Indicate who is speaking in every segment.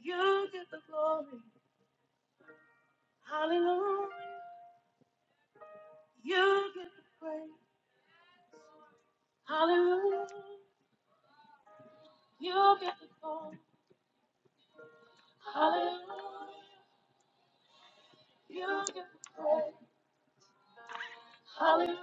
Speaker 1: You get the glory. Hallelujah. You get the praise. Hallelujah. You get the glory. Hallelujah. You get the hallelujah.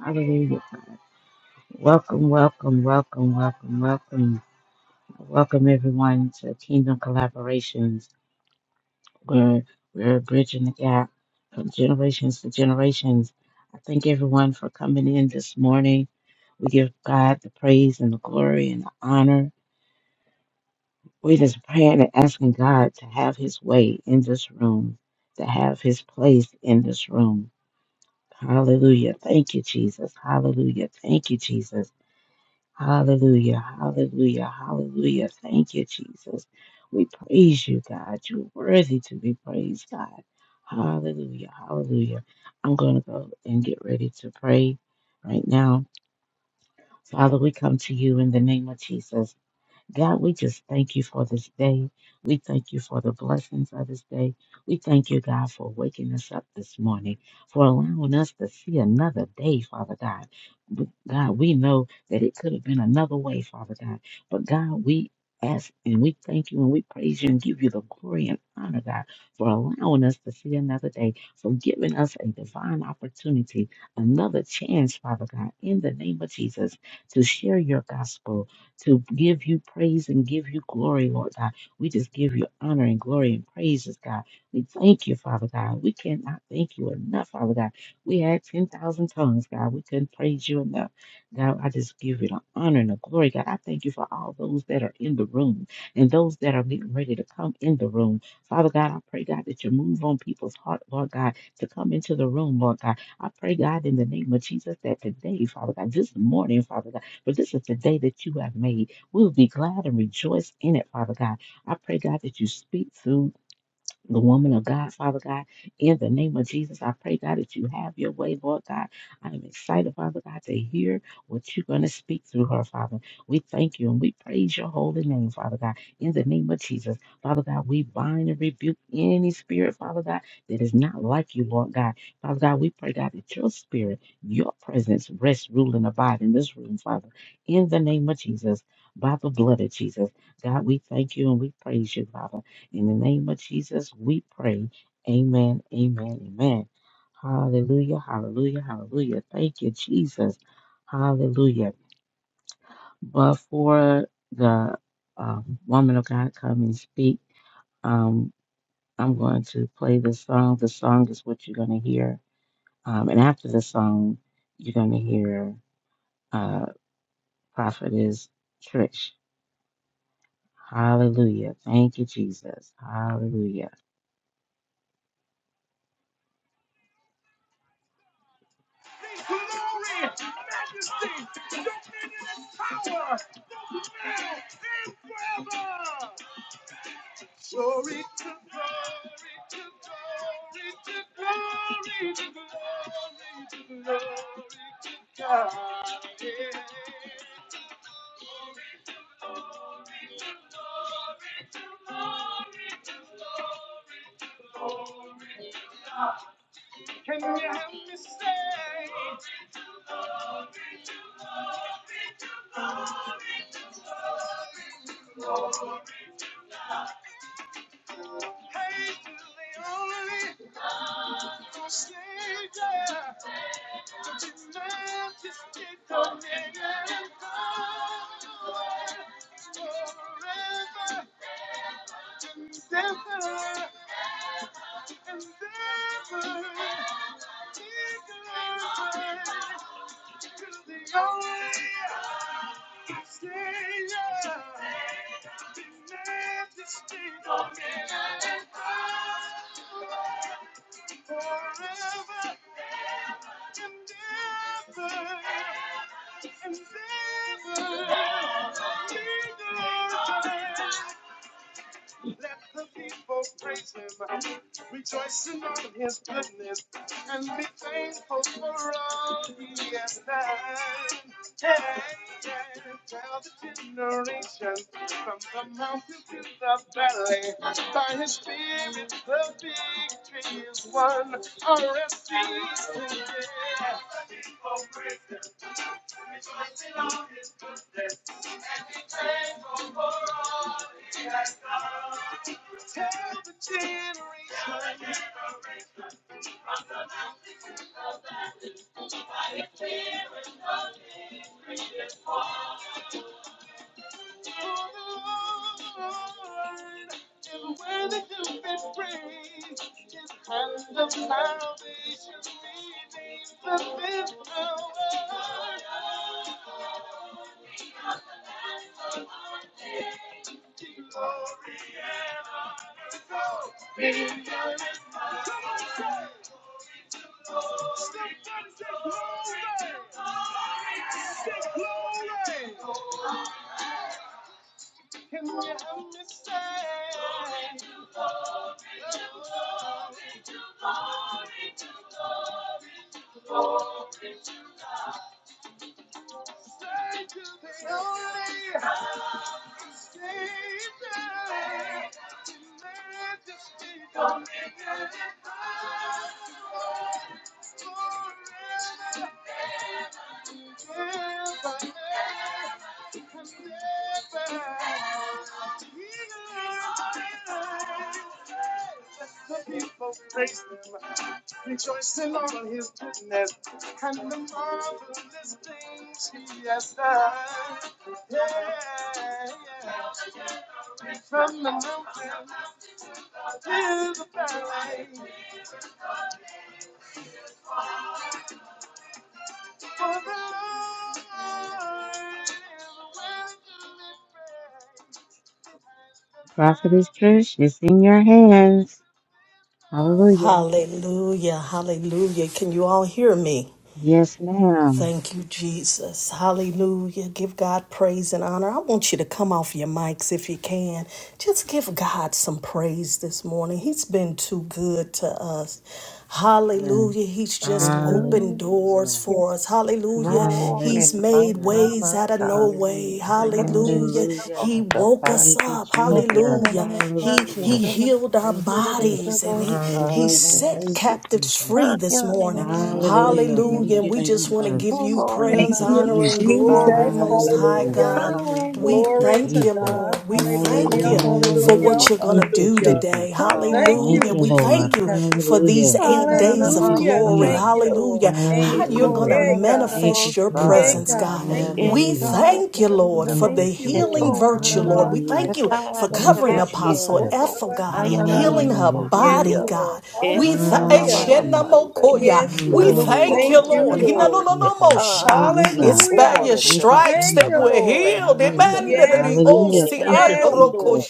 Speaker 1: Hallelujah. Welcome, welcome, welcome, welcome, welcome. Welcome everyone to Kingdom Collaborations. We're we're bridging the gap from generations to generations. I thank everyone for coming in this morning. We give God the praise and the glory and the honor. We're just praying and asking God to have his way in this room, to have his place in this room. Hallelujah. Thank you, Jesus. Hallelujah. Thank you, Jesus. Hallelujah. Hallelujah. Hallelujah. Thank you, Jesus. We praise you, God. You're worthy to be praised, God. Hallelujah. Hallelujah. I'm going to go and get ready to pray right now. Father, we come to you in the name of Jesus. God, we just thank you for this day. We thank you for the blessings of this day. We thank you, God, for waking us up this morning, for allowing us to see another day, Father God. But God, we know that it could have been another way, Father God. But God, we ask and we thank you and we praise you and give you the glory and honor, God, for allowing us to see another day, for giving us a divine opportunity, another chance, Father God, in the name of Jesus, to share your gospel to give you praise and give you glory, Lord God. We just give you honor and glory and praises, God. We thank you, Father God. We cannot thank you enough, Father God. We had 10,000 tongues, God. We couldn't praise you enough. God, I just give you the honor and the glory, God. I thank you for all those that are in the room and those that are getting ready to come in the room. Father God, I pray, God, that you move on people's heart, Lord God, to come into the room, Lord God. I pray, God, in the name of Jesus, that today, Father God, this morning, Father God. For this is the day that you have made. We'll be glad and rejoice in it, Father God. I pray, God, that you speak through the woman of God, Father God, in the name of Jesus, I pray, God, that you have your way, Lord God. I am excited, Father God, to hear what you're going to speak through her, Father. We thank you and we praise your holy name, Father God, in the name of Jesus. Father God, we bind and rebuke any spirit, Father God, that is not like you, Lord God. Father God, we pray, God, that your spirit, your presence rest, rule, and abide in this room, Father, in the name of Jesus, by the blood of Jesus. God, we thank you and we praise you, Father. In the name of Jesus, we pray. Amen, amen, amen. Hallelujah, hallelujah, hallelujah. Thank you, Jesus. Hallelujah. Before the um, woman of God come and speak, um, I'm going to play the song. The song is what you're going to hear. Um, and after the song, you're going to hear uh, Prophetess Trish. Hallelujah. Thank you, Jesus. Hallelujah. Prophetess Trish, it's in your hands. Hallelujah.
Speaker 2: Hallelujah, hallelujah. Can you all hear me?
Speaker 1: Yes, ma'am.
Speaker 2: Thank you, Jesus. Hallelujah. Give God praise and honor. I want you to come off your mics if you can. Just give God some praise this morning. He's been too good to us.
Speaker 1: Yeah.
Speaker 2: Hallelujah. He's just opened
Speaker 3: Hallelujah.
Speaker 2: doors
Speaker 1: Hallelujah.
Speaker 2: for us. Hallelujah.
Speaker 3: Glory,
Speaker 2: He's
Speaker 3: my,
Speaker 2: made
Speaker 3: my,
Speaker 1: Hallelujah.
Speaker 2: ways
Speaker 3: my
Speaker 2: out of no
Speaker 3: God.
Speaker 4: Hallelujah.
Speaker 2: way.
Speaker 4: Thank
Speaker 3: In
Speaker 4: you,
Speaker 3: the most
Speaker 2: Hallelujah.
Speaker 4: Jesus.
Speaker 2: He
Speaker 1: Hallelujah.
Speaker 3: of
Speaker 2: woke
Speaker 3: God.
Speaker 2: us
Speaker 1: Thank you,
Speaker 2: up.
Speaker 1: Jesus.
Speaker 2: Hallelujah. He
Speaker 1: Hallelujah.
Speaker 2: he
Speaker 3: Hallelujah.
Speaker 2: healed our
Speaker 1: Thank you, Jesus.
Speaker 2: bodies and he
Speaker 4: Hallelujah.
Speaker 2: he
Speaker 1: Hallelujah.
Speaker 2: set captives
Speaker 1: Thank you,
Speaker 2: captives
Speaker 1: Jesus.
Speaker 2: free this morning.
Speaker 4: Hallelujah.
Speaker 1: Hallelujah. Thank
Speaker 2: Hallelujah.
Speaker 4: Hallelujah.
Speaker 2: And
Speaker 1: you,
Speaker 2: we
Speaker 4: Thank
Speaker 2: just
Speaker 4: you,
Speaker 2: want to
Speaker 1: Jesus.
Speaker 2: give you
Speaker 4: Jesus.
Speaker 1: Thank
Speaker 2: praise,
Speaker 5: Thank
Speaker 1: you,
Speaker 5: you,
Speaker 2: honor, and
Speaker 1: Jesus.
Speaker 2: glory,
Speaker 5: Jesus.
Speaker 2: Most High
Speaker 4: Hallelujah.
Speaker 1: Hallelujah.
Speaker 5: Hallelujah.
Speaker 2: God.
Speaker 4: Hallelujah.
Speaker 1: Thank
Speaker 2: We
Speaker 1: you,
Speaker 5: Glory
Speaker 2: thank
Speaker 5: to
Speaker 2: you,
Speaker 1: Jesus.
Speaker 2: Lord.
Speaker 5: God.
Speaker 2: We thank you
Speaker 5: Hallelujah.
Speaker 4: Hallelujah.
Speaker 2: for what
Speaker 5: Hallelujah.
Speaker 1: Hallelujah.
Speaker 2: you're going to
Speaker 1: Thank you,
Speaker 2: do
Speaker 5: Hallelujah.
Speaker 2: today.
Speaker 1: Jesus.
Speaker 5: Thank
Speaker 1: Thank
Speaker 5: you,
Speaker 2: Hallelujah.
Speaker 1: you,
Speaker 2: We
Speaker 4: Hallelujah.
Speaker 1: Lord.
Speaker 2: thank you
Speaker 5: Jesus.
Speaker 2: for these
Speaker 1: Hallelujah.
Speaker 2: eight days
Speaker 1: Thank
Speaker 2: of
Speaker 1: you,
Speaker 5: Hallelujah.
Speaker 2: glory.
Speaker 1: Jesus.
Speaker 5: Thank you, Lord.
Speaker 2: Hallelujah.
Speaker 4: Hallelujah.
Speaker 2: How
Speaker 5: Amen.
Speaker 2: you're going
Speaker 1: Hallelujah.
Speaker 2: to
Speaker 5: Yeah, God.
Speaker 1: Thank you,
Speaker 2: manifest your
Speaker 5: Yeah,
Speaker 1: Jesus.
Speaker 2: presence,
Speaker 5: God.
Speaker 2: God.
Speaker 5: Thank
Speaker 4: Hallelujah.
Speaker 5: you,
Speaker 3: the
Speaker 2: We
Speaker 4: Hallelujah.
Speaker 1: Hallelujah.
Speaker 5: Jesus.
Speaker 2: thank you, Lord, for
Speaker 1: Thank
Speaker 3: tolerable,
Speaker 2: the
Speaker 5: Thank
Speaker 1: you,
Speaker 5: you,
Speaker 2: healing
Speaker 1: Jesus.
Speaker 5: Lord.
Speaker 2: virtue,
Speaker 5: Mama
Speaker 2: Lord. We
Speaker 1: Hallelujah.
Speaker 2: thank
Speaker 3: the
Speaker 2: you
Speaker 5: Bahasha.
Speaker 3: tide
Speaker 2: for
Speaker 3: of
Speaker 1: Thank
Speaker 3: the
Speaker 2: covering
Speaker 1: you,
Speaker 3: back
Speaker 5: Yes,
Speaker 3: to
Speaker 5: Lord.
Speaker 2: Apostle
Speaker 1: Jesus.
Speaker 3: Como,
Speaker 2: Ethel,
Speaker 5: Mama
Speaker 2: God,
Speaker 5: Bahasha.
Speaker 2: healing her
Speaker 1: Hallelujah.
Speaker 5: Yes,
Speaker 2: body,
Speaker 3: Ayananamosia,
Speaker 1: Hallelujah.
Speaker 5: Lord.
Speaker 2: God. We thank
Speaker 5: Hallelujah.
Speaker 1: Hallelujah.
Speaker 3: Escamabamande,
Speaker 2: you,
Speaker 5: Yes,
Speaker 4: Hallelujah.
Speaker 2: We
Speaker 5: Lord.
Speaker 1: Hallelujah.
Speaker 2: thank
Speaker 3: Lupol,
Speaker 2: you,
Speaker 5: Thank you,
Speaker 2: Lord.
Speaker 3: the
Speaker 1: Thank
Speaker 3: back,
Speaker 1: you,
Speaker 5: Lord.
Speaker 3: the
Speaker 1: Jesus.
Speaker 2: Hinanononomosha. It's
Speaker 1: Hallelujah.
Speaker 2: by
Speaker 5: Hallelujah.
Speaker 2: your
Speaker 1: Thank you,
Speaker 2: stripes
Speaker 5: Thank
Speaker 2: that
Speaker 5: you,
Speaker 1: Jesus.
Speaker 2: we're
Speaker 5: Lord.
Speaker 2: healed. Amen.
Speaker 1: Hallelujah.
Speaker 5: Yes, Lord.
Speaker 1: Hallelujah. Thank you,
Speaker 5: Yes,
Speaker 1: Jesus.
Speaker 5: Lord.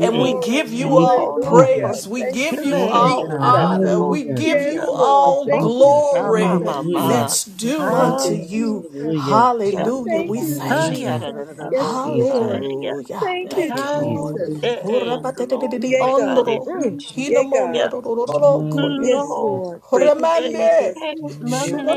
Speaker 2: And we
Speaker 3: a
Speaker 4: Yeah,
Speaker 2: give
Speaker 4: man.
Speaker 2: you
Speaker 1: Thank you,
Speaker 2: all
Speaker 3: Umono,
Speaker 1: Jesus.
Speaker 3: Pime,
Speaker 5: Hallelujah.
Speaker 2: praise. We
Speaker 5: Thank
Speaker 2: give you
Speaker 5: you,
Speaker 1: Yes,
Speaker 2: all
Speaker 1: God.
Speaker 5: Jesus.
Speaker 3: the
Speaker 2: honor. We
Speaker 1: Hallelujah.
Speaker 2: give
Speaker 4: Hallelujah.
Speaker 3: bosia,
Speaker 2: you
Speaker 5: Yes,
Speaker 1: Thank you,
Speaker 5: Lord.
Speaker 2: all
Speaker 3: oh,
Speaker 5: Thank you,
Speaker 1: Jesus.
Speaker 2: glory
Speaker 4: Hallelujah.
Speaker 5: Jesus.
Speaker 4: Thank you,
Speaker 1: Hallelujah.
Speaker 3: Yamama,
Speaker 2: that's due
Speaker 4: Jesus.
Speaker 5: Thank
Speaker 2: unto
Speaker 5: you,
Speaker 2: you.
Speaker 5: Jesus.
Speaker 1: Hallelujah.
Speaker 2: Hallelujah. We
Speaker 5: Thank
Speaker 4: Hallelujah.
Speaker 5: you,
Speaker 4: Hallelujah.
Speaker 2: thank you.
Speaker 1: Hallelujah.
Speaker 5: Jesus.
Speaker 1: Thank you,
Speaker 5: Yes, Lord.
Speaker 1: Jesus.
Speaker 2: Hallelujah.
Speaker 5: Thank you,
Speaker 1: Thank
Speaker 2: Thank
Speaker 1: you,
Speaker 2: you,
Speaker 3: Hey,
Speaker 1: Jesus.
Speaker 2: Lord.
Speaker 5: Jesus. Yea,
Speaker 3: glory,
Speaker 1: Thank you,
Speaker 5: God.
Speaker 3: hallelujah,
Speaker 2: ondro.
Speaker 1: Jesus.
Speaker 5: Mm. Yea, God.
Speaker 2: Hinamonadororo koye.
Speaker 5: Yes,
Speaker 1: Hallelujah.
Speaker 5: Lord.
Speaker 3: glory.
Speaker 5: Thank you,
Speaker 3: Hey,
Speaker 2: Horamande.
Speaker 5: Jesus.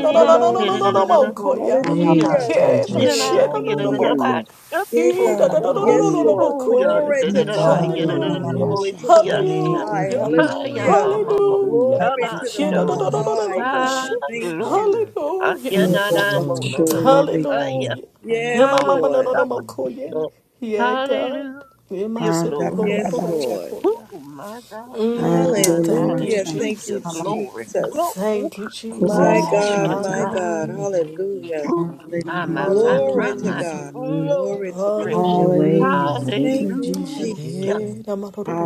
Speaker 2: no no no no no
Speaker 5: Mama,
Speaker 2: no no no
Speaker 5: Shika.
Speaker 1: Jesus.
Speaker 2: mo
Speaker 3: hallelujah.
Speaker 1: Thank
Speaker 4: Hallelujah.
Speaker 1: you,
Speaker 5: Hallelujah.
Speaker 2: He
Speaker 5: Thank
Speaker 4: Hallelujah.
Speaker 1: Jesus.
Speaker 5: you,
Speaker 3: Yana,
Speaker 5: Lord.
Speaker 2: mashena no
Speaker 3: yana,
Speaker 2: no mo
Speaker 5: Makia.
Speaker 3: yana, ba,
Speaker 1: Hallelujah.
Speaker 5: Yea,
Speaker 2: He da da
Speaker 5: God.
Speaker 2: da da
Speaker 3: kumo,
Speaker 2: da da
Speaker 5: Yes,
Speaker 2: da da
Speaker 1: Hallelujah.
Speaker 5: Lord.
Speaker 3: oh, yan,
Speaker 5: Glory
Speaker 3: yana,
Speaker 5: to God.
Speaker 3: yana,
Speaker 4: Ishando
Speaker 3: yana,
Speaker 4: la
Speaker 2: Hallelujah.
Speaker 1: Hallelujah.
Speaker 3: bo,
Speaker 5: Glory to the
Speaker 4: mashaka.
Speaker 5: Most
Speaker 1: Thank you,
Speaker 5: High.
Speaker 2: Hallelujah.
Speaker 1: Jesus.
Speaker 5: Hallelujah.
Speaker 3: mo,
Speaker 1: Hallelujah.
Speaker 5: Glory
Speaker 3: yana,
Speaker 5: to the
Speaker 2: Hallelujah.
Speaker 4: Babashanda.
Speaker 3: no.
Speaker 5: Most
Speaker 1: Hallelujah.
Speaker 5: High,
Speaker 3: Ah,
Speaker 5: God.
Speaker 1: Thank you,
Speaker 5: Thank
Speaker 3: glory,
Speaker 5: you.
Speaker 1: Jesus.
Speaker 3: ha,
Speaker 2: Hallelujah.
Speaker 1: Thank
Speaker 3: yana,
Speaker 1: you,
Speaker 3: na, bo,
Speaker 1: Lord.
Speaker 3: no, no, bo,
Speaker 4: Yorobashole
Speaker 3: ah,
Speaker 4: beka
Speaker 1: Hallelujah.
Speaker 2: Hallelujah. Yeah,
Speaker 4: mama.
Speaker 5: Yes,
Speaker 2: my
Speaker 3: ha,
Speaker 2: mama no no
Speaker 5: Lord.
Speaker 3: ya,
Speaker 2: no more cool, yeah.
Speaker 1: Hallelujah.
Speaker 3: no.
Speaker 2: Yeah, God.
Speaker 3: Hallelujah,
Speaker 2: Yeah, my sister
Speaker 4: Anda
Speaker 2: no, no,
Speaker 4: la
Speaker 3: glory.
Speaker 2: no, no, no,
Speaker 5: Yes,
Speaker 2: no,
Speaker 4: babacha.
Speaker 2: more
Speaker 5: Lord.
Speaker 2: cool, yeah.
Speaker 3: Ooh, my God, my
Speaker 2: Mm,
Speaker 3: God.
Speaker 4: Ando la
Speaker 2: thank you,
Speaker 5: Hallelujah.
Speaker 4: mashaka.
Speaker 5: Thank
Speaker 3: Hallelujah.
Speaker 5: you,
Speaker 2: Jesus.
Speaker 3: Glory.
Speaker 4: Babashaka.
Speaker 5: Jesus.
Speaker 3: Glory,
Speaker 2: Thank you,
Speaker 4: Kula
Speaker 5: My
Speaker 2: Jesus.
Speaker 3: glory
Speaker 5: God,
Speaker 3: to
Speaker 5: my
Speaker 4: mashata.
Speaker 3: God.
Speaker 5: God.
Speaker 2: Hallelujah.
Speaker 1: Hallelujah.
Speaker 5: Hallelujah.
Speaker 3: Ooh,
Speaker 1: Thank
Speaker 3: my,
Speaker 1: you,
Speaker 3: my,
Speaker 4: Hallelujah.
Speaker 3: my,
Speaker 4: Thank
Speaker 1: Jesus.
Speaker 4: you,
Speaker 5: Glory
Speaker 3: my,
Speaker 1: Thank
Speaker 5: to
Speaker 3: my.
Speaker 1: you,
Speaker 2: Hallelujah.
Speaker 4: Jesus.
Speaker 5: God.
Speaker 1: Jesus.
Speaker 5: Glory to God.
Speaker 3: Glory.
Speaker 1: Have your
Speaker 2: Hallelujah.
Speaker 1: way,
Speaker 4: Hallelujah.
Speaker 1: God, in
Speaker 4: Thank
Speaker 1: the
Speaker 5: Thank
Speaker 4: you,
Speaker 5: you,
Speaker 1: name of
Speaker 4: Jesus.
Speaker 3: Hallelujah.
Speaker 1: Jesus.
Speaker 5: Jesus.
Speaker 2: Eh,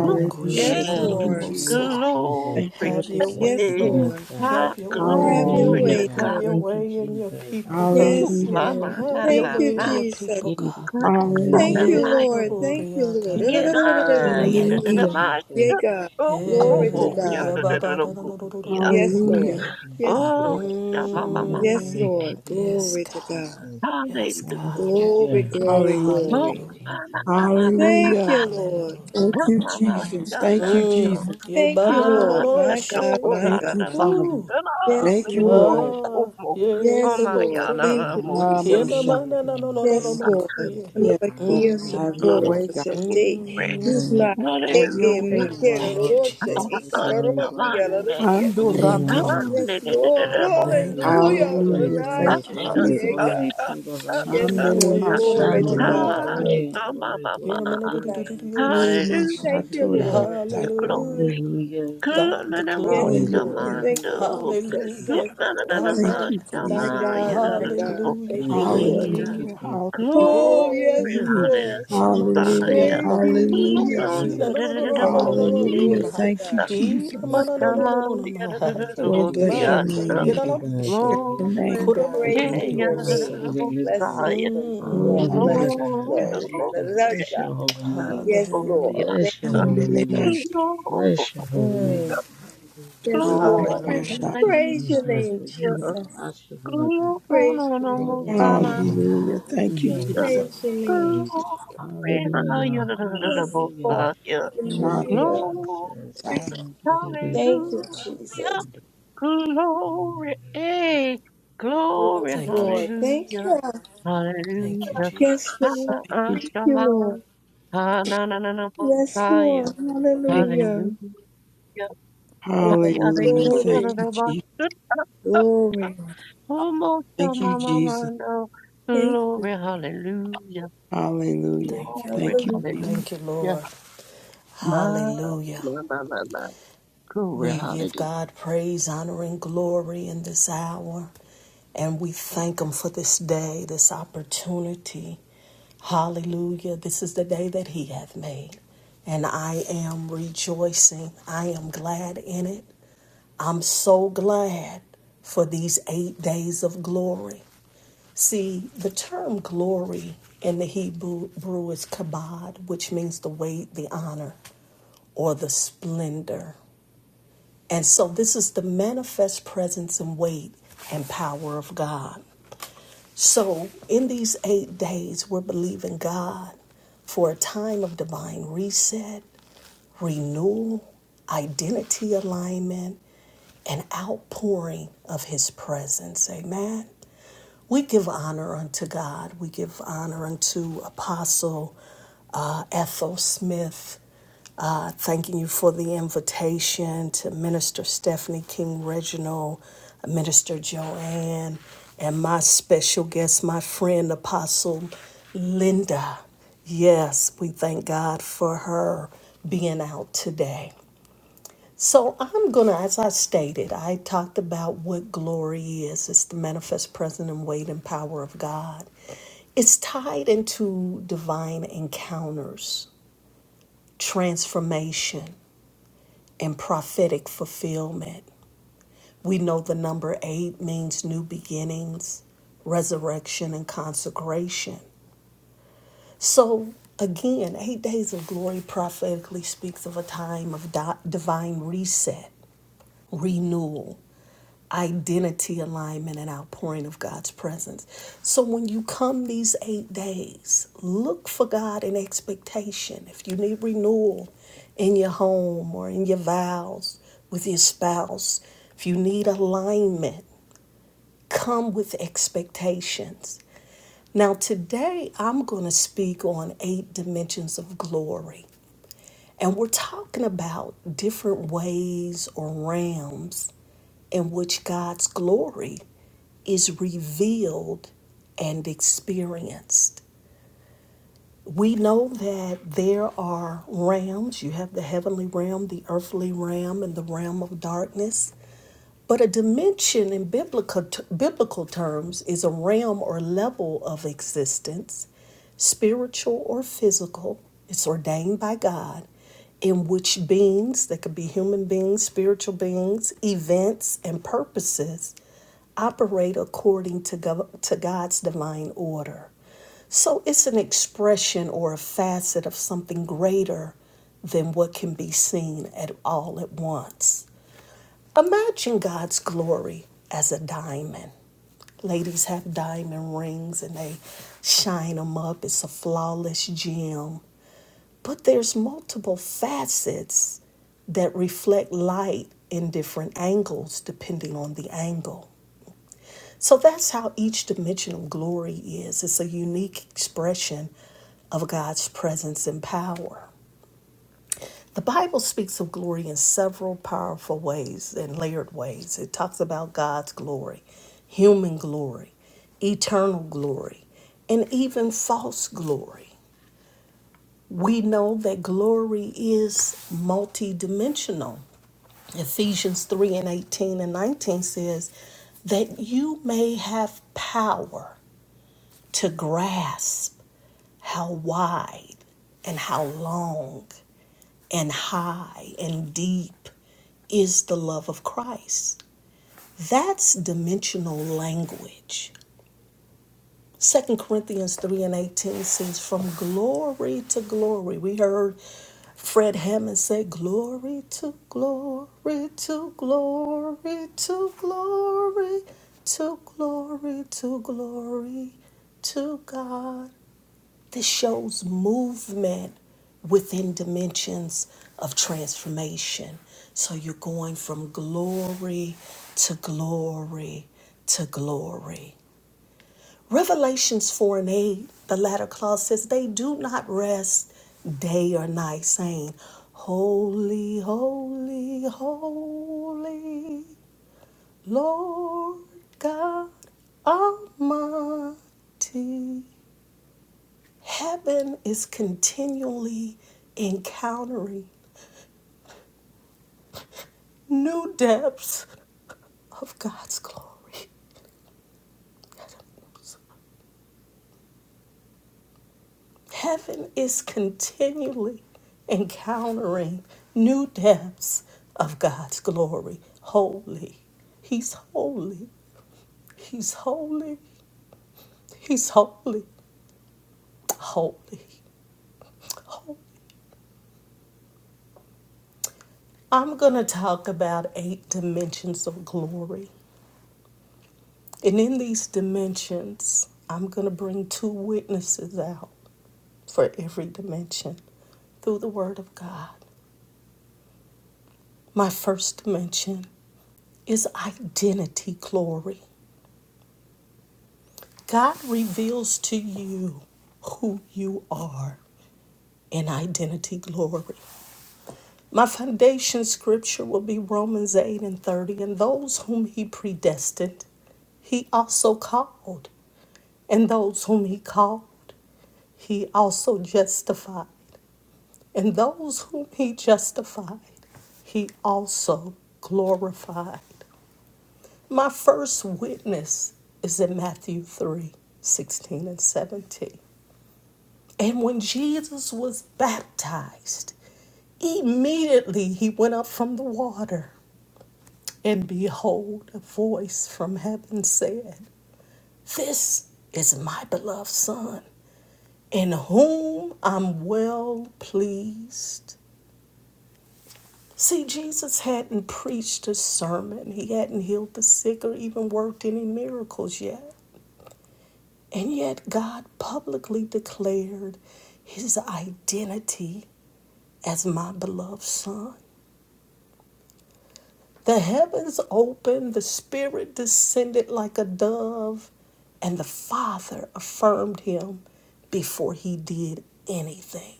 Speaker 3: Whew,
Speaker 1: your way,
Speaker 5: Yes,
Speaker 1: God,
Speaker 4: Thank
Speaker 3: hey,
Speaker 4: you,
Speaker 1: in the
Speaker 5: Lord.
Speaker 1: name
Speaker 4: Jesus.
Speaker 1: of Jesus.
Speaker 4: Thank
Speaker 3: glory.
Speaker 4: you,
Speaker 1: Stir up
Speaker 2: Have
Speaker 1: the
Speaker 2: your
Speaker 4: Jesus.
Speaker 1: gifts
Speaker 2: way,
Speaker 5: Yes,
Speaker 3: Hey,
Speaker 1: within
Speaker 2: Lord.
Speaker 1: us,
Speaker 5: Lord.
Speaker 1: God.
Speaker 3: my
Speaker 2: Have your way.
Speaker 5: Have your
Speaker 3: glory
Speaker 1: Hallelujah,
Speaker 4: Hallelujah.
Speaker 3: to
Speaker 5: way,
Speaker 1: God.
Speaker 3: God.
Speaker 2: Have
Speaker 5: Lord.
Speaker 2: your
Speaker 1: Thank you,
Speaker 2: way in your
Speaker 1: Jesus.
Speaker 2: people, God.
Speaker 3: Ooh,
Speaker 5: Yes,
Speaker 1: Hallelujah.
Speaker 4: Hallelujah.
Speaker 3: my,
Speaker 5: Lord.
Speaker 3: my,
Speaker 2: Have
Speaker 3: my,
Speaker 1: Hallelujah.
Speaker 2: your
Speaker 5: Thank
Speaker 3: my,
Speaker 5: you,
Speaker 2: way in
Speaker 1: Sunday.
Speaker 3: my.
Speaker 2: your
Speaker 5: Jesus.
Speaker 2: people,
Speaker 1: Yeri
Speaker 2: God.
Speaker 3: Good
Speaker 1: biko pore
Speaker 3: God
Speaker 1: da
Speaker 5: Thank you,
Speaker 4: Hallelujah.
Speaker 2: Ye
Speaker 3: Almighty.
Speaker 1: kosende,
Speaker 5: Lord.
Speaker 1: yeri
Speaker 5: Thank you, Lord.
Speaker 2: naboriata
Speaker 1: kosende.
Speaker 3: Yeah,
Speaker 2: ye.
Speaker 1: In
Speaker 3: nah,
Speaker 1: the
Speaker 3: yeah, da, da,
Speaker 1: name
Speaker 2: Thank
Speaker 1: of
Speaker 2: you,
Speaker 3: da,
Speaker 4: Hallelujah.
Speaker 3: my.
Speaker 2: Lord.
Speaker 1: Jesus.
Speaker 5: Yeah,
Speaker 3: yeah,
Speaker 5: God.
Speaker 3: Oh, oh,
Speaker 5: Glory to
Speaker 3: oh,
Speaker 1: Hallelujah,
Speaker 2: Eh,
Speaker 3: yeah,
Speaker 5: God.
Speaker 3: da, da,
Speaker 1: God.
Speaker 3: da,
Speaker 2: yababa
Speaker 1: Worthy is the
Speaker 3: da,
Speaker 2: nananoronororo
Speaker 1: Father
Speaker 5: Yes,
Speaker 1: of our
Speaker 4: Hallelujah.
Speaker 1: Father
Speaker 5: Lord.
Speaker 1: and
Speaker 5: Yes,
Speaker 1: Father.
Speaker 3: Oh,
Speaker 5: Lord.
Speaker 3: mama,
Speaker 1: Send
Speaker 3: mama,
Speaker 1: me the
Speaker 5: Yes,
Speaker 2: Mm.
Speaker 1: glory,
Speaker 5: Lord.
Speaker 1: God, in the
Speaker 2: Yes,
Speaker 5: Glory
Speaker 1: name of
Speaker 5: to
Speaker 2: God.
Speaker 5: God.
Speaker 1: Jesus.
Speaker 3: my, my, my,
Speaker 2: Yes,
Speaker 3: hallelujah.
Speaker 2: God.
Speaker 5: Glory,
Speaker 1: Hallelujah.
Speaker 5: glory,
Speaker 4: Hallelujah.
Speaker 1: Thank
Speaker 3: Oh,
Speaker 1: you,
Speaker 5: glory.
Speaker 2: Hallelujah.
Speaker 3: my, my,
Speaker 1: Jesus.
Speaker 3: my, my, my, my,
Speaker 5: Thank
Speaker 4: Hallelujah.
Speaker 5: you,
Speaker 3: my,
Speaker 5: Lord.
Speaker 2: Hallelujah.
Speaker 4: Thank
Speaker 3: help
Speaker 4: you,
Speaker 3: my, my,
Speaker 4: Jesus.
Speaker 3: yeah, no,
Speaker 4: Thank you,
Speaker 3: no.
Speaker 2: Mm.
Speaker 4: Jesus.
Speaker 2: Yeah,
Speaker 5: Thank
Speaker 2: but
Speaker 5: you,
Speaker 2: no, no, no,
Speaker 3: Ah,
Speaker 2: no,
Speaker 5: Lord.
Speaker 2: no,
Speaker 3: that's
Speaker 5: My
Speaker 3: a
Speaker 5: God,
Speaker 2: shit.
Speaker 3: cool,
Speaker 5: my
Speaker 3: da,
Speaker 4: Thank
Speaker 3: da,
Speaker 4: you,
Speaker 3: da, ba.
Speaker 5: God.
Speaker 4: Father.
Speaker 2: Ooh.
Speaker 3: Da, ah,
Speaker 5: Yes,
Speaker 3: da,
Speaker 4: Thank
Speaker 3: da, da,
Speaker 4: you,
Speaker 5: Lord.
Speaker 4: Lord.
Speaker 3: da,
Speaker 2: Ah,
Speaker 3: cool, mo.
Speaker 2: yeah,
Speaker 3: Oh,
Speaker 5: Yes,
Speaker 2: the
Speaker 3: my,
Speaker 5: Lord.
Speaker 3: yeah, no,
Speaker 2: bokoya.
Speaker 5: Thank
Speaker 3: no,
Speaker 5: you,
Speaker 3: mo.
Speaker 4: Ah,
Speaker 2: Yeah,
Speaker 5: Jesus.
Speaker 4: my
Speaker 2: no,
Speaker 4: shot.
Speaker 2: man,
Speaker 1: Hallelujah,
Speaker 2: no, no, no,
Speaker 1: God.
Speaker 2: no, no, no,
Speaker 5: Yes,
Speaker 1: Thank you,
Speaker 5: Lord.
Speaker 2: bokoya.
Speaker 1: Jesus.
Speaker 4: Yes, Lord.
Speaker 5: Amabakia
Speaker 2: Mm.
Speaker 4: Have your
Speaker 3: Ah,
Speaker 1: Hallelujah.
Speaker 5: sokoro
Speaker 4: way, God.
Speaker 3: it's
Speaker 5: sete.
Speaker 3: great.
Speaker 1: In
Speaker 2: Mm.
Speaker 5: He's
Speaker 1: the
Speaker 5: not
Speaker 1: name of
Speaker 4: Have
Speaker 3: Hallelujah.
Speaker 4: your
Speaker 5: eke
Speaker 4: way,
Speaker 1: Jesus.
Speaker 4: Lord.
Speaker 5: mikero
Speaker 2: Thank you,
Speaker 1: Glory,
Speaker 3: Ah,
Speaker 5: rose
Speaker 1: glory,
Speaker 2: Jesus.
Speaker 3: ah, yeah,
Speaker 5: ikararamakia
Speaker 1: glory, glory
Speaker 3: Monday.
Speaker 5: lalaria
Speaker 4: Ando
Speaker 1: to the
Speaker 5: se.
Speaker 4: rabba.
Speaker 2: Thank
Speaker 3: Ah,
Speaker 2: you, Lord.
Speaker 1: Lamb.
Speaker 3: da,
Speaker 5: Yes,
Speaker 3: da, da, da,
Speaker 5: Lord.
Speaker 3: da, bo.
Speaker 2: Thank
Speaker 1: Hallelujah.
Speaker 2: you,
Speaker 5: Hallelujah.
Speaker 2: Lord.
Speaker 1: Glory,
Speaker 4: Hallelujah.
Speaker 3: Ah,
Speaker 1: glory,
Speaker 4: Thank you,
Speaker 5: Ranashe.
Speaker 3: yeah,
Speaker 1: glory,
Speaker 4: Jesus.
Speaker 5: Yeah,
Speaker 2: Hallelujah.
Speaker 3: ah,
Speaker 1: glory
Speaker 5: God.
Speaker 3: ah,
Speaker 1: to the
Speaker 3: ah,
Speaker 1: Lamb.
Speaker 5: Yes,
Speaker 3: ah,
Speaker 4: Shandele
Speaker 5: Lord.
Speaker 2: Mm.
Speaker 4: ma
Speaker 3: ah.
Speaker 2: Yeah, no, no, no,
Speaker 5: Glory
Speaker 2: no,
Speaker 5: to
Speaker 2: no,
Speaker 4: shandora.
Speaker 2: no,
Speaker 1: Hallelujah.
Speaker 5: God.
Speaker 3: Ah,
Speaker 2: bokoya.
Speaker 5: Oh,
Speaker 1: Glory,
Speaker 3: yeah, my,
Speaker 1: glory,
Speaker 3: my,
Speaker 2: Yeah, no,
Speaker 3: my.
Speaker 2: man,
Speaker 1: glory,
Speaker 2: no, no, no,
Speaker 1: glory
Speaker 2: no,
Speaker 5: Jesus.
Speaker 2: no,
Speaker 1: unto
Speaker 2: no,
Speaker 4: Oh,
Speaker 1: God.
Speaker 2: shit.
Speaker 4: my
Speaker 3: Hallelujah.
Speaker 5: Thank you,
Speaker 4: rabba
Speaker 1: Hallelujah.
Speaker 5: Lord.
Speaker 2: Hallelujah.
Speaker 5: Mm,
Speaker 1: Hallelujah is the
Speaker 2: Thank the
Speaker 1: highest
Speaker 2: glory.
Speaker 5: yes,
Speaker 1: praise.
Speaker 5: Lord.
Speaker 4: Hallelujah.
Speaker 5: Thank
Speaker 3: Kulananamokshamando.
Speaker 5: you,
Speaker 1: Hallelujah. Thank you,
Speaker 5: Jesus.
Speaker 2: Hallelujah.
Speaker 1: Jesus.
Speaker 5: Yes, Lord.
Speaker 4: Thank
Speaker 2: Amen.
Speaker 4: you,
Speaker 1: Thank you,
Speaker 5: My
Speaker 4: Jesus.
Speaker 1: Jesus.
Speaker 5: God, my
Speaker 1: Thank you,
Speaker 5: God.
Speaker 3: Kulanananamashamayanamokshiya.
Speaker 2: Hallelujah.
Speaker 5: Thank you,
Speaker 1: Jesus.
Speaker 2: Thine the
Speaker 5: Lord.
Speaker 1: Thank you,
Speaker 4: Hallelujah.
Speaker 2: glory.
Speaker 4: Hall-
Speaker 1: Jesus.
Speaker 5: Oh,
Speaker 3: Glory,
Speaker 5: yes,
Speaker 1: Ooh,
Speaker 2: Hey.
Speaker 5: Lord.
Speaker 3: hallelujah.
Speaker 1: Jesus.
Speaker 2: Shema
Speaker 4: Hallelujah.
Speaker 1: Hallelujah,
Speaker 5: Thank
Speaker 1: God.
Speaker 5: you,
Speaker 2: shelalabokuya.
Speaker 4: Hallelujah.
Speaker 1: Hallelujah.
Speaker 2: Shina no no
Speaker 5: Jesus.
Speaker 2: no no no
Speaker 5: Yes,
Speaker 2: no no no
Speaker 1: Thank
Speaker 5: Lord.
Speaker 2: no
Speaker 1: you,
Speaker 3: Kulananamokshiya.
Speaker 4: Hallelujah.
Speaker 5: Glory
Speaker 2: kura.
Speaker 5: to
Speaker 1: Jesus.
Speaker 4: Thank you,
Speaker 5: God.
Speaker 1: Thank
Speaker 2: Ina
Speaker 4: Jesus.
Speaker 1: you,
Speaker 2: mana no no
Speaker 1: Jesus.
Speaker 2: no no no no, ma.
Speaker 1: Thank you,
Speaker 4: Oh,
Speaker 5: Yes,
Speaker 4: bless
Speaker 1: Jesus.
Speaker 3: Shamayanamokshiya.
Speaker 2: My
Speaker 4: your
Speaker 5: Lord.
Speaker 1: We
Speaker 2: God.
Speaker 5: Thank
Speaker 4: name,
Speaker 5: you,
Speaker 1: thank
Speaker 2: Yena
Speaker 1: you,
Speaker 2: no
Speaker 4: God.
Speaker 1: God, for
Speaker 5: Jesus.
Speaker 2: she.
Speaker 1: the
Speaker 4: Your
Speaker 1: healing.
Speaker 3: Glory,
Speaker 4: name,
Speaker 2: Kura ma
Speaker 4: God.
Speaker 1: We thank
Speaker 3: hey,
Speaker 5: Praising
Speaker 1: you,
Speaker 5: your
Speaker 1: God, for the
Speaker 5: name.
Speaker 1: year's lives.
Speaker 5: Blessings
Speaker 3: yanamokshiya.
Speaker 5: from
Speaker 4: Oh,
Speaker 5: whom
Speaker 2: Mm.
Speaker 5: all
Speaker 4: Lama
Speaker 1: Hallelujah,
Speaker 5: blessings
Speaker 1: God.
Speaker 3: Glory,
Speaker 1: We
Speaker 5: flow.
Speaker 4: Shaka.
Speaker 5: Da,
Speaker 1: thank
Speaker 5: da,
Speaker 1: you.
Speaker 5: da, da,
Speaker 3: glory,
Speaker 1: Bless
Speaker 5: da.
Speaker 1: your holy name.
Speaker 5: Yes,
Speaker 2: Hallelujah.
Speaker 5: Lord.
Speaker 3: yanamokshiya.
Speaker 5: Thank
Speaker 1: Bless your holy
Speaker 5: you,
Speaker 4: Ambele
Speaker 5: Jesus.
Speaker 1: name.
Speaker 4: Masha.
Speaker 1: Bless your holy
Speaker 5: Mm.
Speaker 1: name. Hallelujah.
Speaker 5: Yes,
Speaker 4: Oh,
Speaker 5: Lord.
Speaker 3: Glory,
Speaker 4: Lama
Speaker 3: glory,
Speaker 2: Hallelujah.
Speaker 4: Shaka.
Speaker 1: Thank you,
Speaker 5: Praise your
Speaker 3: hallelujah.
Speaker 1: Jesus,
Speaker 5: name,
Speaker 1: for you are
Speaker 5: Jesus.
Speaker 1: Joshua, God.
Speaker 3: Glory,
Speaker 5: Praise your name.
Speaker 3: hallelujah,
Speaker 5: Jesus.
Speaker 1: Hallelujah.
Speaker 2: Hey God.
Speaker 4: Hallelujah. Thank you,
Speaker 1: Hallelujah. You
Speaker 4: Jesus.
Speaker 1: are
Speaker 5: Praise your name,
Speaker 1: Yahweh.
Speaker 5: Jesus.
Speaker 1: Hallelujah.
Speaker 5: Yes, Lord.
Speaker 1: Hallelujah.
Speaker 4: Shaka.
Speaker 1: Thank you,
Speaker 5: Hallelujah.
Speaker 1: Jesus.
Speaker 4: Thank
Speaker 1: Thank you,
Speaker 5: Thank you, Jesus.
Speaker 1: Lord.
Speaker 3: glory, eh, glory,
Speaker 5: Yes,
Speaker 2: Thank you,
Speaker 5: Lord. Thank
Speaker 2: Jesus.
Speaker 3: hallelujah,
Speaker 5: you.
Speaker 2: Thank you,
Speaker 3: hallelujah,
Speaker 5: Yes,
Speaker 2: Jesus.
Speaker 5: Lord.
Speaker 4: you.
Speaker 5: Thank you,
Speaker 3: ha-ashama,
Speaker 5: Lord.
Speaker 3: ha-na-na-na-na,
Speaker 5: Yes, Lord.
Speaker 3: Messiah,
Speaker 4: Thank you.
Speaker 3: hallelujah,
Speaker 5: Hallelujah. Lord,
Speaker 4: Hallelujah. Thank
Speaker 5: glory,
Speaker 4: you,
Speaker 3: ha-yada-kula-la-la-la,
Speaker 4: Jesus.
Speaker 5: glory.
Speaker 3: Almost
Speaker 4: Thank
Speaker 3: on
Speaker 4: you,
Speaker 3: my mama,
Speaker 4: Jesus.
Speaker 3: no.
Speaker 5: Thank you.
Speaker 3: Glory, hallelujah.
Speaker 4: Hallelujah.
Speaker 2: Thank you,
Speaker 3: Glory,
Speaker 2: Lord.
Speaker 4: Thank you,
Speaker 5: Hallelujah.
Speaker 4: Jesus.
Speaker 3: hallelujah.
Speaker 2: Thank you,
Speaker 3: Yes,
Speaker 2: Lord.
Speaker 3: My,
Speaker 2: Hallelujah.
Speaker 3: my, my, my, my. Glory,
Speaker 2: We give
Speaker 3: hallelujah.
Speaker 2: God praise, honor, and glory in this hour. And we thank Him for this day, this opportunity. Hallelujah. This is the day that He hath made. And I am rejoicing. I am glad in it. I'm so glad for these eight days of glory. See, the term glory in the Hebrew is kabod, which means the weight, the honor, or the splendor. And so this is the manifest presence and weight and power of God. So in these eight days, we're believing God for a time of divine reset, renewal, identity alignment, and outpouring of His presence. Amen. We give honor unto God. We give honor unto Apostle uh, Ethel Smith. Uh, thanking you for the invitation to Minister Stephanie King Reginald, Minister Joanne, and my special guest, my friend Apostle Linda. Yes, we thank God for her being out today. So I'm gonna, as I stated, I talked about what glory is. It's the manifest presence and weight and power of God. It's tied into divine encounters, transformation, and prophetic fulfillment. We know the number eight means new beginnings, resurrection, and consecration. So, again, eight days of glory prophetically speaks of a time of di- divine reset, renewal identity alignment and outpouring of God's presence. So when you come these eight days, look for God in expectation. If you need renewal in your home or in your vows with your spouse, if you need alignment, come with expectations. Now, today I'm going to speak on eight dimensions of glory. And we're talking about different ways or realms in which God's glory is revealed and experienced. We know that there are realms. You have the heavenly realm, the earthly realm, and the realm of darkness. But a dimension in biblical, biblical terms is a realm or level of existence, spiritual or physical. It's ordained by God in which beings, that could be human beings, spiritual beings, events, and purposes, operate according to, go- to God's divine order. So it's an expression or a facet of something greater than what can be seen at all at once. Imagine God's glory as a diamond. Ladies have diamond rings and they shine them up. It's a flawless gem. But there's multiple facets that reflect light in different angles depending on the angle. So that's how each dimension of glory is. It's a unique expression of God's presence and power. The Bible speaks of glory in several powerful ways and layered ways. It talks about God's glory, human glory, eternal glory, and even false glory. We know that glory is multidimensional. Ephesians 3 and 18 and 19 says that you may have power to grasp how wide and how long and high and deep is the love of Christ. That's dimensional language. Second Corinthians 3 and 18 says, From glory to glory. We heard Fred Hammond say, Glory to glory to glory to glory to glory to glory to God. This shows movement within dimensions of transformation. So you're going from glory to glory to glory. Revelations 4 and 8, the latter clause says, They do not rest day or night, saying, Holy, holy, holy, Lord God Almighty. Heaven is continually encountering new depths of God's glory. Heaven is continually encountering new depths of God's glory. Holy. He's holy. He's holy. He's holy. Holy. Holy. I'm going to talk about eight dimensions of glory. And in these dimensions, I'm going to bring two witnesses out. for every dimension through the Word of God. My first dimension is identity glory. God reveals to you who you are in identity glory. My foundation scripture will be Romans 8 and 30. And those whom he predestined, he also called. And those whom he called, he also justified. And those whom he justified, he also glorified. My first witness is in Matthew 3 16 and 17. And when Jesus was baptized, immediately he went up from the water. And behold, a voice from heaven said, This is my beloved Son, in whom I'm well pleased. See, Jesus hadn't preached a sermon, he hadn't healed the sick or even worked any miracles yet. And yet, God publicly declared his identity as my beloved Son. The heavens opened, the Spirit descended like a dove, and the Father affirmed him before he did anything.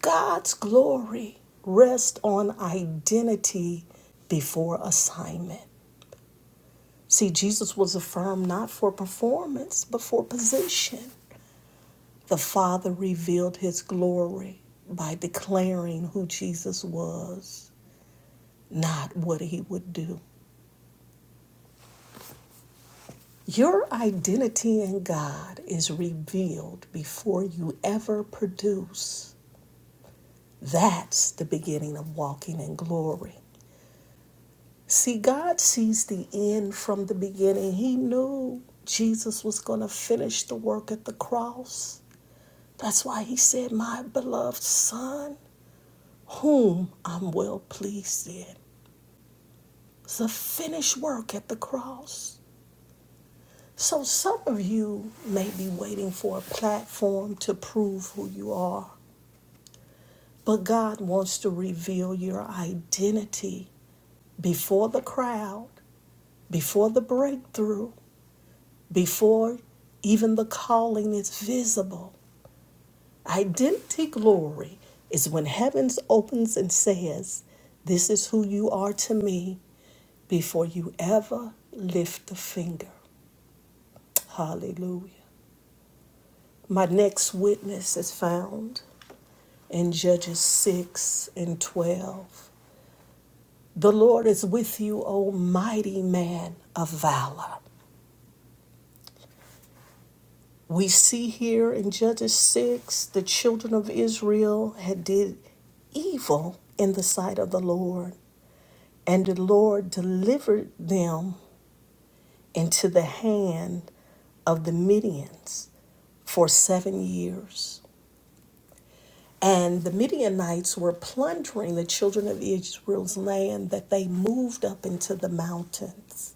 Speaker 2: God's glory rests on identity before assignment. See, Jesus was affirmed not for performance, but for position. The Father revealed his glory by declaring who Jesus was, not what he would do. Your identity in God is revealed before you ever produce. That's the beginning of walking in glory. See, God sees the end from the beginning. He knew Jesus was going to finish the work at the cross. That's why he said, My beloved son, whom I'm well pleased in. It's the finished work at the cross. So some of you may be waiting for a platform to prove who you are, but God wants to reveal your identity before the crowd, before the breakthrough, before even the calling is visible. Identity glory is when heavens opens and says, This is who you are to me before you ever lift a finger. Hallelujah. My next witness is found in Judges 6 and 12. The Lord is with you, O mighty man of valor. We see here in Judges 6 the children of Israel had did evil in the sight of the Lord. And the Lord delivered them into the hand of the Midians for seven years. And the Midianites were plundering the children of Israel's land that they moved up into the mountains.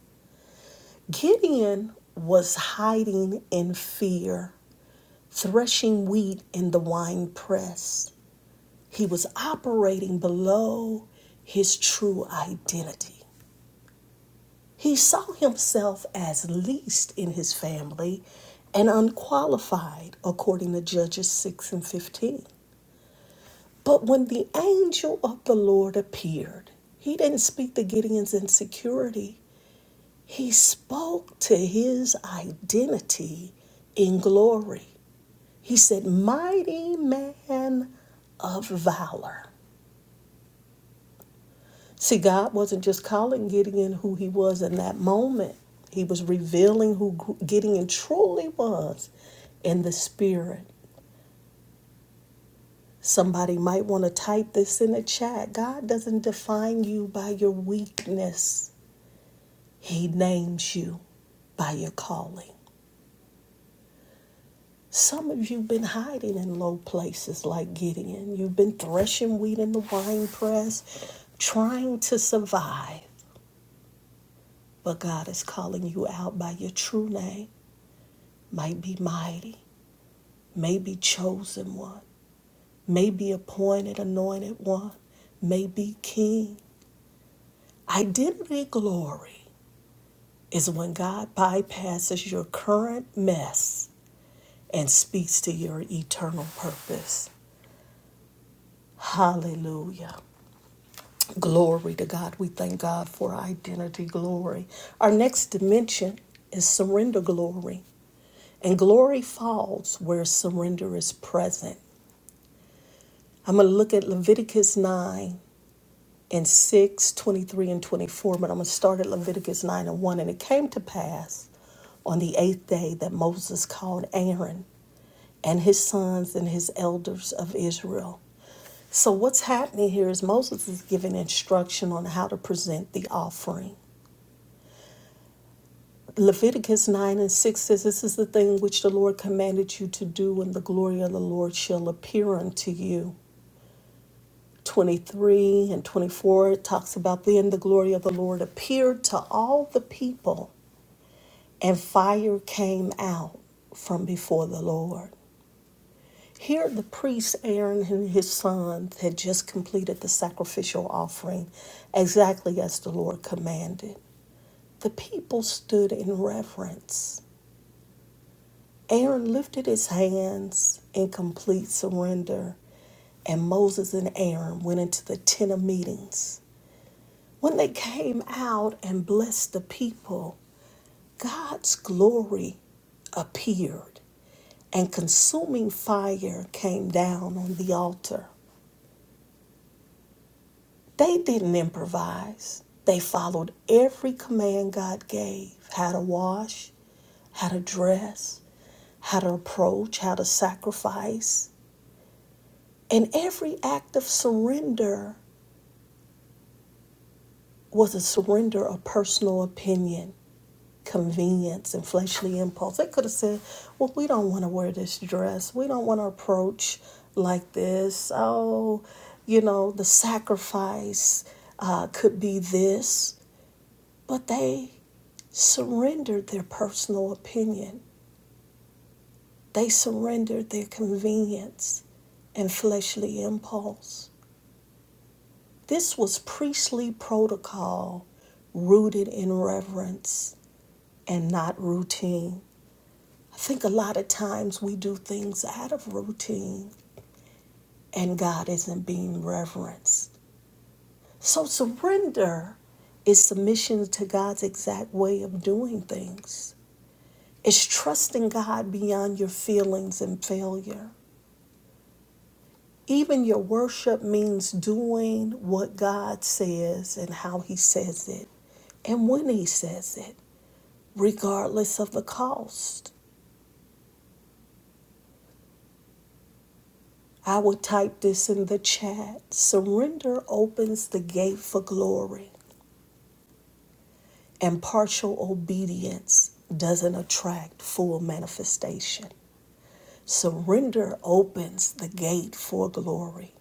Speaker 2: Gideon was hiding in fear, threshing wheat in the wine press. He was operating below his true identity. He saw himself as least in his family and unqualified, according to Judges 6 and 15. But when the angel of the Lord appeared, he didn't speak to Gideon's insecurity. He spoke to his identity in glory. He said, Mighty man of valor. See, God wasn't just calling Gideon who he was in that moment, he was revealing who Gideon truly was in the spirit. Somebody might want to type this in the chat. God doesn't define you by your weakness, He names you by your calling. Some of you have been hiding in low places like Gideon. You've been threshing wheat in the wine press, trying to survive. But God is calling you out by your true name. might be mighty, may be chosen one, may be appointed, anointed one, may be king. Identity glory is when God bypasses your current mess and speaks to your eternal purpose. Hallelujah. Glory to God. We thank God for identity glory. Our next dimension is surrender glory. And glory falls where surrender is present. I'm going to look at Leviticus 9 in 6, 23, and 24, but I'm going to start at Leviticus 9 and 1. And it came to pass on the eighth day that Moses called Aaron and his sons and his elders of Israel. So, what's happening here is Moses is giving instruction on how to present the offering. Leviticus 9 and 6 says, This is the thing which the Lord commanded you to do, and the glory of the Lord shall appear unto you. 23 and 24 it talks about then the glory of the Lord appeared to all the people and fire came out from before the Lord. Here the priest Aaron and his sons had just completed the sacrificial offering exactly as the Lord commanded. The people stood in reverence. Aaron lifted his hands in complete surrender, and Moses and Aaron went into the tent of meetings When they came out and blessed the people, God's glory appeared, and consuming fire came down on the altar. They didn't improvise, they followed every command God gave how to wash, how to dress, how to approach, how to sacrifice. And every act of surrender was a surrender of personal opinion. convenience and fleshly impulse. They could have said, Well, we don't want to wear this dress. We don't want to approach like this. Oh, you know, the sacrifice uh, could be this. But they surrendered their personal opinion, they surrendered their convenience and fleshly impulse. This was priestly protocol rooted in reverence and not routine. I think a lot of times we do things out of routine and God isn't being reverenced. So surrender is submission to God's exact way of doing things. It's trusting God beyond your feelings and failure. Even your worship means doing what God says and how He says it and when He says it, regardless of the cost. I will type this in the chat. Surrender opens the gate for glory, and partial obedience doesn't attract full manifestation. Surrender opens the gate for glory,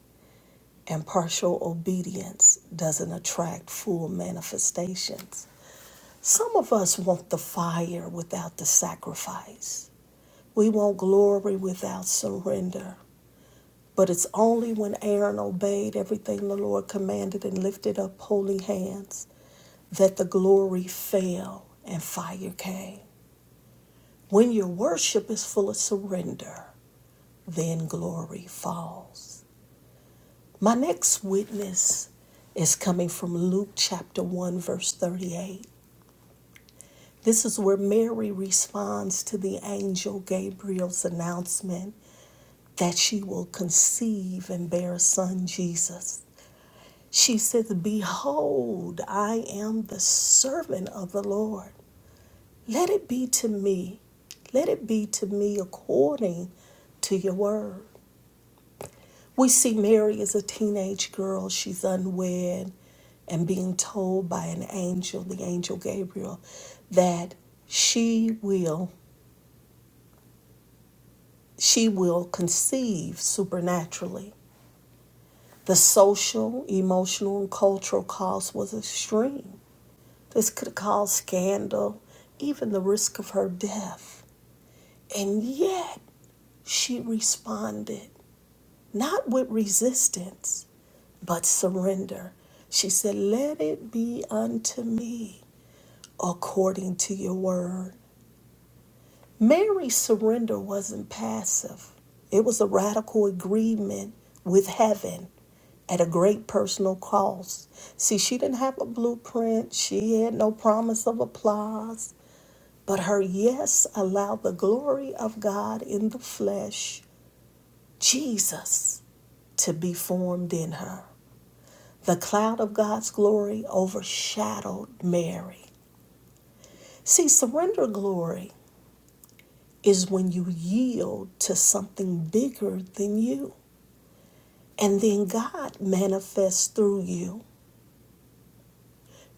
Speaker 2: and partial obedience doesn't attract full manifestations. Some of us want the fire without the sacrifice. We want glory without surrender. But it's only when Aaron obeyed everything the Lord commanded and lifted up holy hands that the glory fell and fire came. When your worship is full of surrender, then glory falls. My next witness is coming from Luke chapter 1, verse 38. This is where Mary responds to the angel Gabriel's announcement that she will conceive and bear a son, Jesus. She says, Behold, I am the servant of the Lord. Let it be to me. Let it be to me according to your word. We see Mary as a teenage girl. She's unwed and being told by an angel, the angel Gabriel, that she will she will conceive supernaturally. The social, emotional, and cultural cost was extreme. This could cause scandal, even the risk of her death. And yet she responded, not with resistance, but surrender. She said, Let it be unto me according to your word. Mary's surrender wasn't passive, it was a radical agreement with heaven at a great personal cost. See, she didn't have a blueprint, she had no promise of applause. But her yes allowed the glory of God in the flesh, Jesus, to be formed in her. The cloud of God's glory overshadowed Mary. See, surrender glory is when you yield to something bigger than you, and then God manifests through you.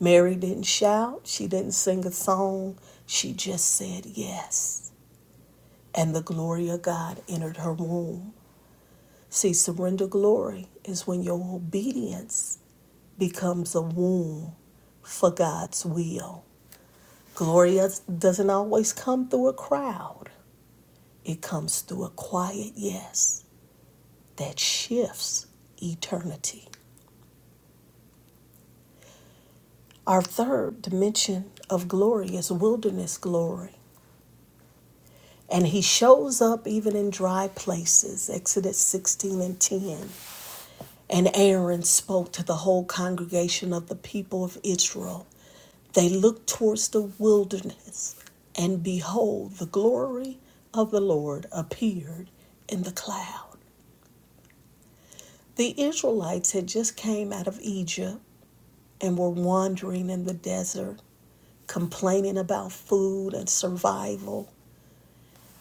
Speaker 2: Mary didn't shout, she didn't sing a song, she just said yes. And the glory of God entered her womb. See, surrender glory is when your obedience becomes a womb for God's will. Glory doesn't always come through a crowd, it comes through a quiet yes that shifts eternity. Our third dimension of glory is wilderness glory. And he shows up even in dry places, Exodus 16 and 10. And Aaron spoke to the whole congregation of the people of Israel They looked towards the wilderness, and behold, the glory of the Lord appeared in the cloud. The Israelites had just came out of Egypt and were wandering in the desert, complaining about food and survival.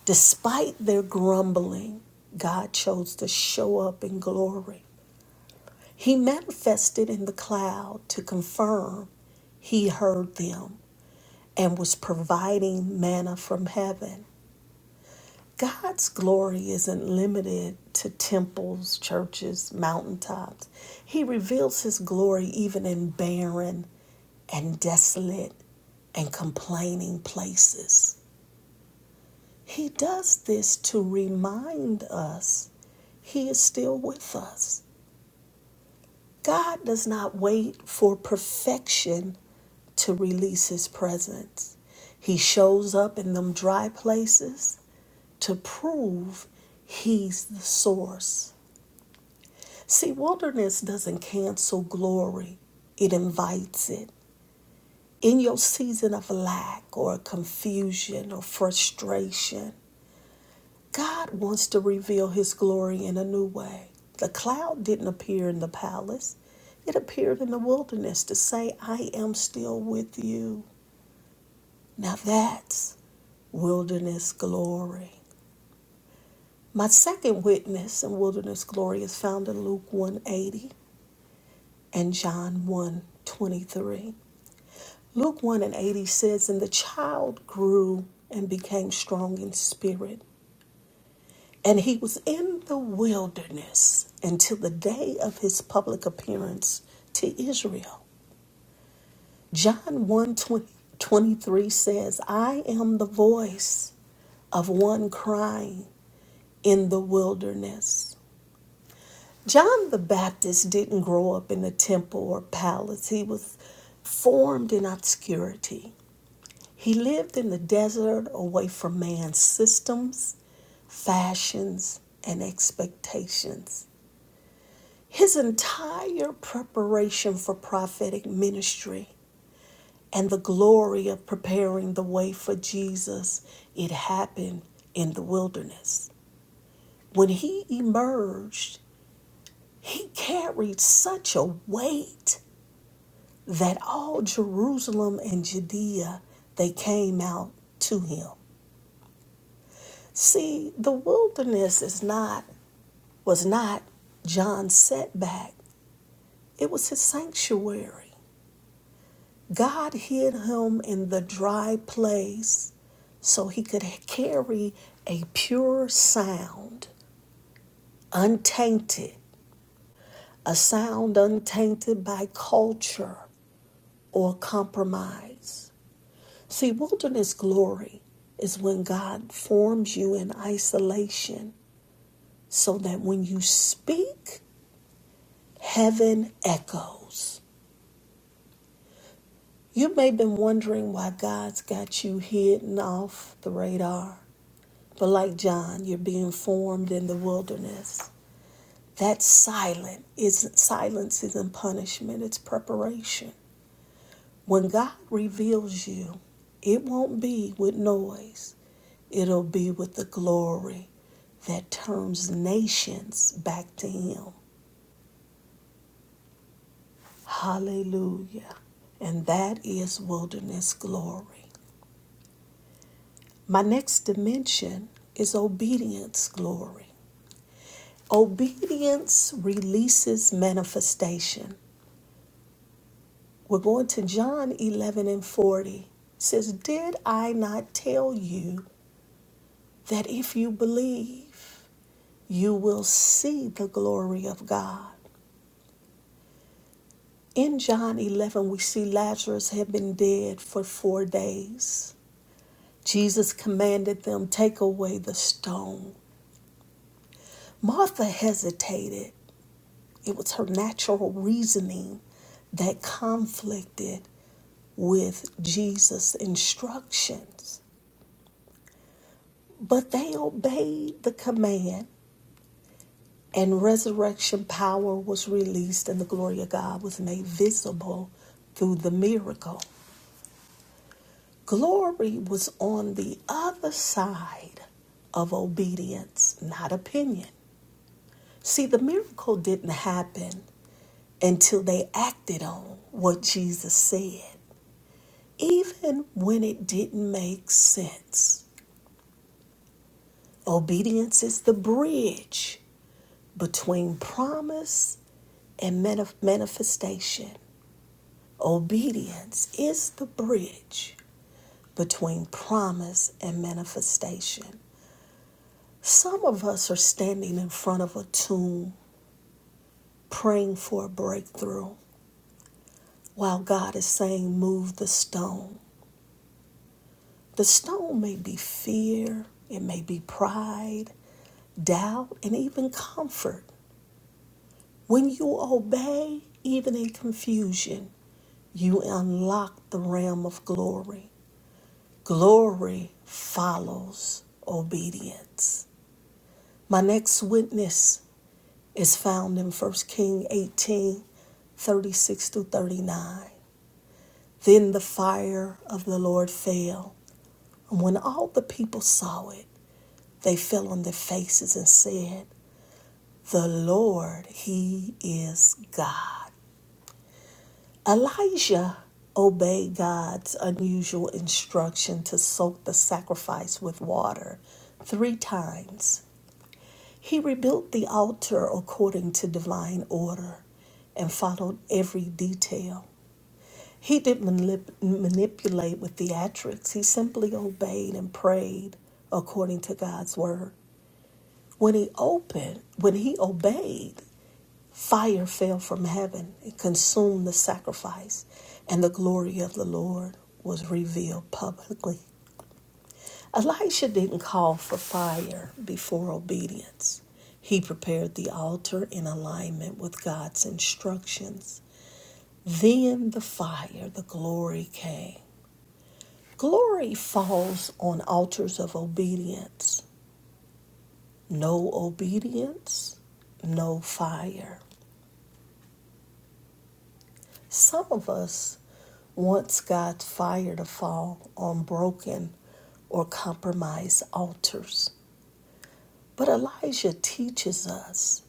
Speaker 2: Despite their grumbling, God chose to show up in glory. He manifested in the cloud to confirm he heard them and was providing manna from heaven God's glory isn't limited to temples, churches, mountaintops. He reveals his glory even in barren and desolate and complaining places. He does this to remind us he is still with us. God does not wait for perfection to release his presence. He shows up in them dry places to prove he's the source. See, wilderness doesn't cancel glory, it invites it. In your season of lack or confusion or frustration, God wants to reveal His glory in a new way. The cloud didn't appear in the palace, it appeared in the wilderness to say, I am still with you. Now that's wilderness glory. My second witness in wilderness glory is found in Luke 180 and John one 23. Luke 1 and 80 says, And the child grew and became strong in spirit. And he was in the wilderness until the day of his public appearance to Israel. John 1 twenty-three says, I am the voice of one crying in the wilderness. John the Baptist didn't grow up in a temple or palace, he was formed in obscurity. He lived in the desert away from man's systems, fashions, and expectations. His entire preparation for prophetic ministry and the glory of preparing the way for Jesus, it happened in the wilderness. When he emerged, he carried such a weight that all Jerusalem and Judea, they came out to him. See, the wilderness is not was not John's setback. It was his sanctuary. God hid him in the dry place so he could carry a pure sound, untainted, a sound untainted by culture or compromise. See, wilderness glory is when God forms you in isolation so that when you speak, Heaven echoes. You may have been wondering why God's got you hidden off the radar, but like John, you're being formed in the wilderness. That silent is silence isn't punishment, it's preparation. When God reveals you, it won't be with noise. It'll be with the glory that turns nations back to Him. Hallelujah. And that is wilderness glory. My next dimension is obedience glory. Obedience releases manifestation. We're going to John 11 and 40. It says, Did I not tell you that if you believe, you will see the glory of God? In John 11, we see Lazarus had been dead for four days. Jesus commanded them, Take away the stone. Martha hesitated It was her natural reasoning that conflicted with Jesus' instructions. But they obeyed the command, and resurrection power was released, and the glory of God was made visible through the miracle. Glory was on the other side of obedience, not opinion. See, the miracle didn't happen until they acted on what Jesus said. Even when it didn't make sense, obedience is the bridge between promise and manif- manifestation. Obedience is the bridge between promise and manifestation. Some of us are standing in front of a tomb praying for a breakthrough while God is saying, Move the stone. The stone may be fear, it may be pride, doubt, and even comfort. When you obey, even in confusion, you unlock the realm of glory. Glory follows obedience. My next witness is found in First King eighteen, thirty-six 36 through 39. Then the fire of the Lord fell, and when all the people saw it, they fell on their faces and said, The Lord, He is God. Elijah obeyed God's unusual instruction to soak the sacrifice with water three times. He rebuilt the altar according to divine order and followed every detail. He didn't manip- manipulate with theatrics, he simply obeyed and prayed according to God's word. When he opened, when he obeyed, Fire fell from heaven and consumed the sacrifice, and the glory of the Lord was revealed publicly. Elisha didn't call for fire before obedience. He prepared the altar in alignment with God's instructions. Then the fire, the glory came. Glory falls on altars of obedience. No obedience, no fire. Some of us once got fire to fall on broken or compromised altars. But Elijah teaches us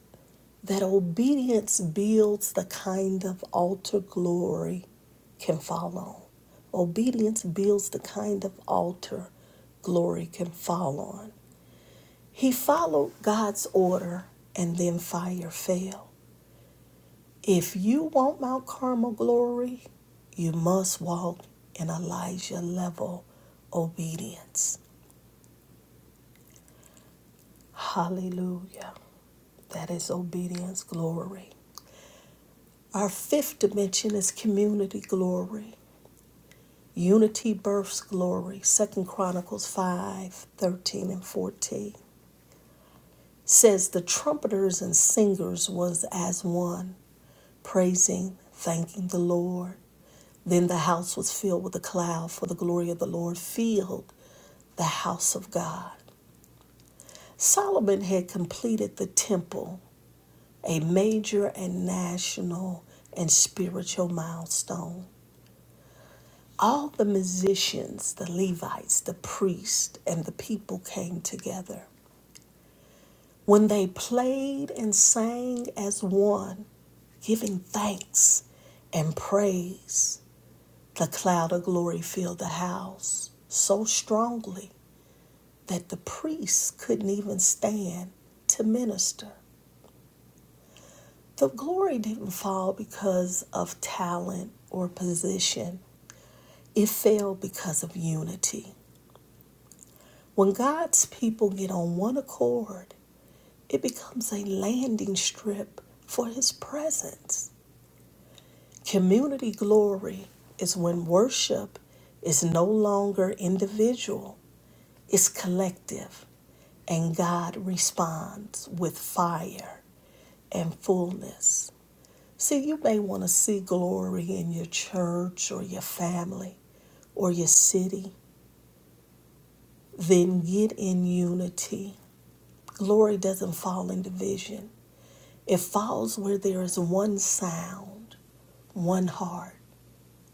Speaker 2: that obedience builds the kind of altar glory can fall on. Obedience builds the kind of altar glory can fall on. He followed God's order and then fire fell. If you want Mount Carmel glory, you must walk in Elijah level obedience. Hallelujah. That is obedience glory. Our fifth dimension is community glory. Unity births glory. Second Chronicles 5 13 and 14 says the trumpeters and singers was as one, praising, thanking the Lord. Then the house was filled with a cloud, for the glory of the Lord filled the house of God. Solomon had completed the temple, a major and national and spiritual milestone. All the musicians, the Levites, the priests, and the people came together. When they played and sang as one, giving thanks and praise, the cloud of glory filled the house so strongly that the priests couldn't even stand to minister. The glory didn't fall because of talent or position, it fell because of unity. When God's people get on one accord, it becomes a landing strip for His presence. Community glory is when worship is no longer individual It's collective, and God responds with fire and fullness. See, you may want to see glory in your church or your family or your city. Then get in unity. Glory doesn't fall in division, it falls where there is one sound, one heart,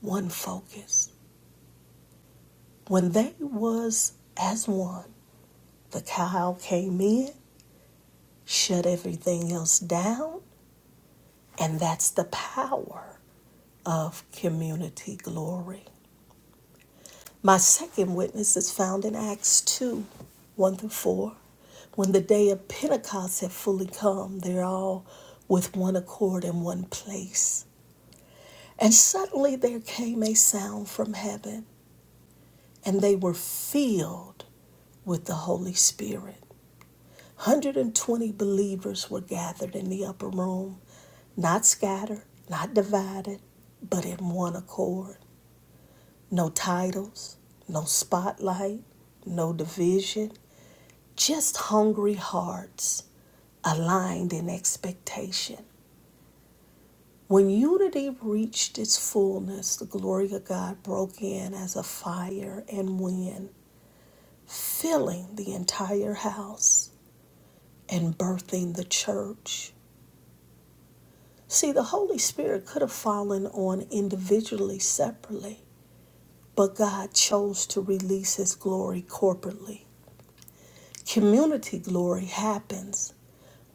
Speaker 2: one focus. When they was as one, the cow came in, shut everything else down, And that's the power of community glory. My second witness is found in Acts 2 1 through 4. When the day of Pentecost had fully come, they're all with one accord in one place. And suddenly there came a sound from heaven, and they were filled with the Holy Spirit. 120 believers were gathered in the upper room, not scattered, not divided, but in one accord. No titles, no spotlight, no division, just hungry hearts aligned in expectation. When unity reached its fullness, the glory of God broke in as a fire and wind, filling the entire house and birthing the church. See, the Holy Spirit could have fallen on individually, separately, but God chose to release His glory corporately. Community glory happens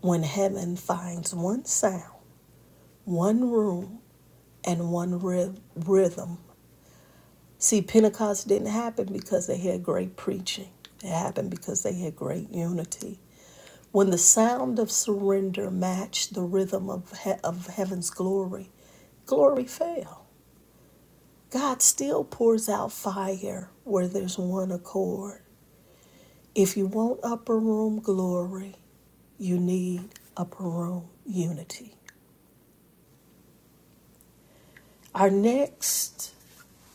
Speaker 2: when heaven finds one sound, one room, and one ryth- rhythm. See, Pentecost didn't happen because they had great preaching, it happened because they had great unity. When the sound of surrender matched the rhythm of, he- of heaven's glory, glory fell. God still pours out fire where there's one accord. If you want upper room glory, you need upper room unity. Our next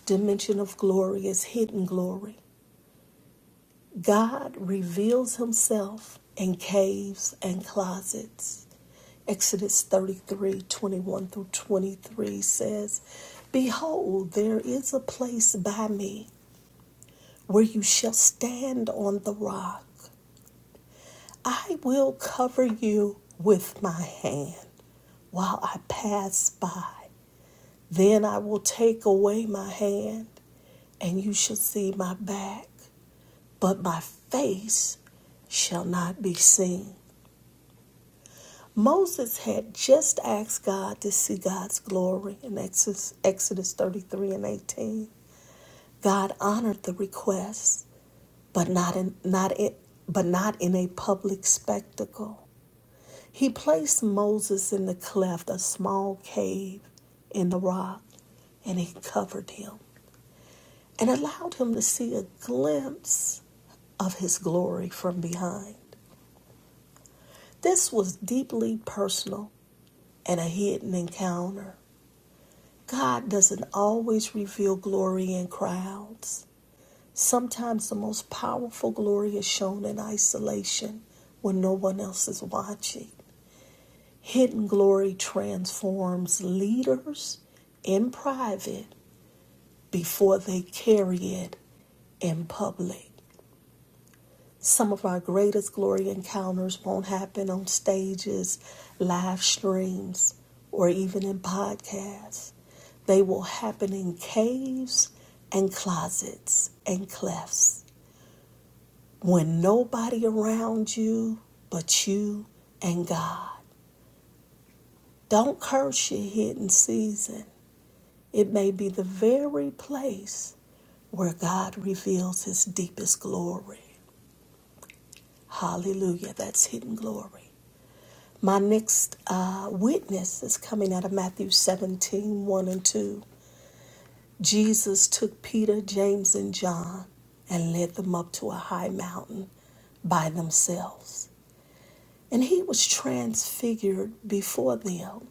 Speaker 2: dimension of glory is hidden glory. God reveals himself in caves and closets. Exodus 33 21 through 23 says, Behold, there is a place by me where you shall stand on the rock. I will cover you with my hand while I pass by. Then I will take away my hand, and you shall see my back, but my face shall not be seen. Moses had just asked God to see God's glory in Exodus, Exodus 33 and 18. God honored the request, but not in, not in, but not in a public spectacle. He placed Moses in the cleft, a small cave in the rock, and he covered him and allowed him to see a glimpse of his glory from behind. This was deeply personal and a hidden encounter. God doesn't always reveal glory in crowds. Sometimes the most powerful glory is shown in isolation when no one else is watching. Hidden glory transforms leaders in private before they carry it in public. Some of our greatest glory encounters won't happen on stages, live streams, or even in podcasts. They will happen in caves and closets and clefts when nobody around you but you and God. Don't curse your hidden season. It may be the very place where God reveals his deepest glory. Hallelujah. That's hidden glory. My next uh, witness is coming out of Matthew seventeen one and 2. Jesus took Peter, James, and John and led them up to a high mountain by themselves. And he was transfigured before them,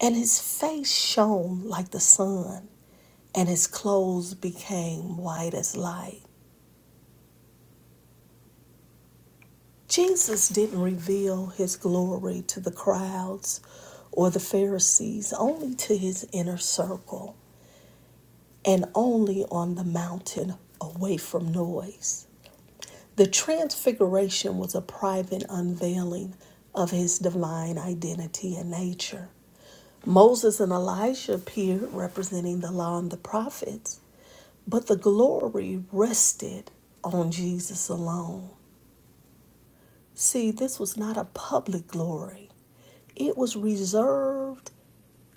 Speaker 2: and his face shone like the sun, and his clothes became white as light. Jesus didn't reveal his glory to the crowds or the Pharisees, only to his inner circle and only on the mountain away from noise. The transfiguration was a private unveiling of his divine identity and nature. Moses and Elijah appeared representing the law and the prophets, but the glory rested on Jesus alone. See, this was not a public glory. It was reserved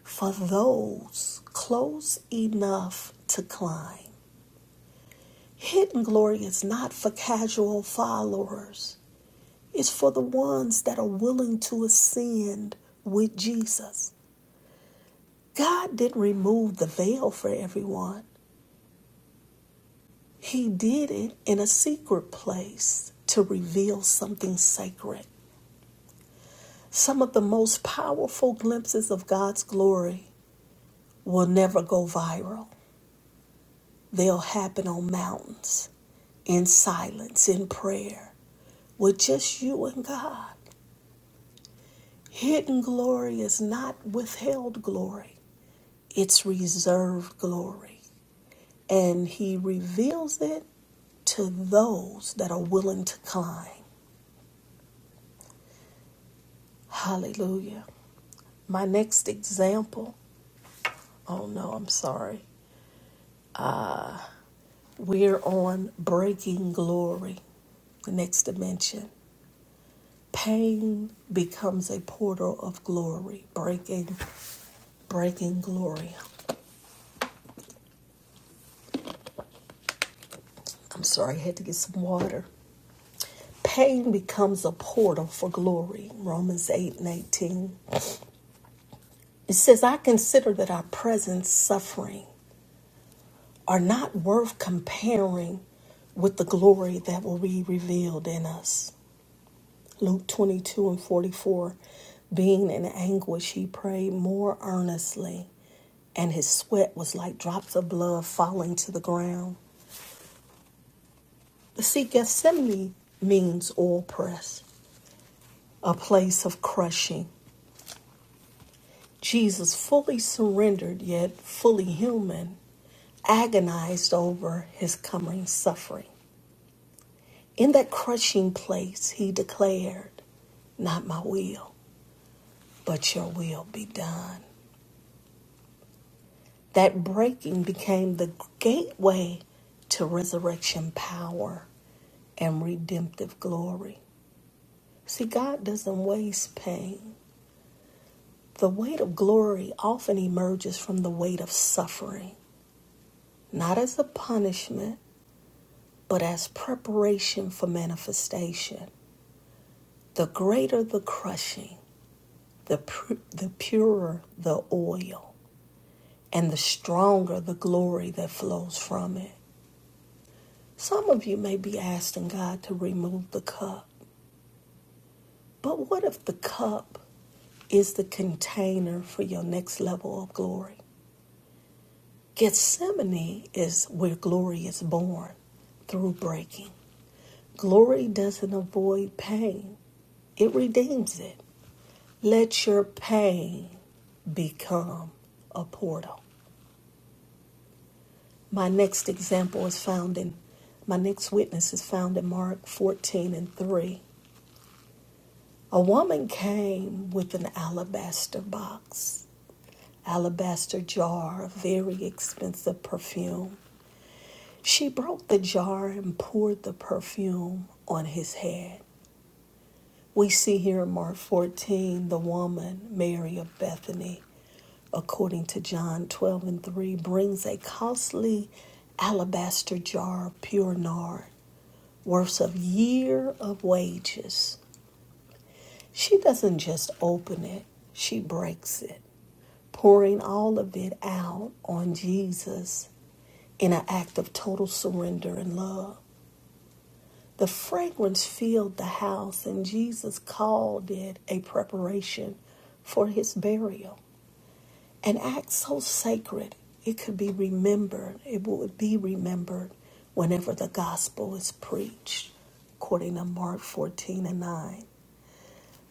Speaker 2: for those close enough to climb. Hidden glory is not for casual followers, it's for the ones that are willing to ascend with Jesus. God didn't remove the veil for everyone, He did it in a secret place to reveal something sacred. Some of the most powerful glimpses of God's glory will never go viral They'll happen on mountains, in silence, in prayer, with just you and God. Hidden glory is not withheld glory, it's reserved glory. And He reveals it to those that are willing to climb. Hallelujah. My next example, oh no, I'm sorry. We're on breaking glory, the next dimension. Pain becomes a portal of glory, breaking breaking glory. I'm sorry, I had to get some water. Pain becomes a portal for glory. Romans 8 and 18. It says, I consider that our present suffering are not worth comparing with the glory that will be revealed in us. Luke 22 and 44. Being in anguish, he prayed more earnestly, and his sweat was like drops of blood falling to the ground. The see, Gethsemane means oil press. a place of crushing. Jesus, fully surrendered yet fully human, agonized over his coming suffering. In that crushing place, he declared, Not my will, but your will be done. That breaking became the gateway to resurrection power and redemptive glory. See, God doesn't waste pain. The weight of glory often emerges from the weight of suffering. not as a punishment, but as preparation for manifestation. The greater the crushing, the, pu- the purer the oil, and the stronger the glory that flows from it. Some of you may be asking God to remove the cup, but what if the cup is the container for your next level of glory? Gethsemane is where glory is born through breaking. Glory doesn't avoid pain, it redeems it. Let your pain become a portal. My next example is found in, my next witness is found in Mark 14 and 3. A woman came with an alabaster box, alabaster jar of very expensive perfume. She broke the jar and poured the perfume on his head. We see here in Mark 14 the woman, Mary of Bethany, according to John 12 and 3, brings a costly alabaster jar of pure nard, worth of year of wages. She doesn't just open it, she breaks it, pouring all of it out on Jesus in an act of total surrender and love. The fragrance filled the house, and Jesus called it a preparation for his burial. An act so sacred, it could be remembered, it would be remembered whenever the gospel is preached, according to Mark 14 and 9.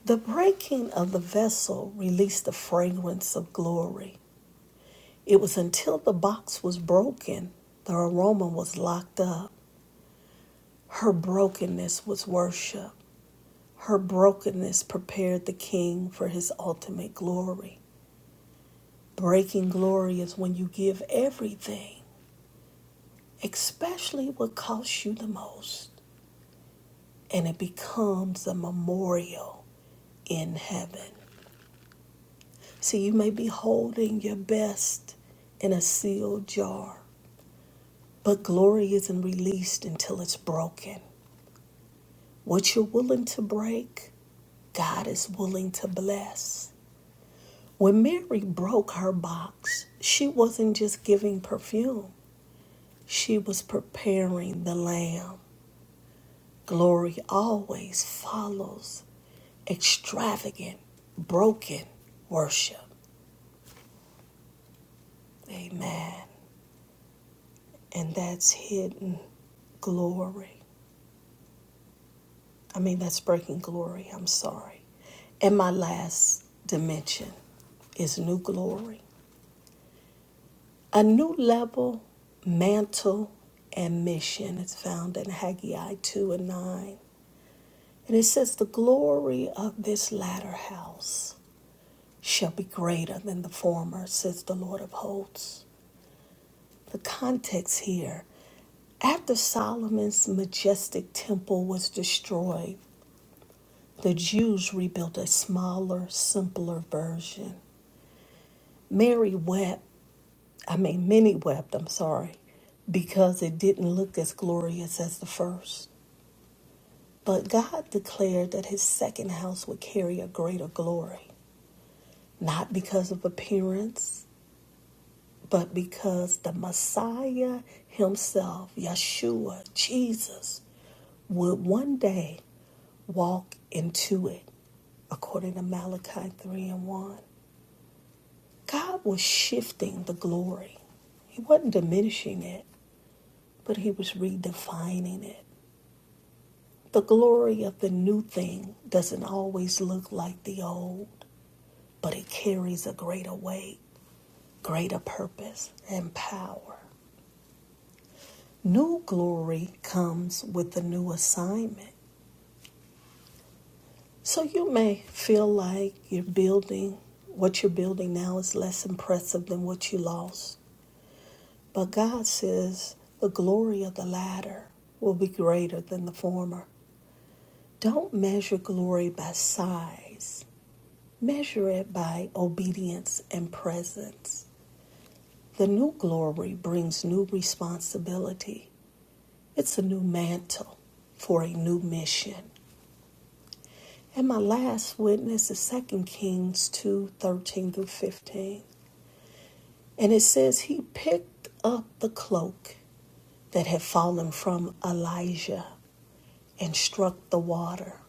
Speaker 2: The breaking of the vessel released the fragrance of glory. It was until the box was broken, the aroma was locked up. Her brokenness was worship. Her brokenness prepared the king for his ultimate glory. Breaking glory is when you give everything, especially what costs you the most, and it becomes a memorial in heaven. See, you may be holding your best in a sealed jar, but glory isn't released until it's broken. What you're willing to break, God is willing to bless. When Mary broke her box, she wasn't just giving perfume, she was preparing the lamb. Glory always follows extravagant, broken worship. Amen. And that's hidden glory. I mean, that's breaking glory. I'm sorry. And my last dimension is new glory. A new level, mantle, and mission is found in Haggai 2 and 9. And it says, The glory of this latter house shall be greater than the former, says the Lord of hosts. The context here after Solomon's majestic temple was destroyed, the Jews rebuilt a smaller, simpler version. Mary wept I mean, many wept, I'm sorry, because it didn't look as glorious as the first. But God declared that his second house would carry a greater glory, not because of appearance, but because the Messiah himself, Yeshua, Jesus, would one day walk into it, according to Malachi 3 and 1. God was shifting the glory, He wasn't diminishing it. but he was redefining it. The glory of the new thing doesn't always look like the old, but it carries a greater weight, greater purpose, and power. New glory comes with a new assignment. So you may feel like you're building, what you're building now is less impressive than what you lost. But God says the glory of the latter will be greater than the former. Don't measure glory by size, Measure it by obedience and presence. The new glory brings new responsibility. It's a new mantle for a new mission. And my last witness is Second Kings 2 13 through 15. And it says, He picked up the cloak that had fallen from Elijah and struck the water.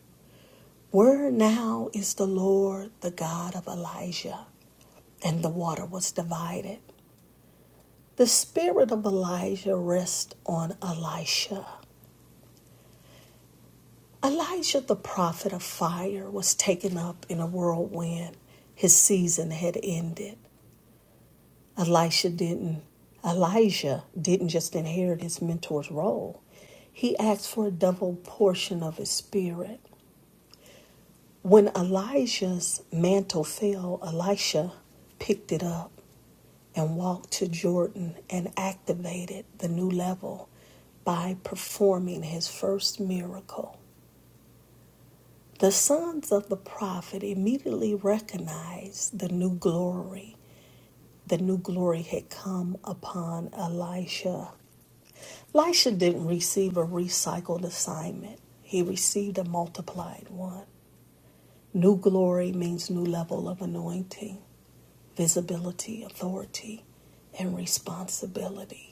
Speaker 2: Where now is the Lord, the God of Elijah? And the water was divided. The spirit of Elijah rests on Elisha. Elijah, the prophet of fire, was taken up in a whirlwind. His season had ended. Elisha didn't. Elijah didn't just inherit his mentor's role. He asked for a double portion of his spirit. When Elijah's mantle fell, Elisha picked it up. and walked to Jordan and activated the new level by performing his first miracle. The sons of the prophet immediately recognized the new glory. The new glory had come upon Elisha. Elisha didn't receive a recycled assignment, he received a multiplied one. New glory means new level of anointing, visibility, authority, and responsibility.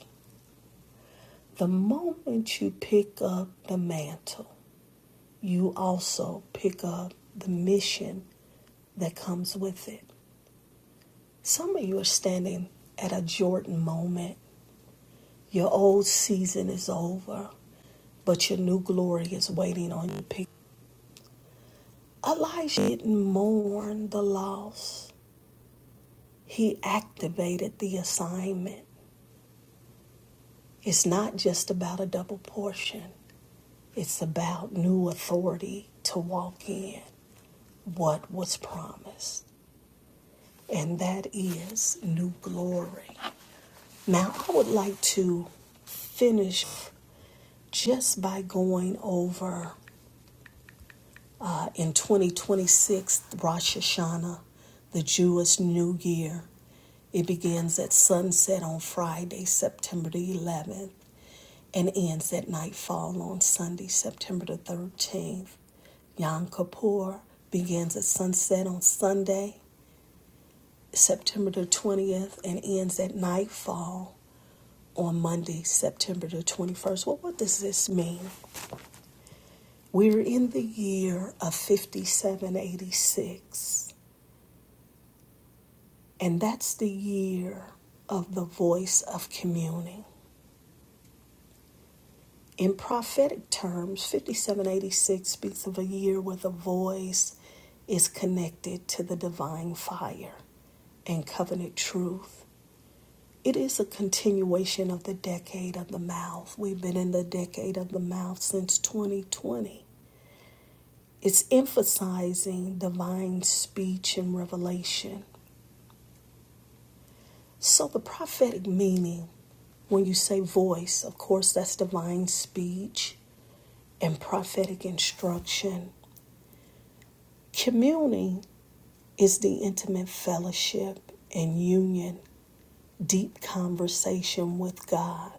Speaker 2: The moment you pick up the mantle, you also pick up the mission that comes with it. Some of you are standing at a Jordan moment. Your old season is over, but your new glory is waiting on you. Pick. Elijah didn't mourn the loss. He activated the assignment. It's not just about a double portion. It's about new authority to walk in what was promised. and that is new glory. Now, I would like to finish just by going over uh, in 2026 Rosh Hashanah, the Jewish New Year. It begins at sunset on Friday, September the 11th, and ends at nightfall on Sunday, September the 13th. Yom Kippur begins at sunset on Sunday, September the 20th, and ends at nightfall on Monday, September the 21st. Well, what does this mean? We're in the year of 5786, and that's the year of the voice of communing. In prophetic terms, 5786 speaks of a year where the voice is connected to the divine fire and covenant truth. It is a continuation of the decade of the mouth. We've been in the decade of the mouth since 2020. It's emphasizing divine speech and revelation. So, the prophetic meaning, when you say voice, of course, that's divine speech and prophetic instruction. Communing is the intimate fellowship and union, deep conversation with God.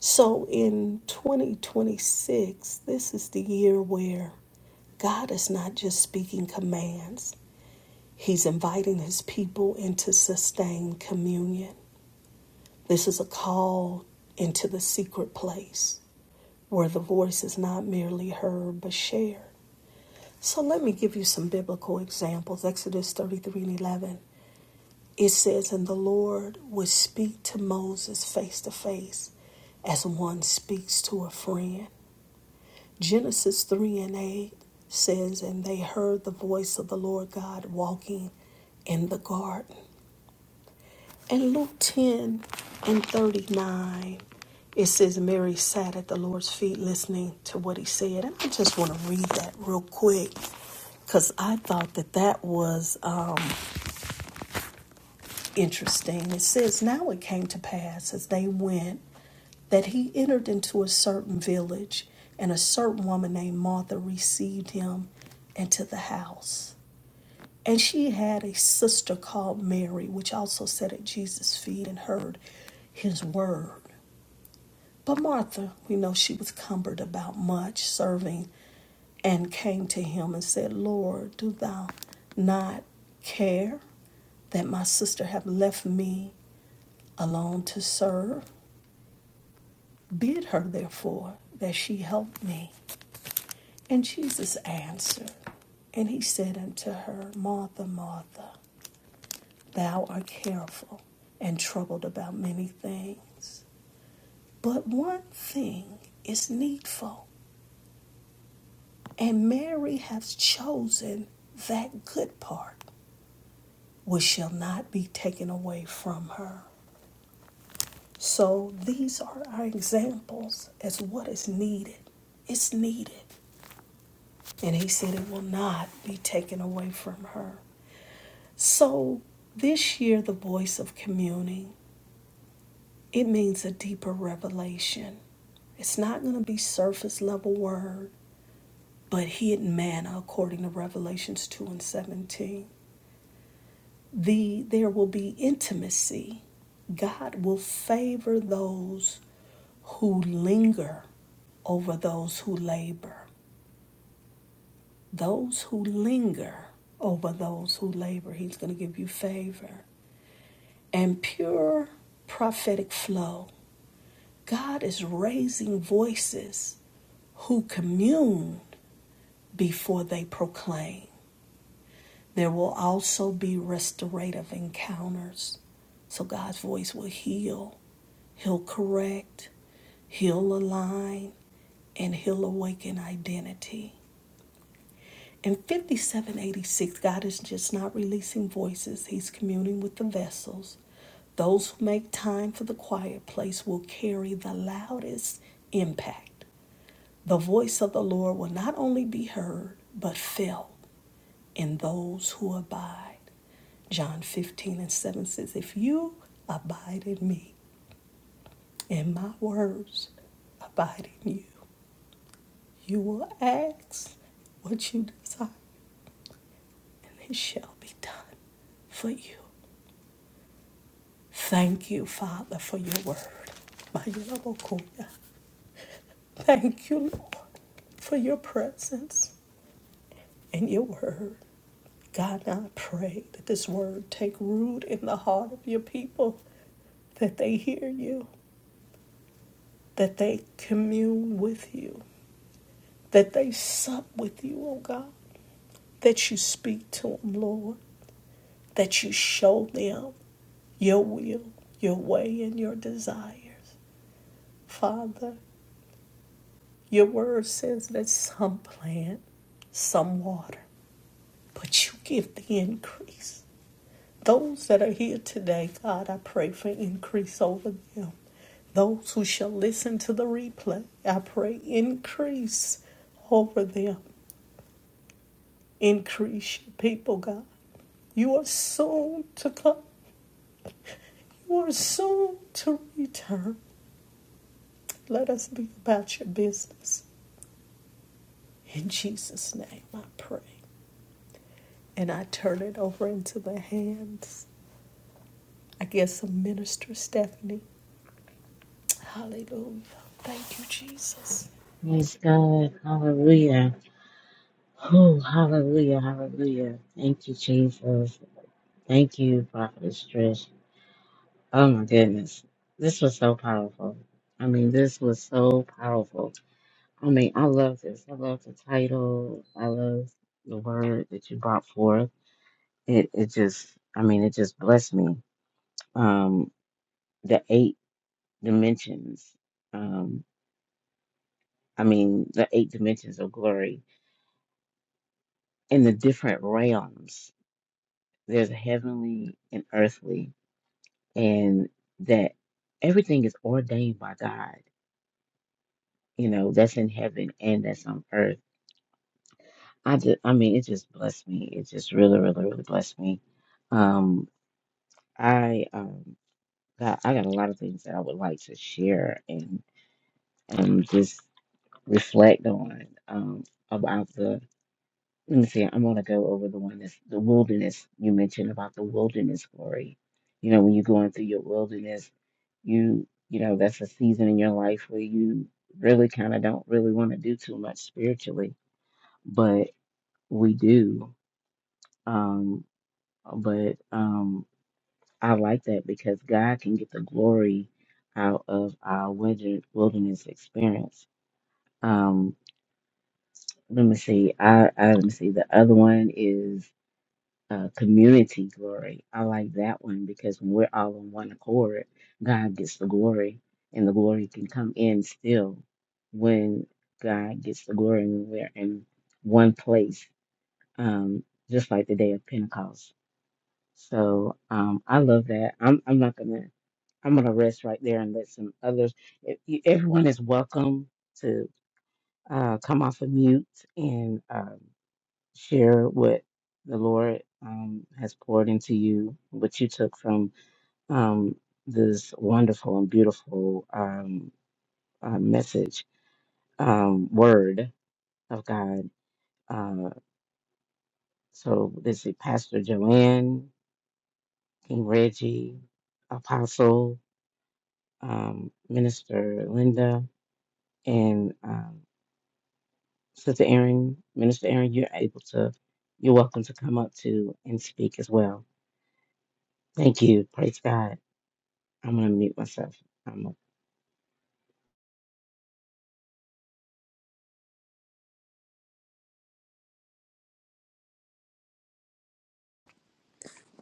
Speaker 2: So, in 2026, this is the year where God is not just speaking commands. He's inviting his people into sustained communion. This is a call into the secret place where the voice is not merely heard but shared. So let me give you some biblical examples. Exodus 33 and 11. It says, And the Lord would speak to Moses face to face as one speaks to a friend. Genesis 3 and 8 says, And they heard the voice of the Lord God walking in the garden. In Luke 10 and 39, it says Mary sat at the Lord's feet listening to what he said. And I just want to read that real quick because I thought that that was uh, interesting. It says, Now it came to pass as they went that he entered into a certain village, and a certain woman named Martha received him into the house. And she had a sister called Mary, which also sat at Jesus' feet and heard his word. But Martha, we know she was cumbered about much serving and came to him and said, Lord, do thou not care that my sister have left me alone to serve? Bid her, therefore, that she help me. And Jesus answered, and he said unto her, Martha, Martha, thou art careful and troubled about many things, but one thing is needful. And Mary has chosen that good part, which shall not be taken away from her. So these are our examples as what is needed. It's needed. And he said it will not be taken away from her. So this year, the voice of communing, it means a deeper revelation. It's not going to be surface level word, but hidden manna according to Revelations 2 and 17. the there will be intimacy. God will favor those who linger over those who labor. Those who linger over those who labor, He's going to give you favor. And pure prophetic flow. God is raising voices who commune before they proclaim. There will also be restorative encounters. So God's voice will heal He'll correct, he'll align, and he'll awaken identity. In 5786, God is just not releasing voices, He's communing with the vessels. Those who make time for the quiet place will carry the loudest impact. The voice of the Lord will not only be heard, but felt in those who abide. John 15 and 7 says, If you abide in me and my words abide in you. You will ask what you desire, and it shall be done for you. Thank you, Father, for your word. My Yelabokoya. Thank you, Lord, for your presence and your word. God, I pray that this word take root in the heart of your people, that they hear you, that they commune with you, that they sup with you, oh God. that you speak to them, Lord, that you show them your will, your way, and your desires. Father, your word says that some plant, some water, but you give the increase. Those that are here today, God, I pray for increase over them. Those who shall listen to the replay, I pray increase over them. Increase your people, God. You are soon to come. We're soon to return. Let us be about your business. In Jesus' name, I pray. And I turn it over into the hands, I guess, of Minister Stephanie. Hallelujah. Thank you, Jesus.
Speaker 1: Praise God. Hallelujah. Oh, hallelujah. Hallelujah. Thank you, Jesus. Thank you, Prophetess Trish. Oh, my goodness. This was so powerful. I mean, this was so powerful. I mean, I love this. I love the title. I love the word that you brought forth. It, it just, I mean, it just blessed me. Um, the eight dimensions. Um, I mean, the eight dimensions of glory. in the different realms. There's heavenly and earthly, and that everything is ordained by God. You know, that's in heaven and that's on earth. I just, I mean, it just blessed me. It just really, really, really blessed me. Um, I um, got, I got a lot of things that I would like to share and um, just reflect on um, about the Let me see, I'm gonna go over the one that's the wilderness. You mentioned about the wilderness glory. You know, when you're going through your wilderness, you you know, that's a season in your life where you really kind of don't really want to do too much spiritually, but we do. Um, but um, I like that because God can get the glory out of our wilder- wilderness experience. Um, let me see. I, I let me see. The other one is uh, community glory. I like that one because when we're all on one accord, God gets the glory, and the glory can come in still when God gets the glory when we're in one place, um, just like the day of Pentecost. So um, I love that. I'm I'm not gonna I'm gonna rest right there and let some others. If you, everyone is welcome to uh, come off of mute and. Um, share what the Lord um, has poured into you, what you took from um, this wonderful and beautiful um, uh, message, um, word of God. Uh, so this is Pastor Joanne, King Reggie, Apostle, um, Minister Linda, and um, Sister Erin. Minister Erin, you're able to, you're welcome to come up to and speak as well. Thank you. Praise God. I'm gonna mute myself. I'm going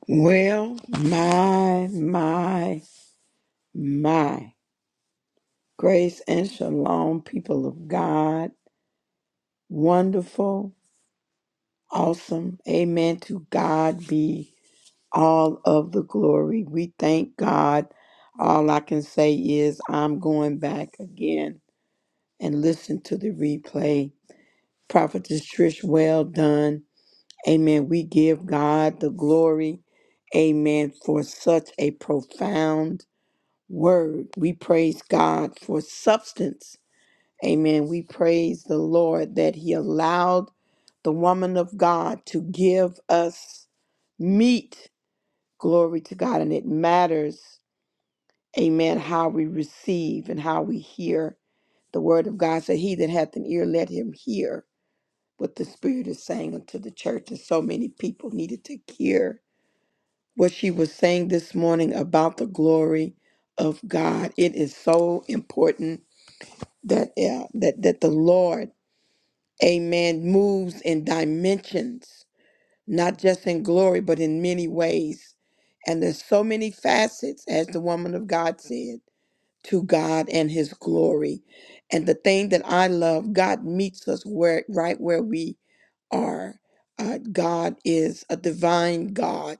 Speaker 4: Well, my, my, my. Grace and shalom, people of God. Wonderful, awesome. Amen. To God be all of the glory. We thank God. All I can say is I'm going back again and listen to the replay. Prophetess Trish, well done. Amen. We give God the glory. Amen. For such a profound word. We praise God for substance. Amen. We praise the Lord that He allowed the woman of God to give us meat Glory to God. And it matters, amen, how we receive and how we hear the word of God. So he that hath an ear, let him hear what the Spirit is saying unto the church. And so many people needed to hear what she was saying this morning about the glory of God. It is so important that uh, that that the Lord, amen, moves in dimensions not just in glory, but in many ways. And there's so many facets, as the woman of God said, to God and his glory. And the thing that I love, God meets us where right where we are. Uh, God is a divine God.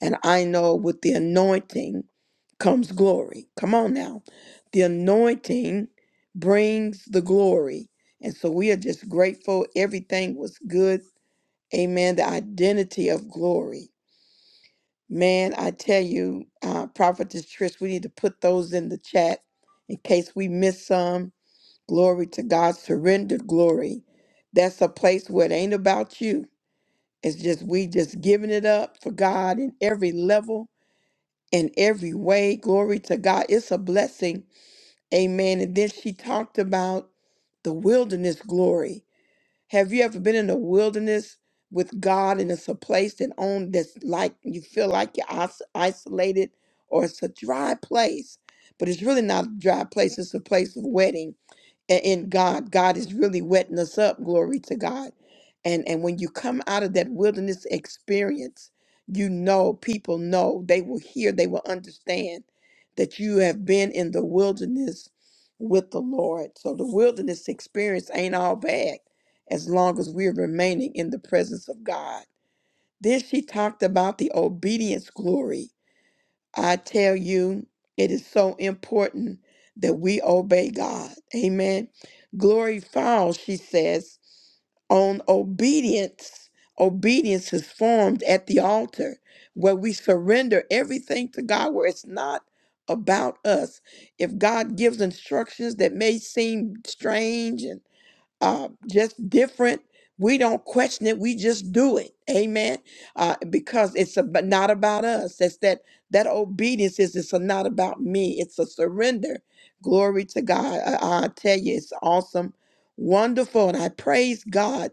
Speaker 4: And I know with the anointing comes glory. Come on now. The anointing brings the glory. And so we are just grateful. Everything was good Amen. The identity of glory. Man, I tell you, uh, Prophetess Trish, we need to put those in the chat in case we miss some. Glory to God, surrendered glory. That's a place where it ain't about you. It's just we just giving it up for God in every level, in every way. Glory to God. It's a blessing. Amen. And then she talked about the wilderness glory Have you ever been in the wilderness with God and it's a place that on that's like you feel like you're is- isolated or it's a dry place, but it's really not a dry place. It's a place of wedding i- in God. God is really wetting us up. Glory to God. And and when you come out of that wilderness experience, you know people know they will hear, they will understand that you have been in the wilderness with the Lord. So the wilderness experience ain't all bad as long as we're remaining in the presence of God. Then she talked about the obedience glory I tell you, it is so important that we obey God. Amen. Glory falls, she says, on obedience. Obedience is formed at the altar where we surrender everything to God, where it's not about us. If God gives instructions that may seem strange and uh, just different. We don't question it. We just do it. Amen. Uh, because it's a but not about us. That's that that obedience is it's a not about me. It's a surrender. Glory to God. I, I tell you, it's awesome, wonderful, and I praise God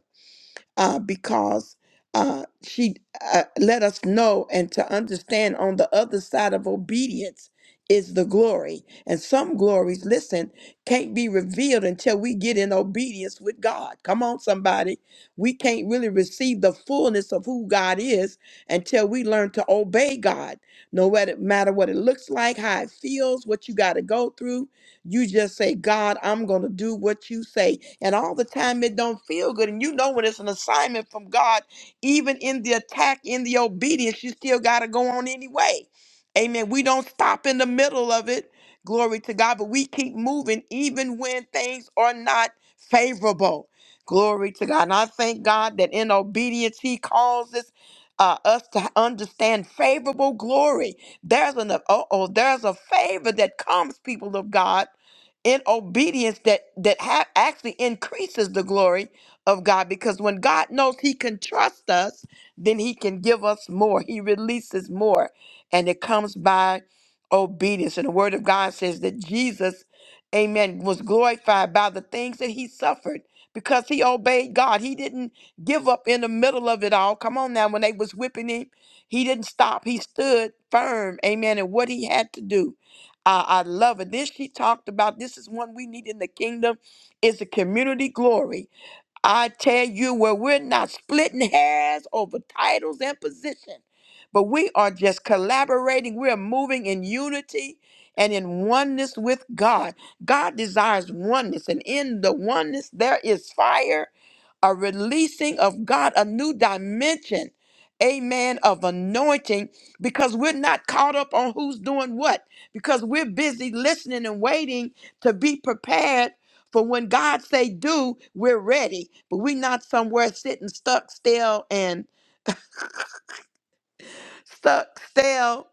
Speaker 4: uh, because uh, she uh, let us know and to understand on the other side of obedience is the glory. And some glories, listen, can't be revealed until we get in obedience with God. Come on, somebody. We can't really receive the fullness of who God is until we learn to obey God, no matter matter what it looks like, how it feels, what you got to go through you just say, God, I'm going to do what you say. And all the time it don't feel good. And you know when it's an assignment from God, even in the attack, in the obedience, you still got to go on anyway. Amen. We don't stop in the middle of it. Glory to God. But we keep moving even when things are not favorable. Glory to God. And I thank God that in obedience, He calls us uh, us to understand favorable glory. There's an uh oh, there's a favor that comes, people of God in obedience that that ha- actually increases the glory of God because when God knows he can trust us then he can give us more he releases more and it comes by obedience and the word of God says that Jesus amen was glorified by the things that he suffered because he obeyed God he didn't give up in the middle of it all come on now when they was whipping him he didn't stop he stood firm amen In what he had to do I, I love it. This she talked about. This is one we need in the kingdom. Is a community glory. I tell you, where we're not splitting hairs over titles and position, but we are just collaborating. We're moving in unity and in oneness with God. God desires oneness, and in the oneness, there is fire, a releasing of God, a new dimension. Amen of anointing because we're not caught up on who's doing what because we're busy listening and waiting to be prepared for when God say do, we're ready. But we not somewhere sitting stuck still and stuck still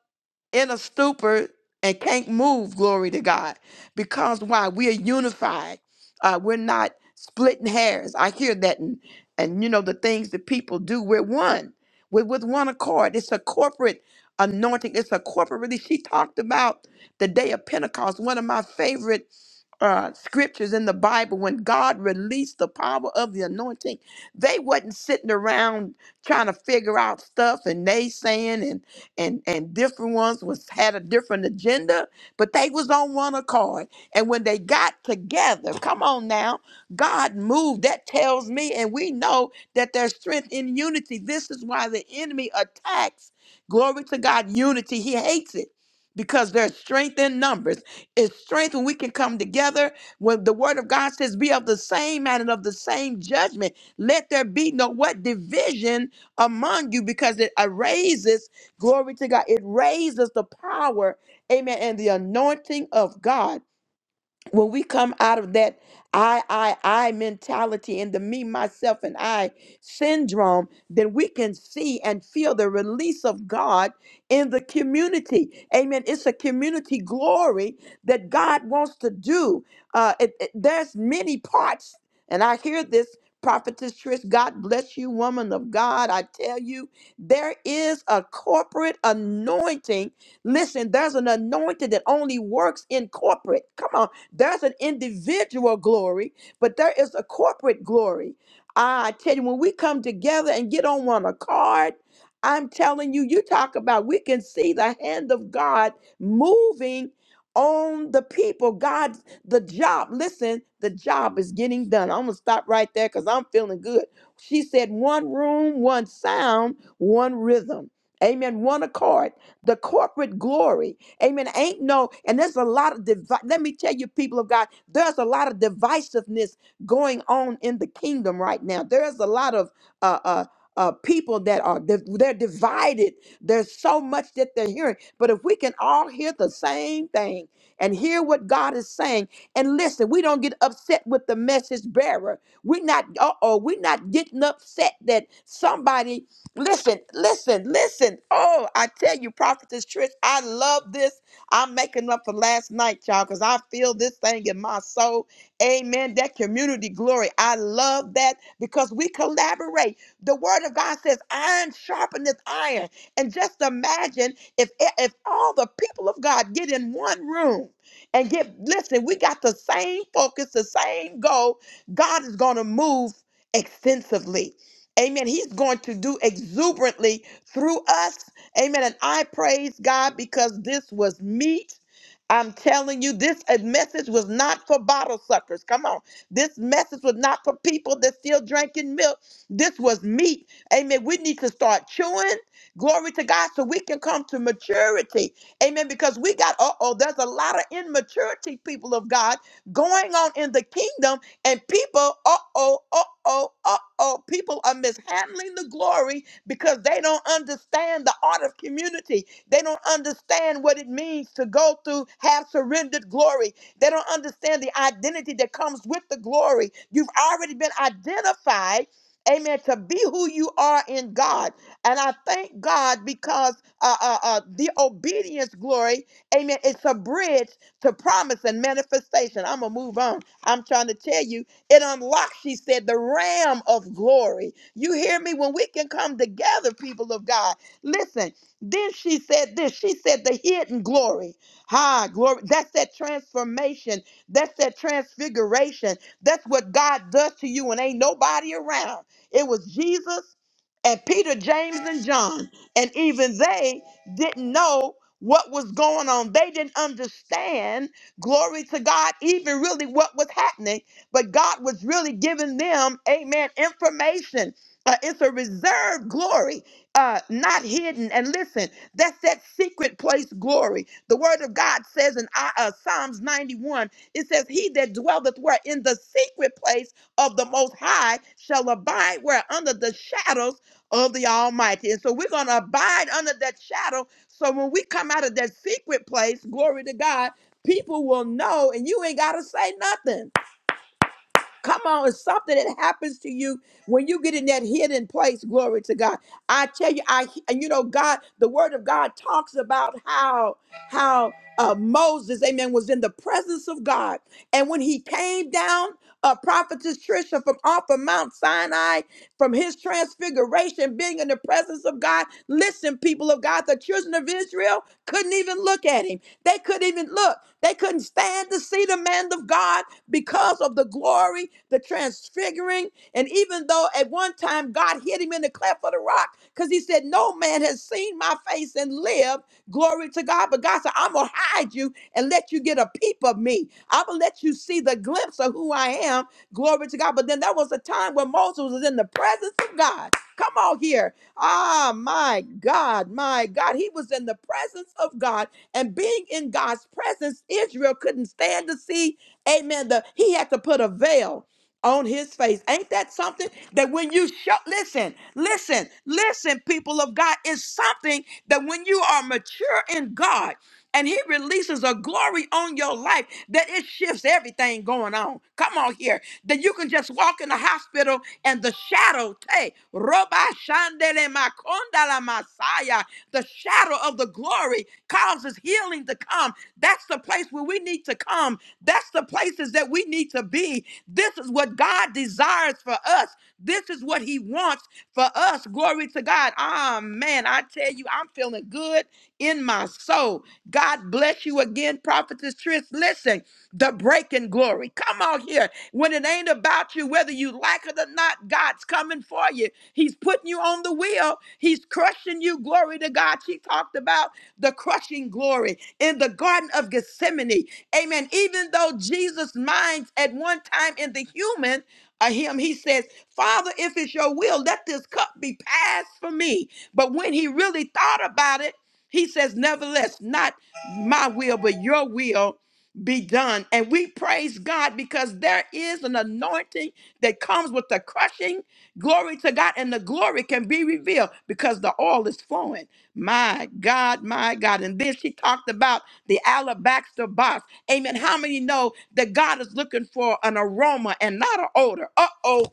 Speaker 4: in a stupor and can't move, glory to God. Because why? We are unified. Uh, we're not splitting hairs. I hear that and and you know the things that people do. We're one. We're with one accord. It's a corporate anointing. It's a corporate release. She talked about the day of Pentecost, one of my favorite uh, scriptures in the Bible when God released the power of the anointing, they wasn't sitting around trying to figure out stuff and naysaying and and and different ones was had a different agenda, but they was on one accord. And when they got together, come on now, God moved. That tells me, and we know that there's strength in unity. This is why the enemy attacks. Glory to God, unity. He hates it because there's strength in numbers. It's strength when we can come together. When the word of God says, be of the same mind and of the same judgment. Let there be no what division among you because it raises, glory to God, it raises the power, amen, and the anointing of God when we come out of that I, I, I mentality and the me, myself, and I syndrome, then we can see and feel the release of God in the community. Amen. It's a community glory that God wants to do. Uh, it, it- there's many parts, and I hear this. Prophetess Trish, God bless you, woman of God. I tell you, there is a corporate anointing. Listen, there's an anointing that only works in corporate. Come on. There's an individual glory, but there is a corporate glory. I tell you, when we come together and get on one accord, I'm telling you, you talk about we can see the hand of God moving on the people. God, the job, listen, the job is getting done. I'm gonna stop right there because I'm feeling good. She said, one room, one sound, one rhythm. Amen. One accord, the corporate glory. Amen. Ain't no, and there's a lot of devi- let me tell you, people of God, there's a lot of divisiveness going on in the kingdom right now. There's a lot of uh uh uh, people that are div- they're divided. There's so much that they're hearing, but if we can all hear the same thing and hear what God is saying, and listen, we don't get upset with the message bearer. We're not, uh oh, we're not getting upset that somebody Listen, listen, listen. Oh, I tell you, Prophetess Trish, I love this. I'm making up for last night, y'all, because I feel this thing in my soul. Amen. That community glory. I love that because we collaborate. The word of God says, iron sharpeneth iron. And just imagine if if all the people of God get in one room and get listen, we got the same focus, the same goal. God is gonna move extensively. Amen. He's going to do exuberantly through us. Amen. And I praise God because this was meat. I'm telling you, this uh, message was not for bottle suckers. Come on. This message was not for people that still drinking milk. This was meat. Amen. We need to start chewing. Glory to God so we can come to maturity. Amen. Because we got, uh oh, there's a lot of immaturity, people of God, going on in the kingdom, and people, uh oh, uh oh, uh oh. Uh-oh, people are mishandling the glory because they don't understand the art of community. They don't understand what it means to go through have surrendered glory. They don't understand the identity that comes with the glory. You've already been identified Amen. To be who you are in God. And I thank God because uh, uh, uh, the obedience glory, amen, it's a bridge to promise and manifestation. I'm going to move on. I'm trying to tell you it unlocks, she said, the ram of glory. You hear me? When we can come together, people of God, listen. Then she said this. She said the hidden glory. Ha, glory. That's that transformation. That's that transfiguration. That's what God does to you when ain't nobody around. It was Jesus and Peter, James, and John. And even they didn't know what was going on. They didn't understand, glory to God, even really what was happening but God was really giving them, amen, information. Uh, it's a reserved glory, uh, not hidden. And listen, that's that secret place glory. The word of God says in uh, uh, Psalms 91, it says, He that dwelleth where in the secret place of the Most High shall abide where under the shadows of the Almighty. And so we're going to abide under that shadow. So when we come out of that secret place, glory to God, people will know and you ain't got to say nothing. Come on, it's something that happens to you when you get in that hidden place. Glory to God. I tell you, I and you know, God, the Word of God talks about how how uh, Moses, Amen, was in the presence of God, and when he came down, uh, prophetess Trisha from off of Mount Sinai, from his transfiguration, being in the presence of God. Listen, people of God, the children of Israel couldn't even look at him. They couldn't even look. They couldn't stand to see the man of God because of the glory, the transfiguring. And even though at one time God hid him in the cleft of the rock because he said, No man has seen my face and lived. Glory to God. But God said, I'm going to hide you and let you get a peep of me. I'm going to let you see the glimpse of who I am. Glory to God. But then there was a time when Moses was in the presence of God. Come on here. Ah, my God, my God. He was in the presence of God. And being in God's presence, Israel couldn't stand to see Amen. The, he had to put a veil on his face. Ain't that something that when you show, listen, listen, listen, people of God, is something that when you are mature in God and he releases a glory on your life that it shifts everything going on. Come on here. That you can just walk in the hospital and the shadow, hey, Roba Shandele Makondala Messiah, the shadow of the glory causes healing to come. That's the place where we need to come that's the places that we need to be. This is what God desires for us. This is what He wants for us. Glory to God. Ah, man, I tell you, I'm feeling good in my soul. God bless you again, Prophetess Trish. Listen, the breaking glory. Come on here. When it ain't about you, whether you like it or not, God's coming for you. He's putting you on the wheel, He's crushing you. Glory to God. She talked about the crushing glory in the Garden of Gethsemane. Amen. Even though Jesus' minds at one time in the human uh, him, he says, Father, if it's your will, let this cup be passed from me. But when he really thought about it, he says, Nevertheless, not my will, but your will be done. And we praise God because there is an anointing that comes with the crushing glory to God, and the glory can be revealed because the oil is flowing. My God, my God. And then she talked about the alabaster box. Amen. How many know that God is looking for an aroma and not an odor? Uh oh.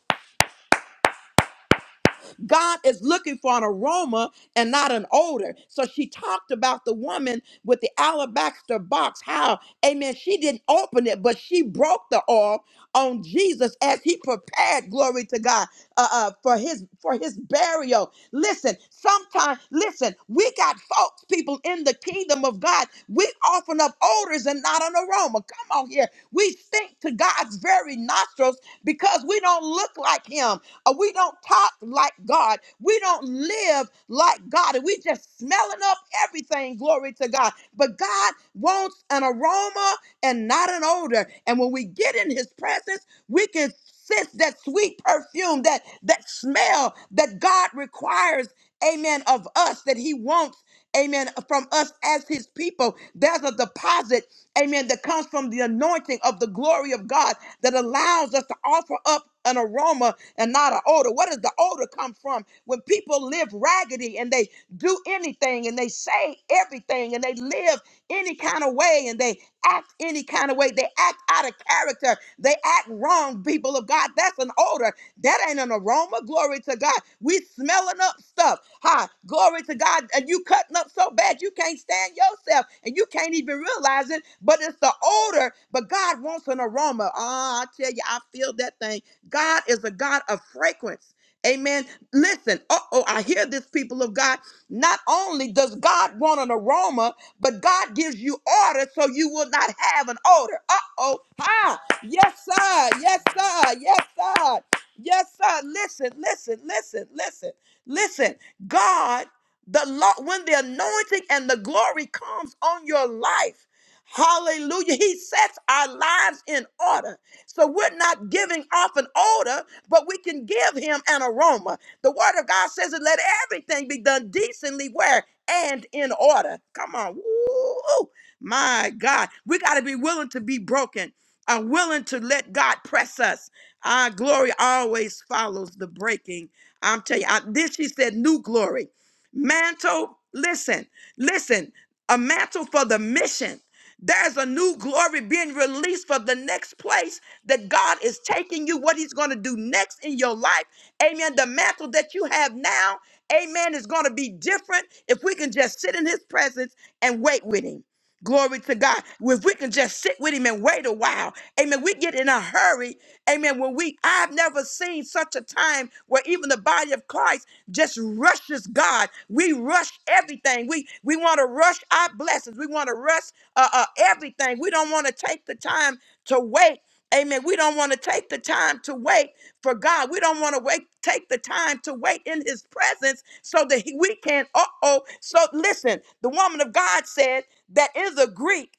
Speaker 4: God is looking for an aroma and not an odor. So she talked about the woman with the alabaster box, how, amen, she didn't open it, but she broke the oil on Jesus as he prepared, glory to God, uh, uh, for his for his burial. Listen, sometimes, listen, we got folks, people in the kingdom of God, we offering up odors and not an aroma. Come on here. We stink to God's very nostrils because we don't look like him. Uh, We don't talk like God. We don't live like God. And we just smelling up everything. Glory to God. But God wants an aroma and not an odor. And when we get in his presence, we can sense that sweet perfume, that that smell that God requires, amen, of us, that he wants, amen, from us as his people. There's a deposit amen, that comes from the anointing of the glory of God that allows us to offer up an aroma and not an odor. What does the odor come from? When people live raggedy and they do anything and they say everything and they live any kind of way and they act any kind of way, they act out of character, they act wrong, people of God. That's an odor. That ain't an aroma. Glory to God. We smelling up stuff. Hi. Glory to God. And you cutting up so bad you can't stand yourself and you can't even realize it, but it's the odor. But God wants an aroma. Ah, I tell you, I feel that thing. God is a God of fragrance. Amen. Listen, uh oh, I hear this, people of God. Not only does God want an aroma, but God gives you order so you will not have an odor. Uh oh. Hi. Yes, sir. Yes, sir. Yes, sir. Yes, sir. Listen, listen, listen, listen, listen. God, the law, when the anointing and the glory comes on your life, hallelujah, He sets our lives in order. So we're not giving off an odor, but we can give Him an aroma. The Word of God says, that let everything be done decently, where and in order. Come on. Woo! My God, we got to be willing to be broken, are willing to let God press us our glory always follows the breaking. I'm telling you, I, this she said, new glory. Mantle, listen, listen, a mantle for the mission. There's a new glory being released for the next place that God is taking you, what He's going to do next in your life. Amen. The mantle that you have now, amen, is going to be different if we can just sit in His presence and wait with Him. Glory to God. If we can just sit with him and wait a while. Amen. We get in a hurry. Amen. When we I've never seen such a time where even the body of Christ just rushes God. We rush everything. We we want to rush our blessings. We want to rush uh, uh, everything. We don't want to take the time to wait. Amen. We don't want to take the time to wait for God. We don't want to wait, take the time to wait in his presence so that he- we can, uh-oh. So listen, the woman of God said that is a Greek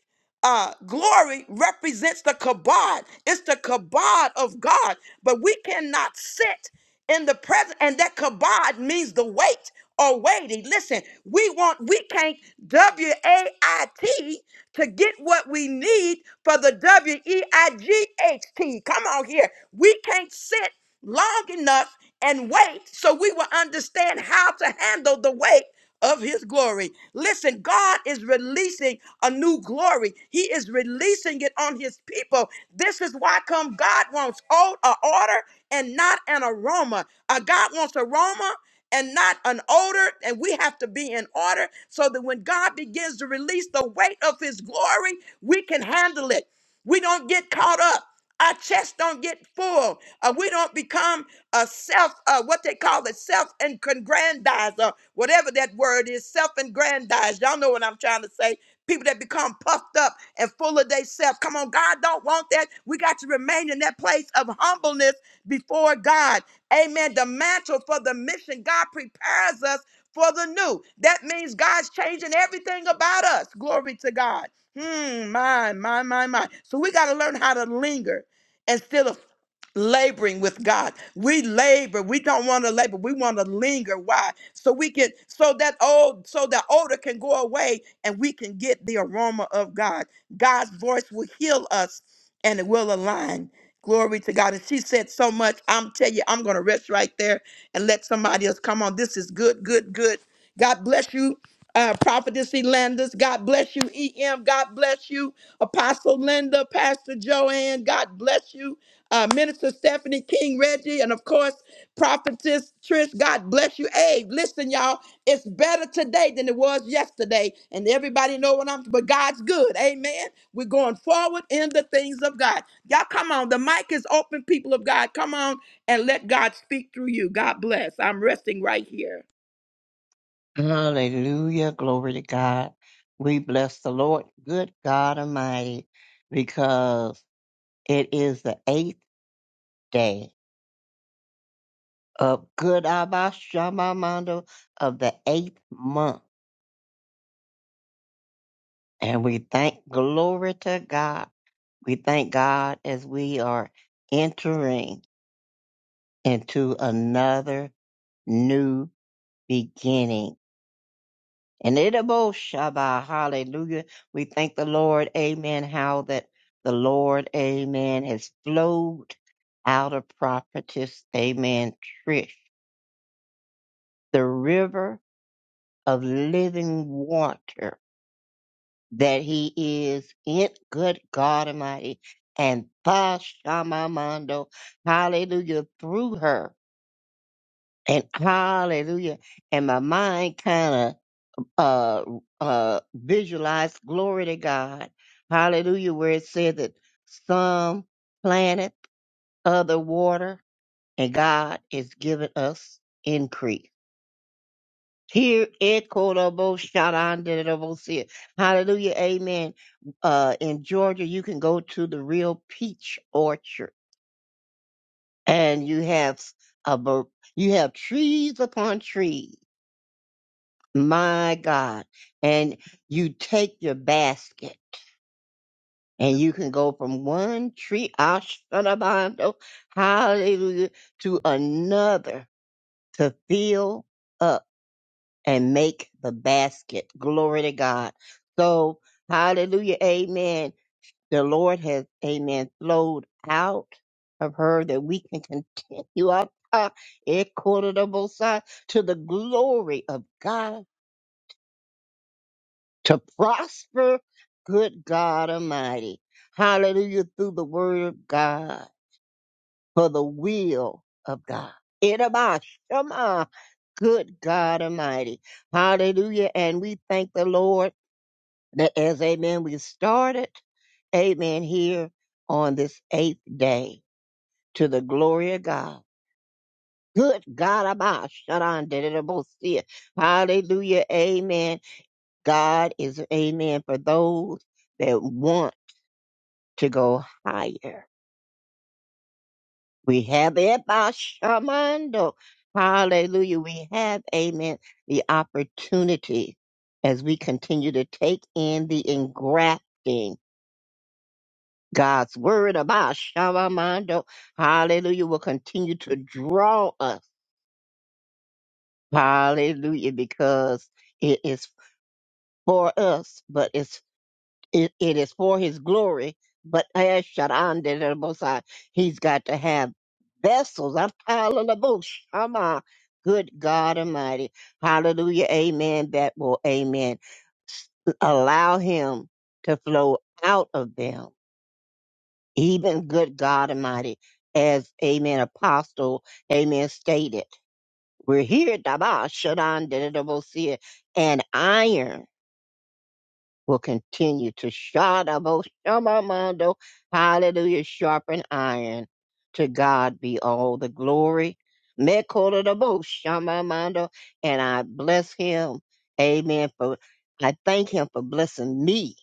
Speaker 4: uh, glory represents the kabod. It's the kabod of God. But we cannot sit in the presence, and that kabod means the weight or weighty. Listen, we want, we can't W A I T to get what we need for the W E I G H T. Come on here. We can't sit long enough and wait so we will understand how to handle the weight of his glory. Listen, God is releasing a new glory. He is releasing it on his people. This is why come God wants old a order and not an aroma. A God wants aroma and not an odor, and we have to be in order so that when God begins to release the weight of his glory, we can handle it. We don't get caught up. Our chest don't get full. Uh, we don't become a self, uh, what they call it, self aggrandizer, whatever that word is, self aggrandize. Y'all know what I'm trying to say. People that become puffed up and full of themselves. Come on, God don't want that. We got to remain in that place of humbleness before God. Amen. The mantle for the mission, God prepares us for the new. That means God's changing everything about us. Glory to God. Hmm, my, my, my, my. So we got to learn how to linger instead of laboring with God. We labor. We don't want to labor. We want to linger. Why? So we can so that old so that odor can go away and we can get the aroma of God. God's voice will heal us and it will align. Glory to God. And she said so much. I'm tell you, I'm gonna rest right there and let somebody else come on. This is good, good, good. God bless you. Uh, Prophetess Elandis, God bless you. EM, God bless you. Apostle Linda, Pastor Joanne, God bless you. Uh, Minister Stephanie King Reggie, and of course, Prophetess Trish, God bless you. Hey, listen, y'all, it's better today than it was yesterday. And everybody know what I'm, but God's good. Amen. We're going forward in the things of God. Y'all come on. The mic is open, people of God. Come on and let God speak through you. God bless. I'm resting right here.
Speaker 3: Hallelujah. Glory to God. We bless the Lord, good God Almighty, because it is the eighth day of good Abba Shama Mando of the eighth month. And we thank glory to God. We thank God as we are entering into another new beginning. And itabo Shabbat. Hallelujah. We thank the Lord. Amen. How that the Lord, amen, has flowed out of prophetess, amen, Trish, the river of living water that he is in good God Almighty. And Bashamamando, hallelujah, through her. And hallelujah. And my mind kind of uh uh visualize glory to God. Hallelujah, where it says that some planet, other water, and God is giving us increase. Here equitable shout out Hallelujah. Amen. Uh in Georgia you can go to the real peach orchard and you have a ver- you have trees upon trees. My God. And you take your basket. And you can go from one tree, Ashanabando, hallelujah, to another to fill up and make the basket. Glory to God. So, hallelujah, amen. The Lord has, amen, flowed out of her that we can continue our time, equitable side, to the glory of God, to prosper, good God Almighty. Hallelujah, through the word of God. for the will of God. Itabah, Shema, good God Almighty. Hallelujah. And we thank the Lord that as, amen, we started, amen, here on this eighth day to the glory of God. Good God, Abba, Shaddai, Dedebosia. hallelujah, amen. God is, amen, for those that want to go higher. We have it by Shamando. Hallelujah. We have, amen, the opportunity as we continue to take in the engrafting. God's word about Shamando. Hallelujah. Will continue to draw us. Hallelujah. Because it is for us, but it's it, it is for his glory, but eh, Shaddai, da, da, Most High, he's got to have vessels. I'm piling the bush. Come on. Good God Almighty. Hallelujah. Amen. That will, amen. S- Allow him to flow out of them. Even good God Almighty, as amen, apostle, amen, stated. We're here, Dabah, Shaddai, da, da, Most High, and iron will continue to Shadabo Shamamando, hallelujah, sharpen iron. To God be all the glory. Mekodabo Shamamando, and I bless him. Amen. For I thank him for blessing me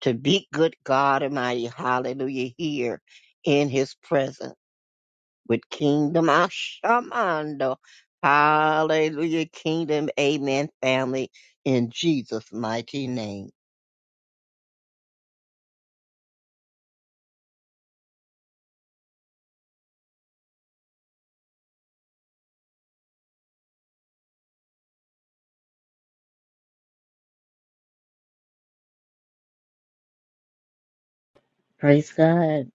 Speaker 3: to be good God Almighty. Hallelujah. Here in his presence with Kingdom Ashamando. Hallelujah. Kingdom. Amen. Family in Jesus' mighty name.
Speaker 1: praise God.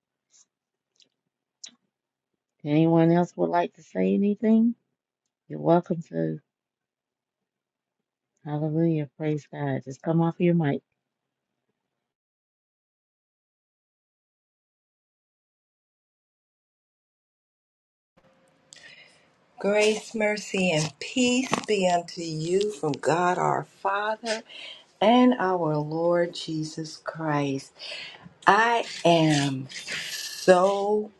Speaker 1: Anyone else would like to say anything? You're welcome to. Hallelujah. Praise God. Just come off your mic.
Speaker 5: Grace, mercy, and peace be unto you from God our Father and our Lord Jesus Christ. I am so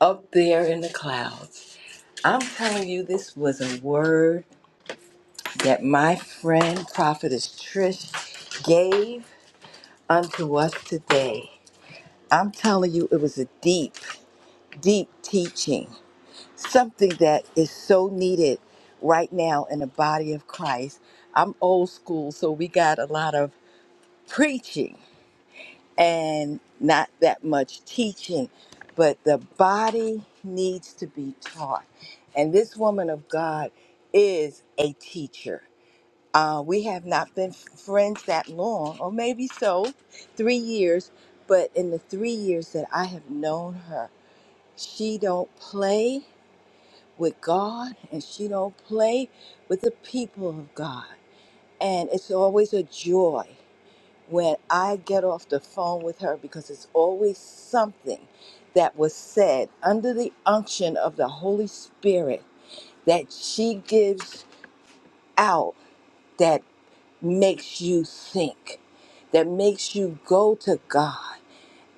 Speaker 5: up there in the clouds. I'm telling you, this was a word that my friend, Prophetess Trish, gave unto us today. I'm telling you, it was a deep. deep teaching, something that is so needed right now in the body of Christ. I'm old school, so we got a lot of preaching and not that much teaching, but the body needs to be taught. And this woman of God is a teacher. Uh, we have not been friends that long, or maybe so, three years. But in the three years that I have known her, she don't play with God and she don't play with the people of God. And it's always a joy when I get off the phone with her because it's always something that was said under the unction of the Holy Spirit that she gives out that makes you think, that makes you go to God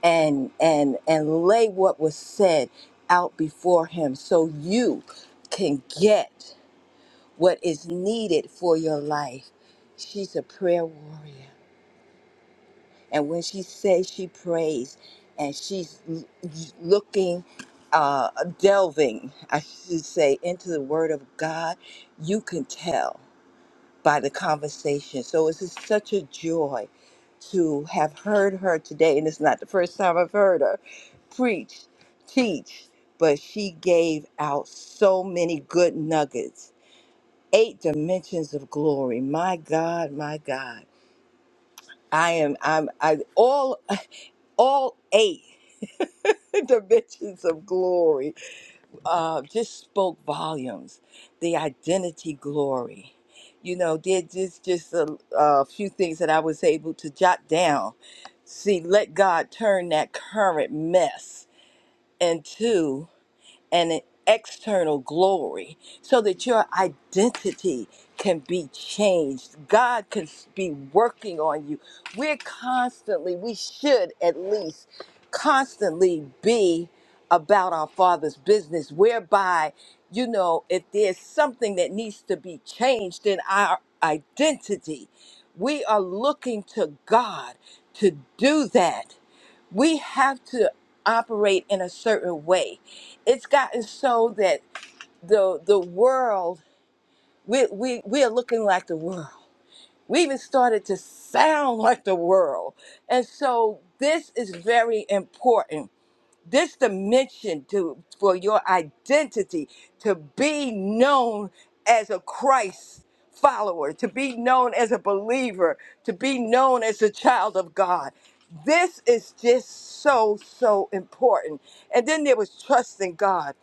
Speaker 5: and and and lay what was said out before him so you can get what is needed for your life. She's a prayer warrior. And when she says she prays and she's l- looking, uh, delving, I should say, into the Word of God, you can tell by the conversation. So it's just such a joy to have heard her today. And it's not the first time I've heard her preach, teach, but she gave out so many good nuggets eight dimensions of glory. My God, my God. I am I'm I all all eight dimensions of glory uh just spoke volumes. The identity glory. You know, there just just a, a few things that I was able to jot down. See, let God turn that current mess into and an external glory so that your identity can be changed. God can be working on you. We're constantly, we should at least constantly be about our Father's business, whereby, you know, if there's something that needs to be changed in our identity, we are looking to God to do that we have to operate in a certain way. It's gotten so that the the world we we we're looking like the world. We even started to sound like the world. And so this is very important this dimension to for your identity to be known as a Christ follower, to be known as a believer, to be known as a child of God. This is just so so important. And then there was trust in God.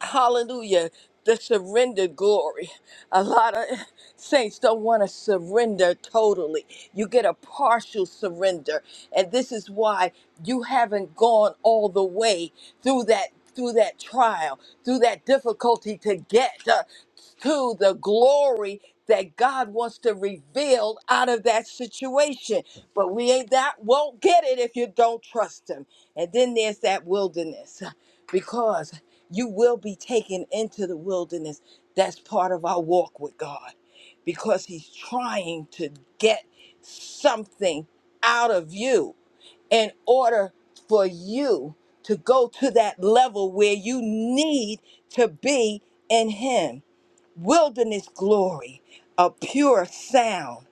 Speaker 5: Hallelujah. The surrender glory. A lot of saints don't want to surrender totally. You get a partial surrender. And this is why you haven't gone all the way through that through that trial, through that difficulty to get uh, to the glory that God wants to reveal out of that situation. But we ain't that won't get it if you don't trust him. And then there's that wilderness because you will be taken into the wilderness. That's part of our walk with God because He's trying to get something out of you in order for you to go to that level where you need to be in Him. Wilderness glory, a pure sound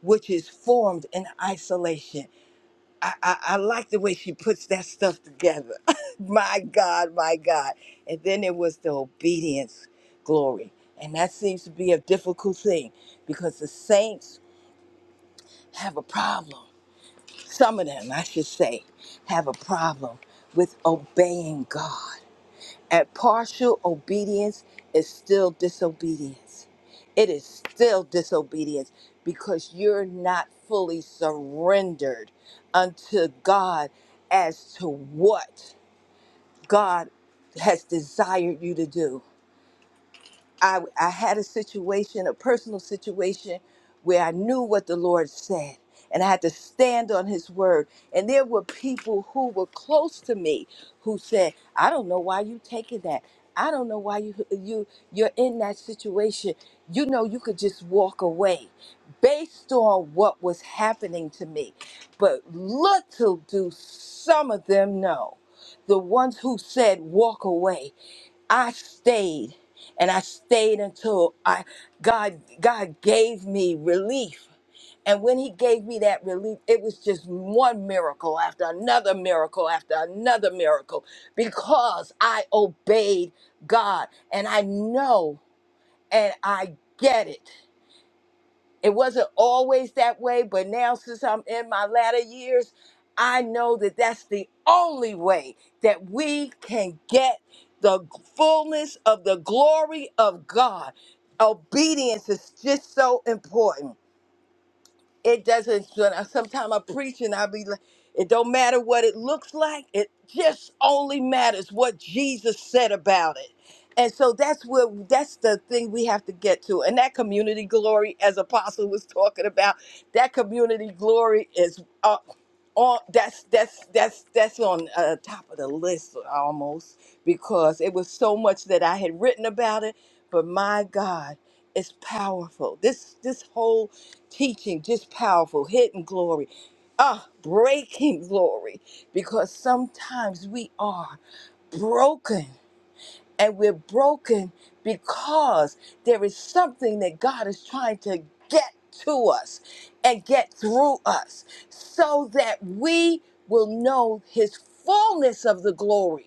Speaker 5: which is formed in isolation. I, I, I like the way she puts that stuff together. my God, my God. And then it was the obedience glory. And that seems to be a difficult thing because the saints have a problem. Some of them, I should say, have a problem with obeying God. And partial obedience is still disobedience. It is still disobedience because you're not fully surrendered unto God as to what God has desired you to do. I, I had a situation, a personal situation, where I knew what the Lord said and I had to stand on His word. And there were people who were close to me who said, I don't know why you taking that. I don't know why you you you're in that situation. You know you could just walk away based on what was happening to me. But little do some of them know. The ones who said walk away I stayed and I stayed until I God God gave me relief. And when he gave me that relief, it was just one miracle after another miracle after another miracle because I obeyed God and I know and I get it it wasn't always that way, but now since I'm in my latter years, I know that that's the only way that we can get the fullness of the glory of God. Obedience is just so important it doesn't sometimes i preach and i be like it don't matter what it looks like it just only matters what jesus said about it and so that's where that's the thing we have to get to and that community glory as apostle was talking about that community glory is uh, on that's that's that's that's on uh, top of the list almost because it was so much that i had written about it but my god it's powerful this this whole teaching, just powerful, hidden glory, ah, breaking glory, because sometimes we are broken and we're broken because there is something that God is trying to get to us and get through us so that we will know his fullness of the glory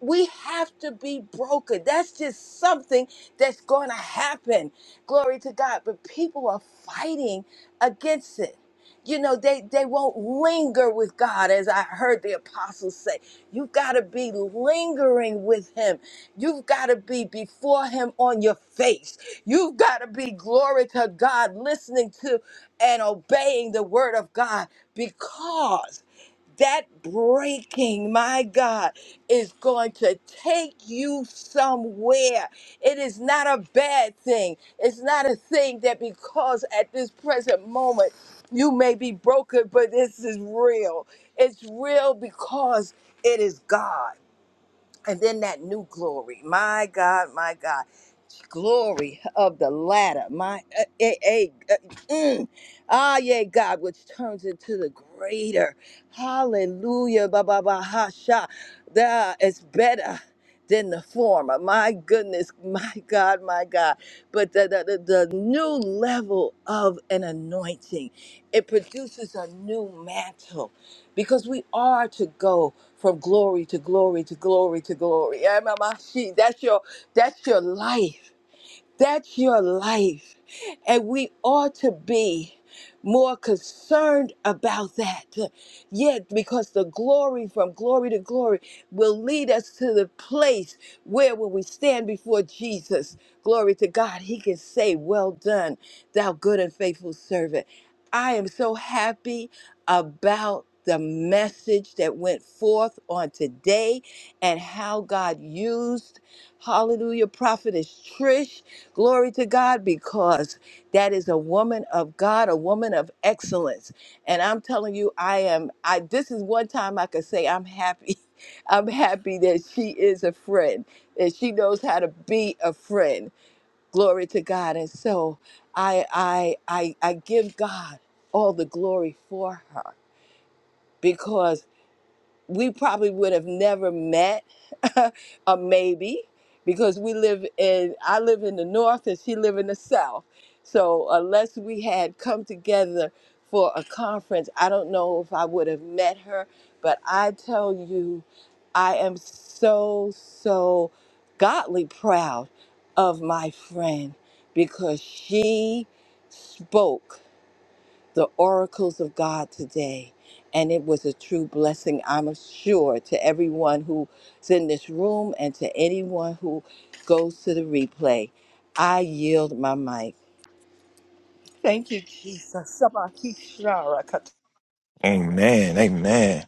Speaker 5: we have to be broken. That's just something that's going to happen. Glory to God. But people are fighting against it. You know, they, they won't linger with God, as I heard the apostles say. You've got to be lingering with Him. You've got to be before Him on your face. You've got to be, glory to God, listening to and obeying the Word of God because that breaking, my God, is going to take you somewhere. It is not a bad thing. It's not a thing that because at this present moment you may be broken, but this is real. It's real because it is God and then that new glory my god my god glory of the ladder my uh, eh, eh, uh, mm. ah yeah god which turns into the greater hallelujah ba ba ba ha sha that is better than the former my goodness my god my god but the, the, the, the new level of an anointing it produces a new mantle because we are to go from glory to glory to glory to glory. Yeah, Mama, she- That's your that's your life. That's your life. And we ought to be more concerned about that. Yet, because the glory from glory to glory will lead us to the place where, when we stand before Jesus, glory to God, he can say, Well done, thou good and faithful servant. I am so happy about the message that went forth on today and how God used, hallelujah, prophetess Trish Glory to God, because that is a woman of God, a woman of excellence. And I'm telling you, I am, I, this is one time I could say I'm happy. I'm happy that she is a friend, that she knows how to be a friend. Glory to God. And so I, I, I, I give God all the glory for her because we probably would have never met or maybe because we live in i live in the north and she live in the south so unless we had come together for a conference i don't know if i would have met her but i tell you i am so so godly proud of my friend because she spoke the oracles of God today. And it was a true blessing, I'm sure, to everyone who's in this room and to anyone who goes to the replay. I yield my mic. Thank you, Jesus.
Speaker 6: Amen. Amen.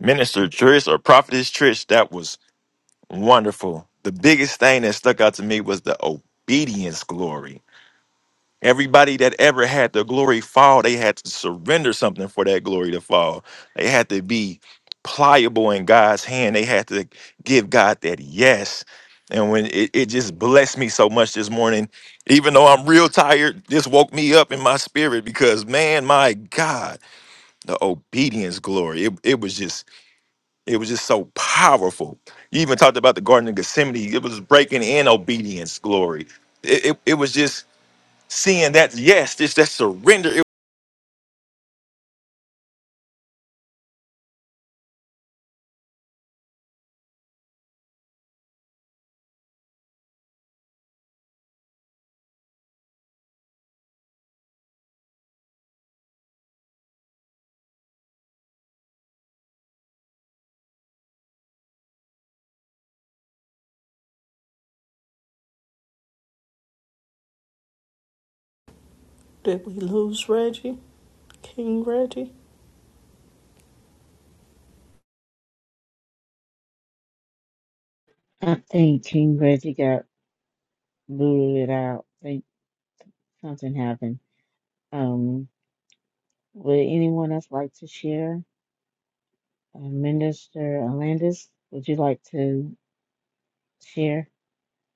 Speaker 6: Minister Trish or Prophetess Trish, that was wonderful. The biggest thing that stuck out to me was the obedience glory. Everybody that ever had the glory fall, they had to surrender something for that glory to fall. They had to be pliable in God's hand. They had to give God that yes. And when it, it just blessed me so much this morning, even though I'm real tired, this woke me up in my spirit because man, my God the obedience glory. It, it was just it was just so powerful. You even talked about the Garden of Gethsemane. It was breaking in obedience glory. It, it, it was just seeing that yes, this that surrender. It-
Speaker 2: Did we lose Reggie? King Reggie?
Speaker 1: I think King Reggie got booted out. think something happened. Um, would anyone else like to share? Uh, Minister Alandis, would you like to share?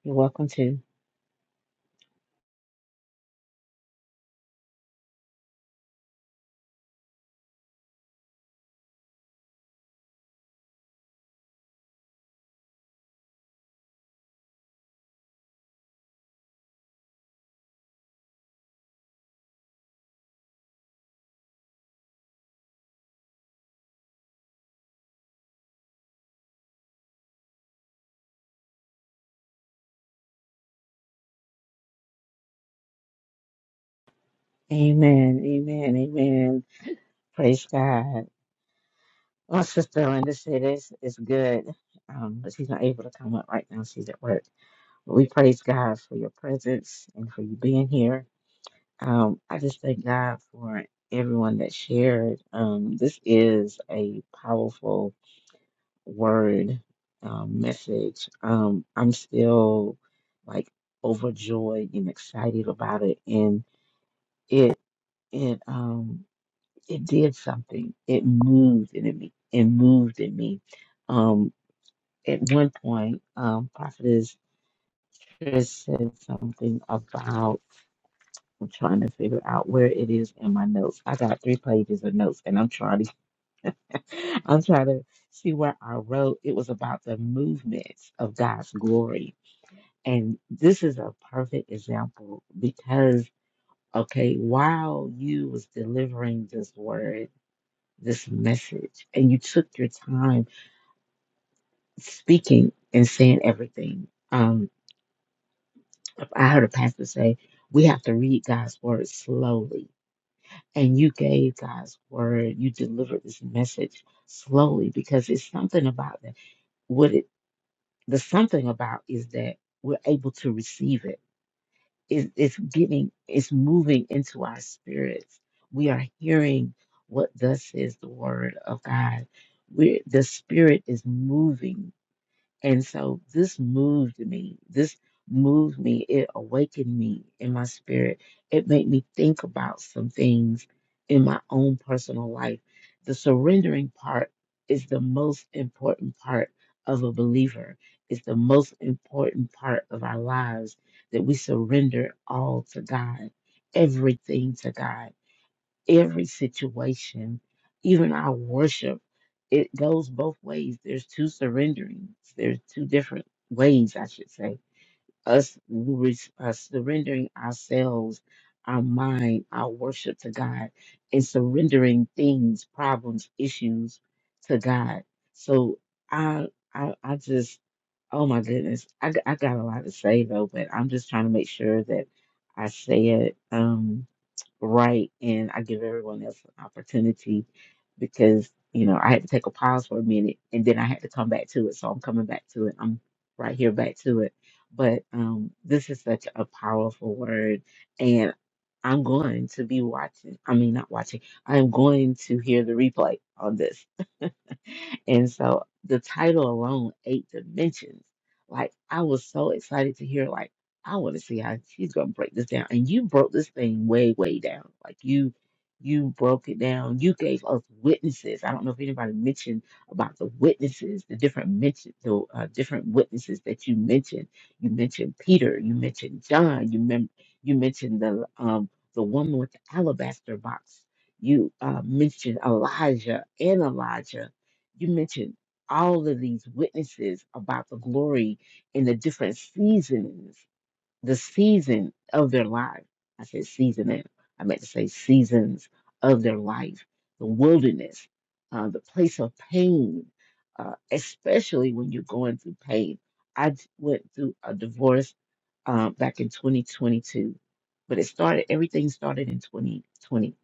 Speaker 1: You're welcome to. Amen. Amen. Amen. Praise God. My sister Linda said it's, it's good, um, but she's not able to come up right now. She's at work. But we praise God for your presence and for you being here. Um, I just thank God for everyone that shared. Um, this is a powerful word um, message. Um, I'm still like overjoyed and excited about it, and it it um it did something. It moved in me. It moved in me. Um, at one point, um, Prophetess Chris said something about I'm trying to figure out where it is in my notes. I got three pages of notes, and I'm trying to, I'm trying to see where I wrote. It was about the movements of God's glory, and this is a perfect example because, okay, while you was delivering this word, this message, and you took your time speaking and saying everything. Um, I heard a pastor say, we have to read God's word slowly. And you gave God's word, you delivered this message slowly because it's something about that. What it, the something about is that we're able to receive it. it. It's getting, it's moving into our spirits. We are hearing what thus is the word of God. We're, the spirit is moving and so this moved me. This moved me. It awakened me in my spirit. It made me think about some things in my own personal life. The surrendering part is the most important part of a believer. It's the most important part of our lives that we surrender all to God, everything to God every situation, even our worship, it goes both ways. There's two surrenderings. There's two different ways, I should say. Us, res- us surrendering ourselves, our mind, our worship to God, and surrendering things, problems, issues to God. So I, I, I just, oh my goodness, I, g- I got a lot to say though, but I'm just trying to make sure that I say it. Um, right and I give everyone else an opportunity because, you know, I had to take a pause for a minute and then I had to come back to it. So I'm coming back to it. I'm right here back to it. But um, this is such a powerful word. And I'm going to be watching. I mean, not watching. I'm going to hear the replay on this And so the title alone, Eight Dimensions, like I was so excited to hear, like, I want to see how she's gonna break this down. And you broke this thing way, way down. Like you you broke it down. You gave us witnesses. I don't know if anybody mentioned about the witnesses, the different mention, the uh, different witnesses that you mentioned. You mentioned Peter. You mentioned John. You mem- you mentioned the um the woman with the alabaster box. You uh, mentioned Elijah and Elijah you mentioned all of these witnesses about the glory in the different seasons, the season of their life. I said season, and I meant to say seasons of their life, the wilderness, uh, the place of pain, uh, especially when you're going through pain. I d- went through a divorce uh, back in 2022, but it started, everything started in 2020.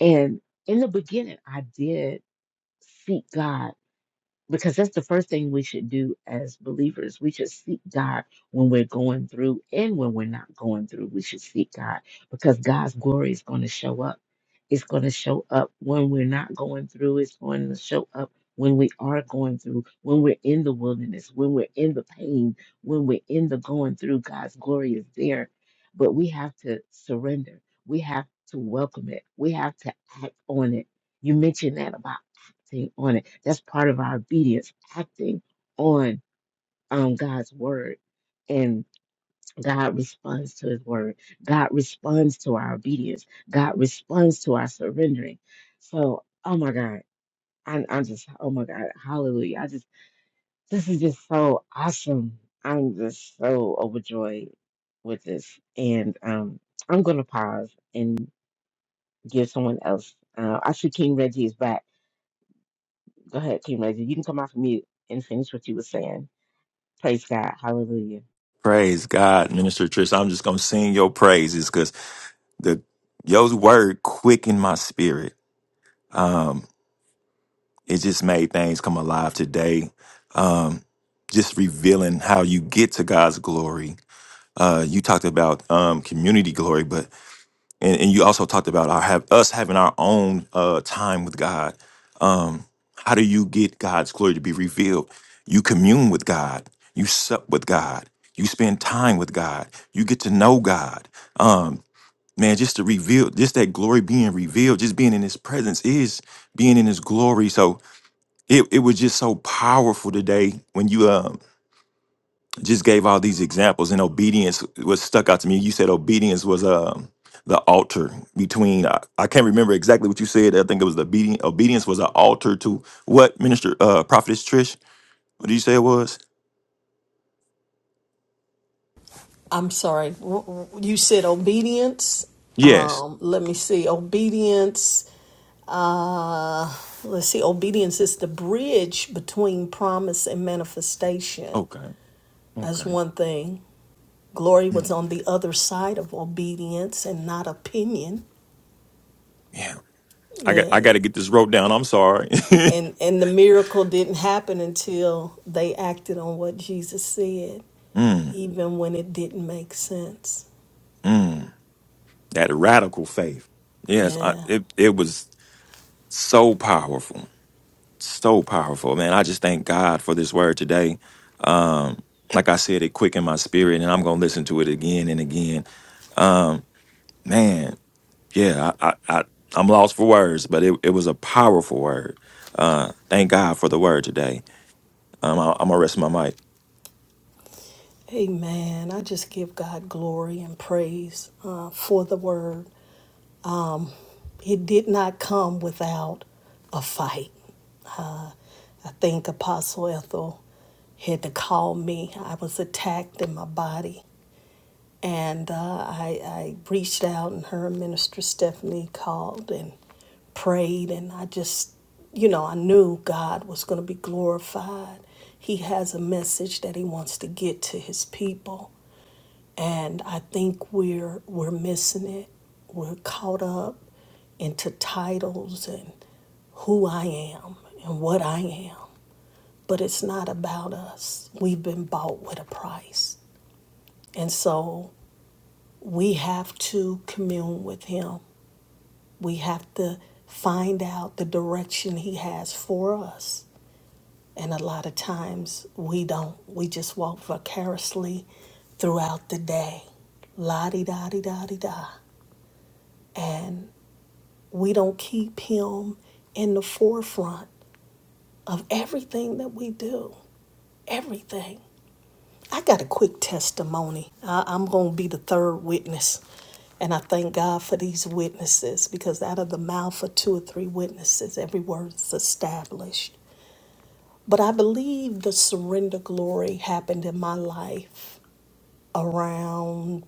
Speaker 1: And in the beginning, I did seek God because that's the first thing we should do as believers. We should seek God when we're going through and when we're not going through. We should seek God because God's glory is going to show up. It's going to show up when we're not going through. It's going to show up when we are going through, when we're in the wilderness, when we're in the pain, when we're in the going through. God's glory is there. But we have to surrender, we have to welcome it, we have to act on it. You mentioned that about acting on it. That's part of our obedience, acting on um, God's word. And God responds to his word. God responds to our obedience. God responds to our surrendering. So, oh my God, I'm, I'm just, oh my God, hallelujah. I just, this is just so awesome. I'm just so overjoyed with this. And um, I'm going to pause and give someone else. Uh, I see King Reggie is back. Go ahead, King Reggie. You can come off of mute and finish what you were saying. Praise God. Hallelujah.
Speaker 6: praise God, Minister Trish. I'm just gonna sing your praises because the your word quickened my spirit. It just made things come alive today. Um, just revealing how you get to God's glory. Uh, you talked about um, community glory, but and, and you also talked about our have us having our own uh time with God. Um, how do you get God's glory to be revealed? You commune with God, you sup with God, you spend time with God, you get to know God. Um, man, just to reveal, just that glory being revealed, just being in his presence is being in his glory. So it, it was just so powerful today when you um just gave all these examples, and obedience was stuck out to me. You said obedience was um the altar between. I, I can't remember exactly what you said. I think it was the obedience. Obedience was an altar to what minister, uh, prophetess Trish. What did you say it was?
Speaker 2: I'm sorry. You said obedience.
Speaker 6: Yes.
Speaker 2: Um, let me see. Obedience. Uh, let's see. Obedience is the bridge between promise and manifestation.
Speaker 6: Okay.
Speaker 2: That's
Speaker 6: Okay.
Speaker 2: one thing. Glory
Speaker 6: Mm,
Speaker 2: was on the other side of obedience and not opinion.
Speaker 6: yeah. I got. I got to
Speaker 2: The-
Speaker 6: get this wrote down. I'm sorry.
Speaker 2: And and the miracle didn't happen until they acted on what Jesus said,
Speaker 6: mm,
Speaker 2: even when it didn't make sense.
Speaker 6: mm, that radical faith. Yes. I,
Speaker 2: Yeah.
Speaker 6: it. It was so powerful. so powerful, man. I just thank God for this word today. Um, like I said, it quickened my spirit, and I'm gonna listen to it again and again. Man, yeah, I, I, I I'm lost for words, but it, it was a powerful word. Uh, thank God for the word today. Um, I, I'm gonna rest my mic.
Speaker 2: Amen. I just give God glory and praise uh, for the word. It did not come without a fight. Uh, I think Apostle Ethel had to call me. I was attacked in my body. And uh, I, I reached out, and her Minister Stephanie called and prayed. And I just, you know, I knew God was going to be glorified. He has a message that he wants to get to his people. And I think we're, we're missing it. We're caught up into titles and who I am and what I am. But it's not about us. We've been bought with a price. And so we have to commune with Him. We have to find out the direction He has for us. And a lot of times we don't. We just walk vicariously throughout the day. La di da di da di da. And we don't keep Him in the forefront of everything that we do. Everything. I got a quick testimony. I, I'm going to be the third witness. And I thank God for these witnesses because out of the mouth of two or three witnesses, every word is established. But I believe the surrender glory happened in my life around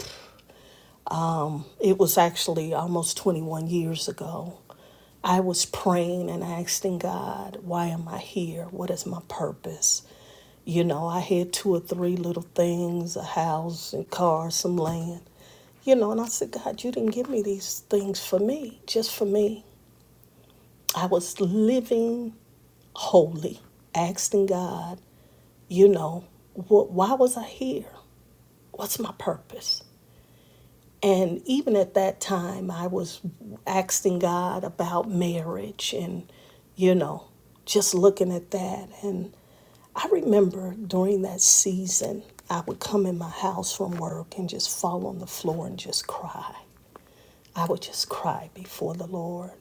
Speaker 2: it was actually almost 21 years ago. I was praying and asking God, why am I here? What is my purpose? You know, I had two or three little things a house and car, some land. You know, and I said, God, you didn't give me these things for me, just for me. I was living holy, asking God, you know, what, why was I here? What's my purpose? And even at that time, I was asking God about marriage and, you know, just looking at that. And I remember during that season, I would come in my house from work and just fall on the floor and just cry. I would just cry before the Lord.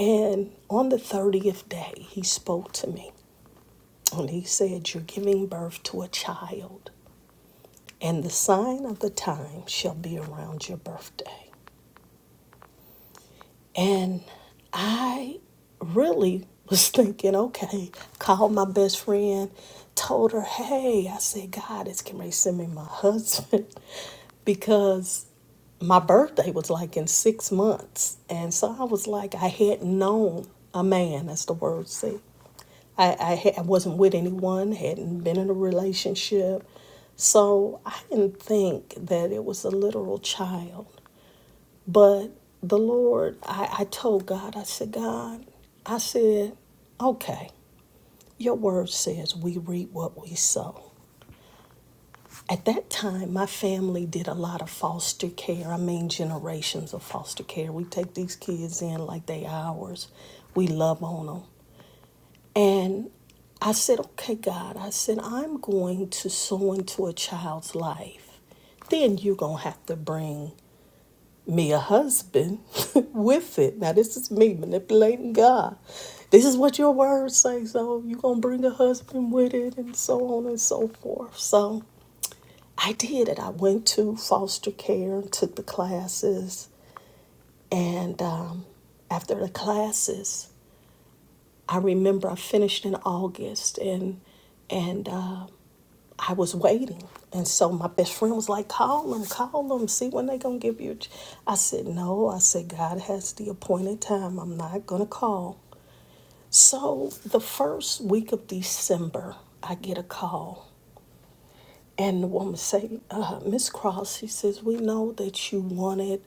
Speaker 2: And on the 30th day, He spoke to me and He said, You're giving birth to a child, and the sign of the time shall be around your birthday. And I really was thinking, okay, called my best friend, told her, hey, I said, God is getting ready to send me my husband because my birthday was like in six months. And so I was like, I hadn't known a man, as the word said. I, I, had, I wasn't with anyone, hadn't been in a relationship. So I didn't think that it was a literal child. But the Lord, I, I told God, I said, God, I said, okay, your word says we reap what we sow. At that time, my family did a lot of foster care. I mean, generations of foster care. We take these kids in like they ours. We love on them. And I said, okay, God, I said, I'm going to sow into a child's life then you're going to have to bring me a husband with it. Now this is me manipulating God. This is what your words say, so you're gonna bring a husband with it and so on and so forth. So I did it. I went to foster care and took the classes and um, after the classes I remember I finished in August and and uh, I was waiting. And so my best friend was like, call them, call them, see when they going to give you. a ch-" I said, no. I said, God has the appointed time. I'm not going to call. So the first week of December, I get a call and the woman say, uh, Miss Cross, she says, we know that you wanted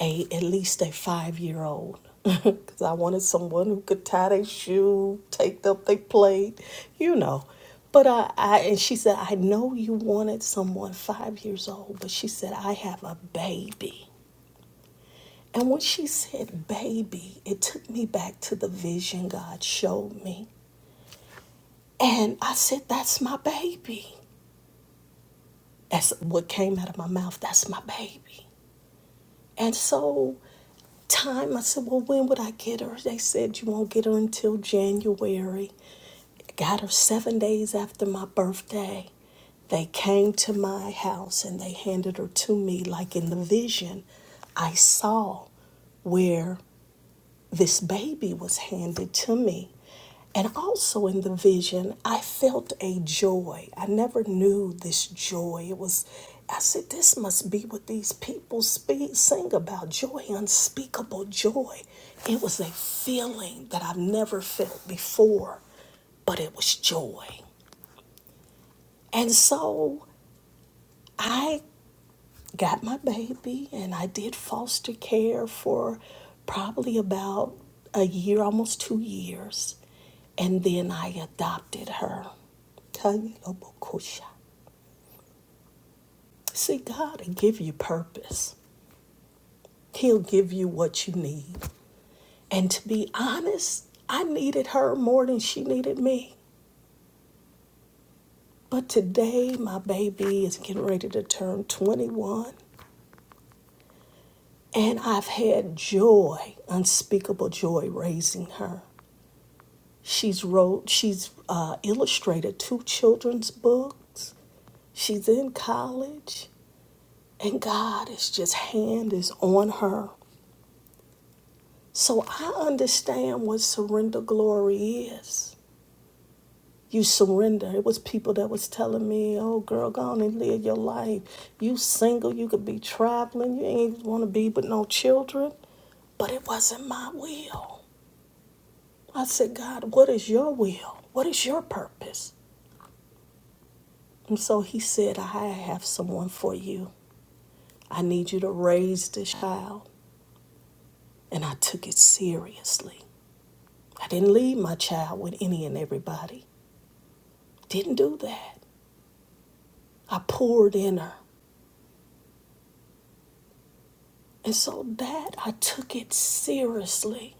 Speaker 2: a at least a five year old. Because I wanted someone who could tie their shoe, take up their plate, you know. But I, I, and she said, I know you wanted someone five years old, but she said, I have a baby. And when she said baby, it took me back to the vision God showed me. And I said, That's my baby. That's what came out of my mouth. That's my baby. And so, time, I said, Well, when would I get her? They said, You won't get her until January. Got her seven days after my birthday. They came to my house and they handed her to me, like in the vision I saw, where this baby was handed to me. And also in the vision, I felt a joy. I never knew this joy. It was, I said, this must be what these people speak, sing about joy, unspeakable joy. It was a feeling that I've never felt before, but it was joy. And so I got my baby and I did foster care for probably about a year, almost two years. And then I adopted her. See, God will give you purpose. He'll give you what you need. And to be honest, I needed her more than she needed me. But today, my baby is getting ready to turn 21. And I've had joy, unspeakable joy, raising her. She's wrote, she's uh, illustrated two children's books. She's in college, and God is just hand is on her. So I understand what surrender glory is. You surrender. It was people that was telling me, "Oh, girl, go on and live your life. You single, you could be traveling. You ain't want to be with no children." But it wasn't my will. I said, God, what is your will? What is your purpose? And so he said, I have someone for you. I need you to raise this child. And I took it seriously. I didn't leave my child with any and everybody. Didn't do that. I poured in her. And so that I took it seriously.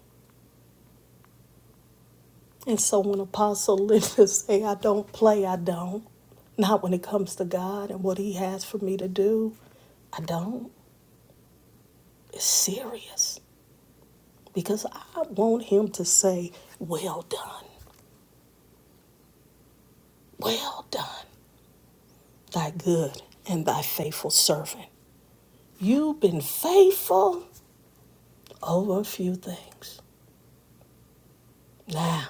Speaker 2: And so when Apostle Linda say I don't play, I don't. Not when it comes to God and what he has for me to do. I don't. It's serious. Because I want him to say, well done. Well done, thy good and thy faithful servant. You've been faithful over a few things. Now,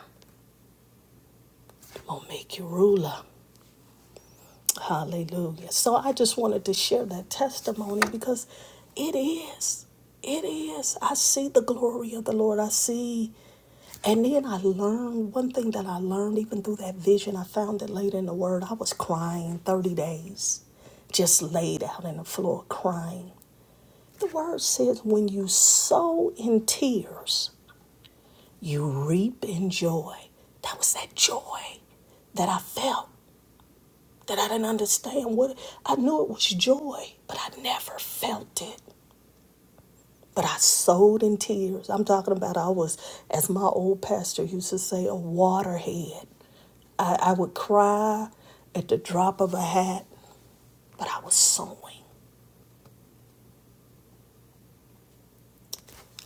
Speaker 2: I'm going to make you ruler. Hallelujah. So I just wanted to share that testimony because it is. It is. I see the glory of the Lord. I see. And then I learned one thing that I learned even through that vision. I found it later in the word. I was crying 30 days, just laid out on the floor crying. The word says, when you sow in tears, you reap in joy. That was that joy that I felt, that I didn't understand what I knew it was joy, but I never felt it. But I sowed in tears. I'm talking about I was, as my old pastor used to say, a waterhead. I, I would cry at the drop of a hat, but I was sowing.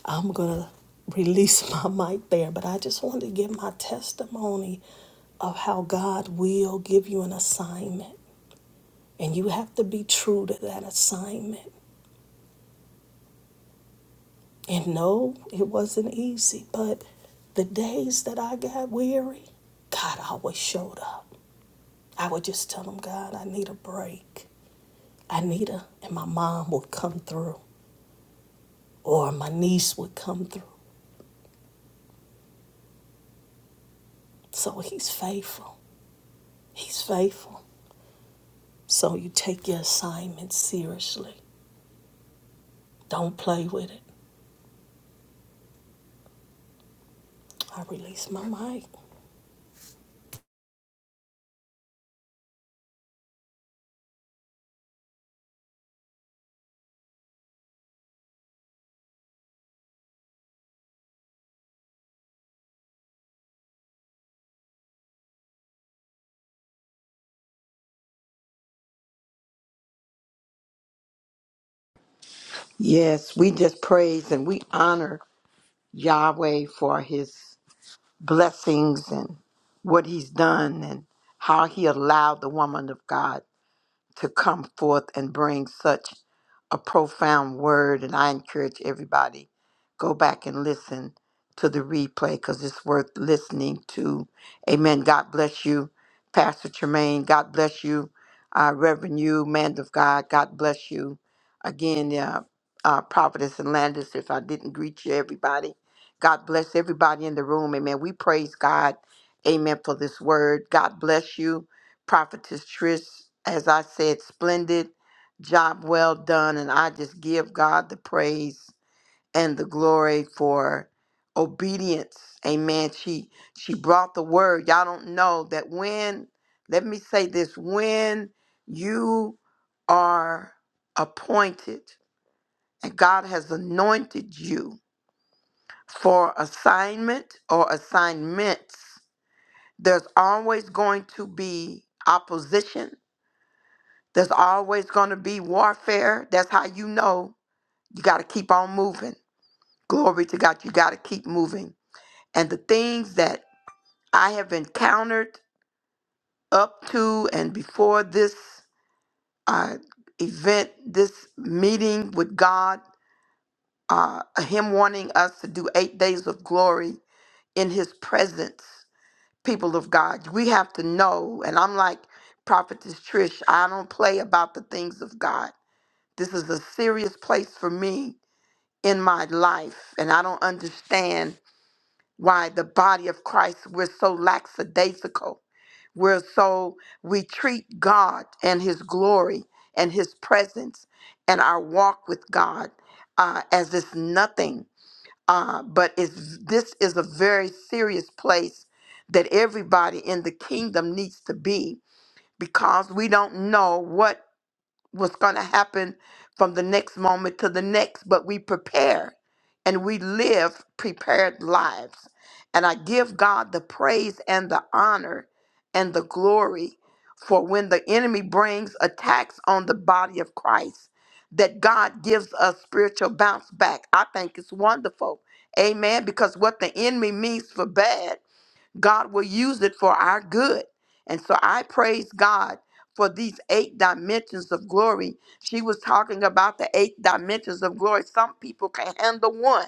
Speaker 2: I'm going to release my mic there, but I just wanted to give my testimony of how God will give you an assignment. And you have to be true to that assignment. And no, it wasn't easy, but the days that I got weary, God always showed up. I would just tell him, God, I need a break. I need a, and my mom would come through, or my niece would come through. So he's faithful. He's faithful. So you take your assignment seriously. Don't play with it. I release my mic.
Speaker 4: Yes, we just praise and we honor Yahweh for his blessings and what he's done and how he allowed the woman of God to come forth and bring such a profound word. And I encourage everybody go back and listen to the replay because it's worth listening to. Amen. God bless you, Pastor Tremaine. God bless you, uh, Reverend you, man of God. God bless you again, uh, uh, Prophetess and Landis. If I didn't greet you, everybody, God bless everybody in the room. Amen. We praise God. Amen for this word. God bless you. Prophetess Trish, as I said, splendid job, well done. And I just give God the praise and the glory for obedience. Amen. She she brought the word. Y'all don't know that when, let me say this, when you are appointed and God has anointed you for assignment or assignments, there's always going to be opposition There's always going to be warfare. That's how you know you got to keep on moving. Glory to God, you got to keep moving. And the things that I have encountered up to and before this uh, event, this meeting with God, uh, Him wanting us to do eight days of glory in His presence, people of God, we have to know. And I'm like, Prophetess Trish, I don't play about the things of God. This is a serious place for me in my life, and I don't understand why the body of Christ we're so lackadaisical. We're so we treat God and His glory and His presence and our walk with God uh, as it's nothing. Uh, but it's, this is a very serious place that everybody in the kingdom needs to be because we don't know what what's going to happen from the next moment to the next, but we prepare and we live prepared lives. And I give God the praise and the honor and the glory for when the enemy brings attacks on the body of Christ, that God gives us spiritual bounce back. I think it's wonderful. Amen. Because what the enemy means for bad. God will use it for our good. And so I praise God for these eight dimensions of glory. She was talking about the eight dimensions of glory. Some people can handle one.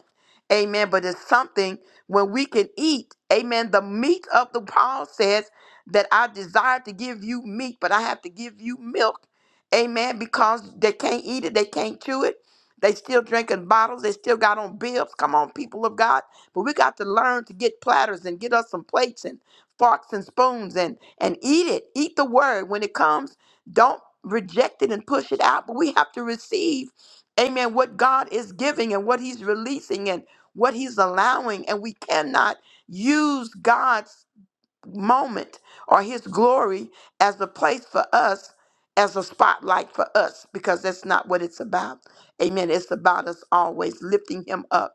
Speaker 4: Amen. But it's something when we can eat. Amen. The meat of the Paul says that I desire to give you meat, but I have to give you milk. Amen. Because they can't eat it, they can't chew it. They still drinking bottles. They still got on bibs. Come on, people of God. But we got to learn to get platters and get us some plates and forks and spoons and and eat it. Eat the word when it comes. Don't reject it and push it out, but we have to receive, amen, what God is giving and what he's releasing and what he's allowing and we cannot use God's moment or his glory as a place for us as a spotlight for us because that's not what it's about. Amen. It's about us always lifting him up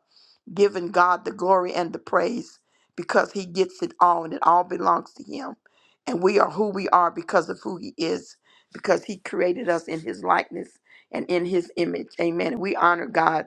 Speaker 4: giving God the glory and the praise because He gets it all and it all belongs to Him. And we are who we are because of who He is, because He created us in His likeness and in His image. Amen. And we honor God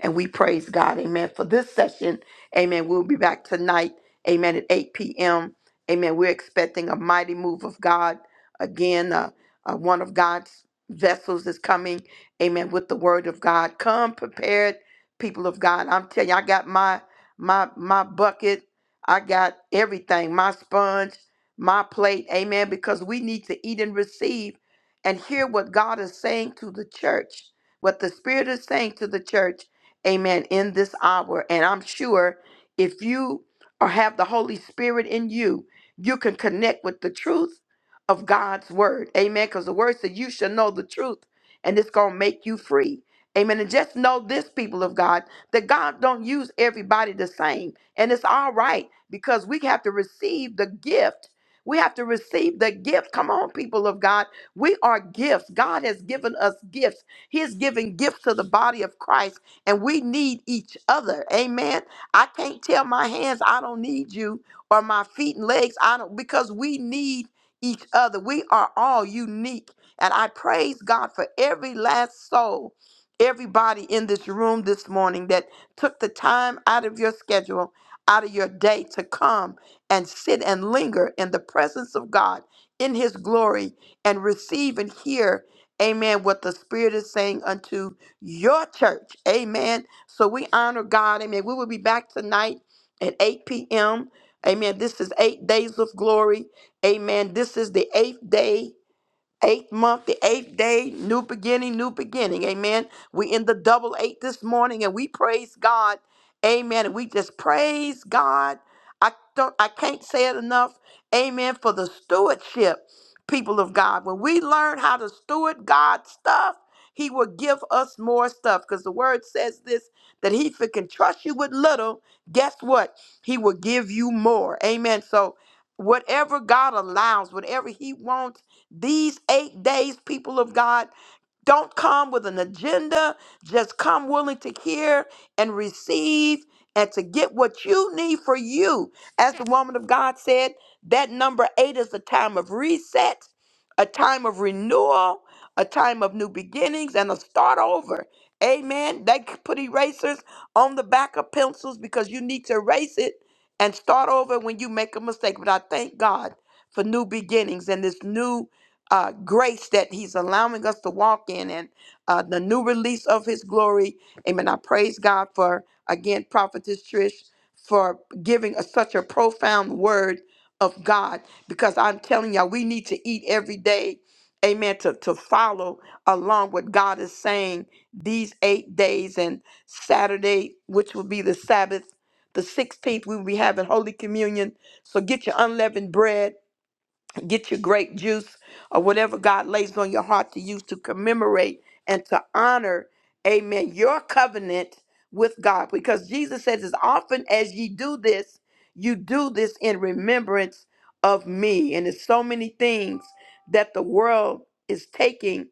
Speaker 4: and we praise God, amen, for this session. Amen. We'll be back tonight, amen, at 8 p.m. Amen. We're expecting a mighty move of God. Again, uh, uh, one of God's vessels is coming, amen, with the word of God. Come prepared, people of God. I'm telling you, I got my my my bucket, I got everything, my sponge, my plate, amen, because we need to eat and receive and hear what God is saying to the church, what the Spirit is saying to the church amen, in this hour. And I'm sure if you or have the Holy Spirit in you, you can connect with the truth of God's word, amen. Because the word said, You shall know the truth, and it's going to make you free. Amen. And just know this, people of God, that God don't use everybody the same. And it's all right because we have to receive the gift. We have to receive the gift. Come on, people of God. We are gifts. God has given us gifts. He is giving gifts to the body of Christ and we need each other. Amen. I can't tell my hands I don't need you or my feet and legs I don't because we need each other. We are all unique. And I praise God for every last soul, everybody in this room this morning that took the time out of your schedule, out of your day to come and sit and linger in the presence of God in his glory and receive and hear, amen, what the Spirit is saying unto your church. Amen. So we honor God. Amen. We will be back tonight at 8 p.m. Amen. This is eight days of glory. Amen. This is the eighth day. Eighth month, the eighth day, new beginning, new beginning. Amen. We in the double eight this morning and we praise God. Amen. And we just praise God. I don't I can't say it enough. Amen. For the stewardship, people of God. When we learn how to steward God's stuff, He will give us more stuff. Because the word says this that He if it can trust you with little, guess what? He will give you more. Amen. So whatever God allows, whatever He wants. These eight days, people of God, don't come with an agenda. Just come willing to hear and receive and to get what you need for you. As the woman of God said, that number eight is a time of reset, a time of renewal, a time of new beginnings, and a start over. Amen. They c- put erasers on the back of pencils because you need to erase it and start over when you make a mistake. But I thank God for new beginnings and this new uh, grace that He's allowing us to walk in and uh, the new release of His glory. Amen. I praise God for, again, Prophetess Trish for giving us such a profound word of God because I'm telling y'all, we need to eat every day. Amen. To, to follow along what God is saying these eight days and Saturday, which will be the Sabbath, the 16th, we will be having Holy Communion. So get your unleavened bread get your grape juice or whatever God lays on your heart to use to commemorate and to honor, amen, your covenant with God. Because Jesus says, as often as ye do this, you do this in remembrance of me. And there's so many things that the world is taking,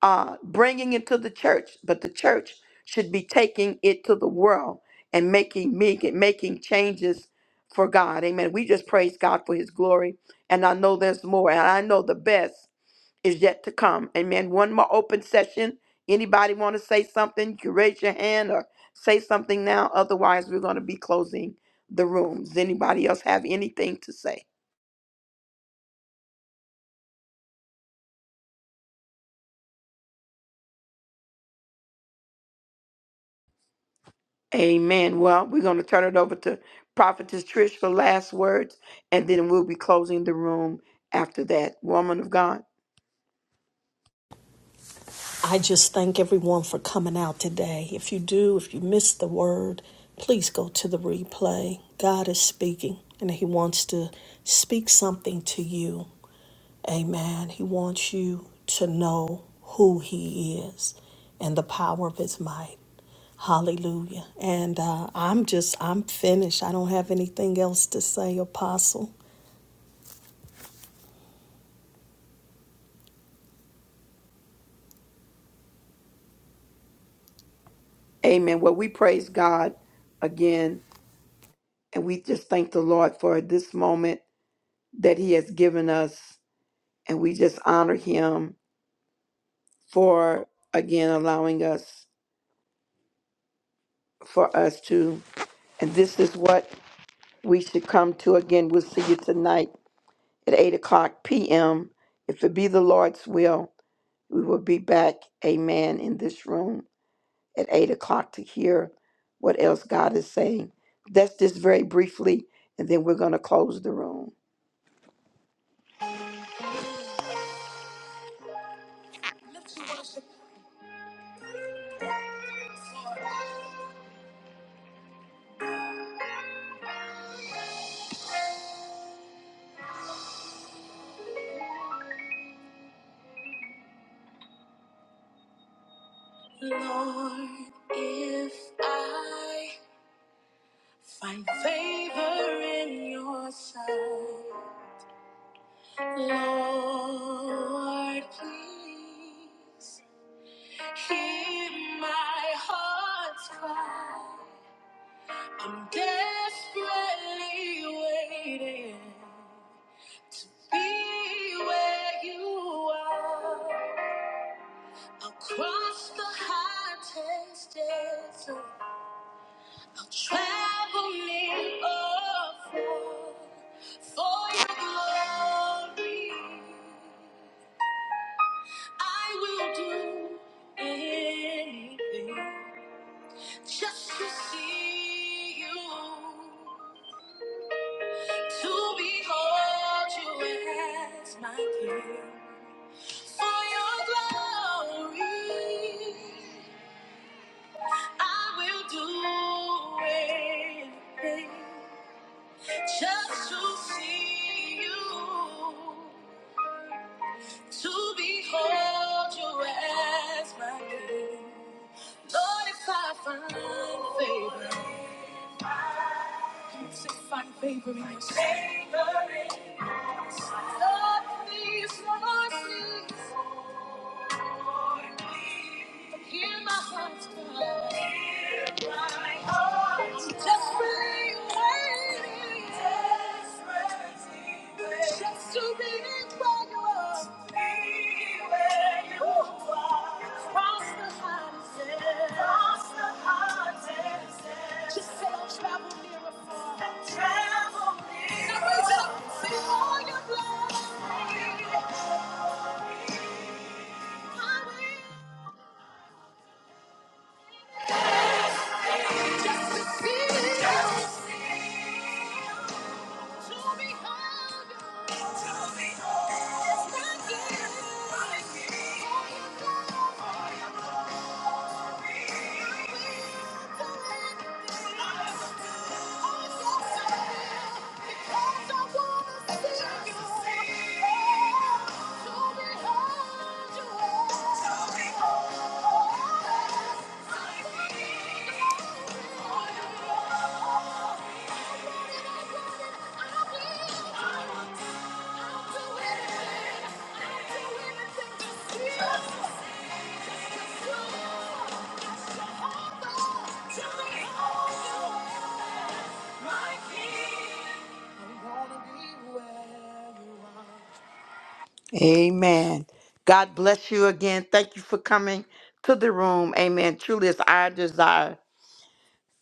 Speaker 4: uh, bringing into the church, but the church should be taking it to the world and making me making changes for God. Amen. We just praise God for his glory and I know there's more, and I know the best is yet to come. Amen. One more open session. Anybody want to say something? You can raise your hand or say something now. Otherwise, we're going to be closing the room. Does anybody else have anything to say? Amen. Well, we're going to turn it over to Prophetess Trish for last words, and then we'll be closing the room after that. Woman of God.
Speaker 2: I just thank everyone for coming out today. If you do, if you missed the word, please go to the replay. God is speaking and He wants to speak something to you. Amen. He wants you to know who He is and the power of His might. Hallelujah. And uh, I'm just, I'm finished. I don't have anything else to say, Apostle.
Speaker 4: Amen. Well, we praise God again, and we just thank the Lord for this moment that He has given us and we just honor him for again allowing us for us to and this is what we should come to again we'll see you tonight at 8 o'clock p.m if it be the lord's will we will be back amen in this room at 8 o'clock to hear what else god is saying that's just very briefly and then we're going to close the room Let's worship Lord, if I Find favor in your sight. Lord, please hear my heart's cry. I'm desperately waiting. Be where you are across the hottest desert. Travel me, oh, for, for your glory. I will do anything just to see you, to behold you as my king. For your glory, I will do anything. just to see you, to behold you as my king. Lord, if I find favor, can you say find favor in your sight. Lord, please, Lord, please, hear my heart's cry. Just to be where you are, Cross the hottest, Just to see, just to see, Amen. God bless you again. Thank you for coming to the room. Amen. Truly, it's our desire.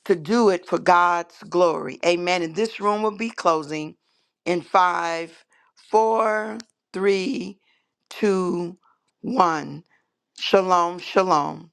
Speaker 4: to do it for God's glory. Amen. And this room will be closing in five, four, three, two, one. Shalom, shalom.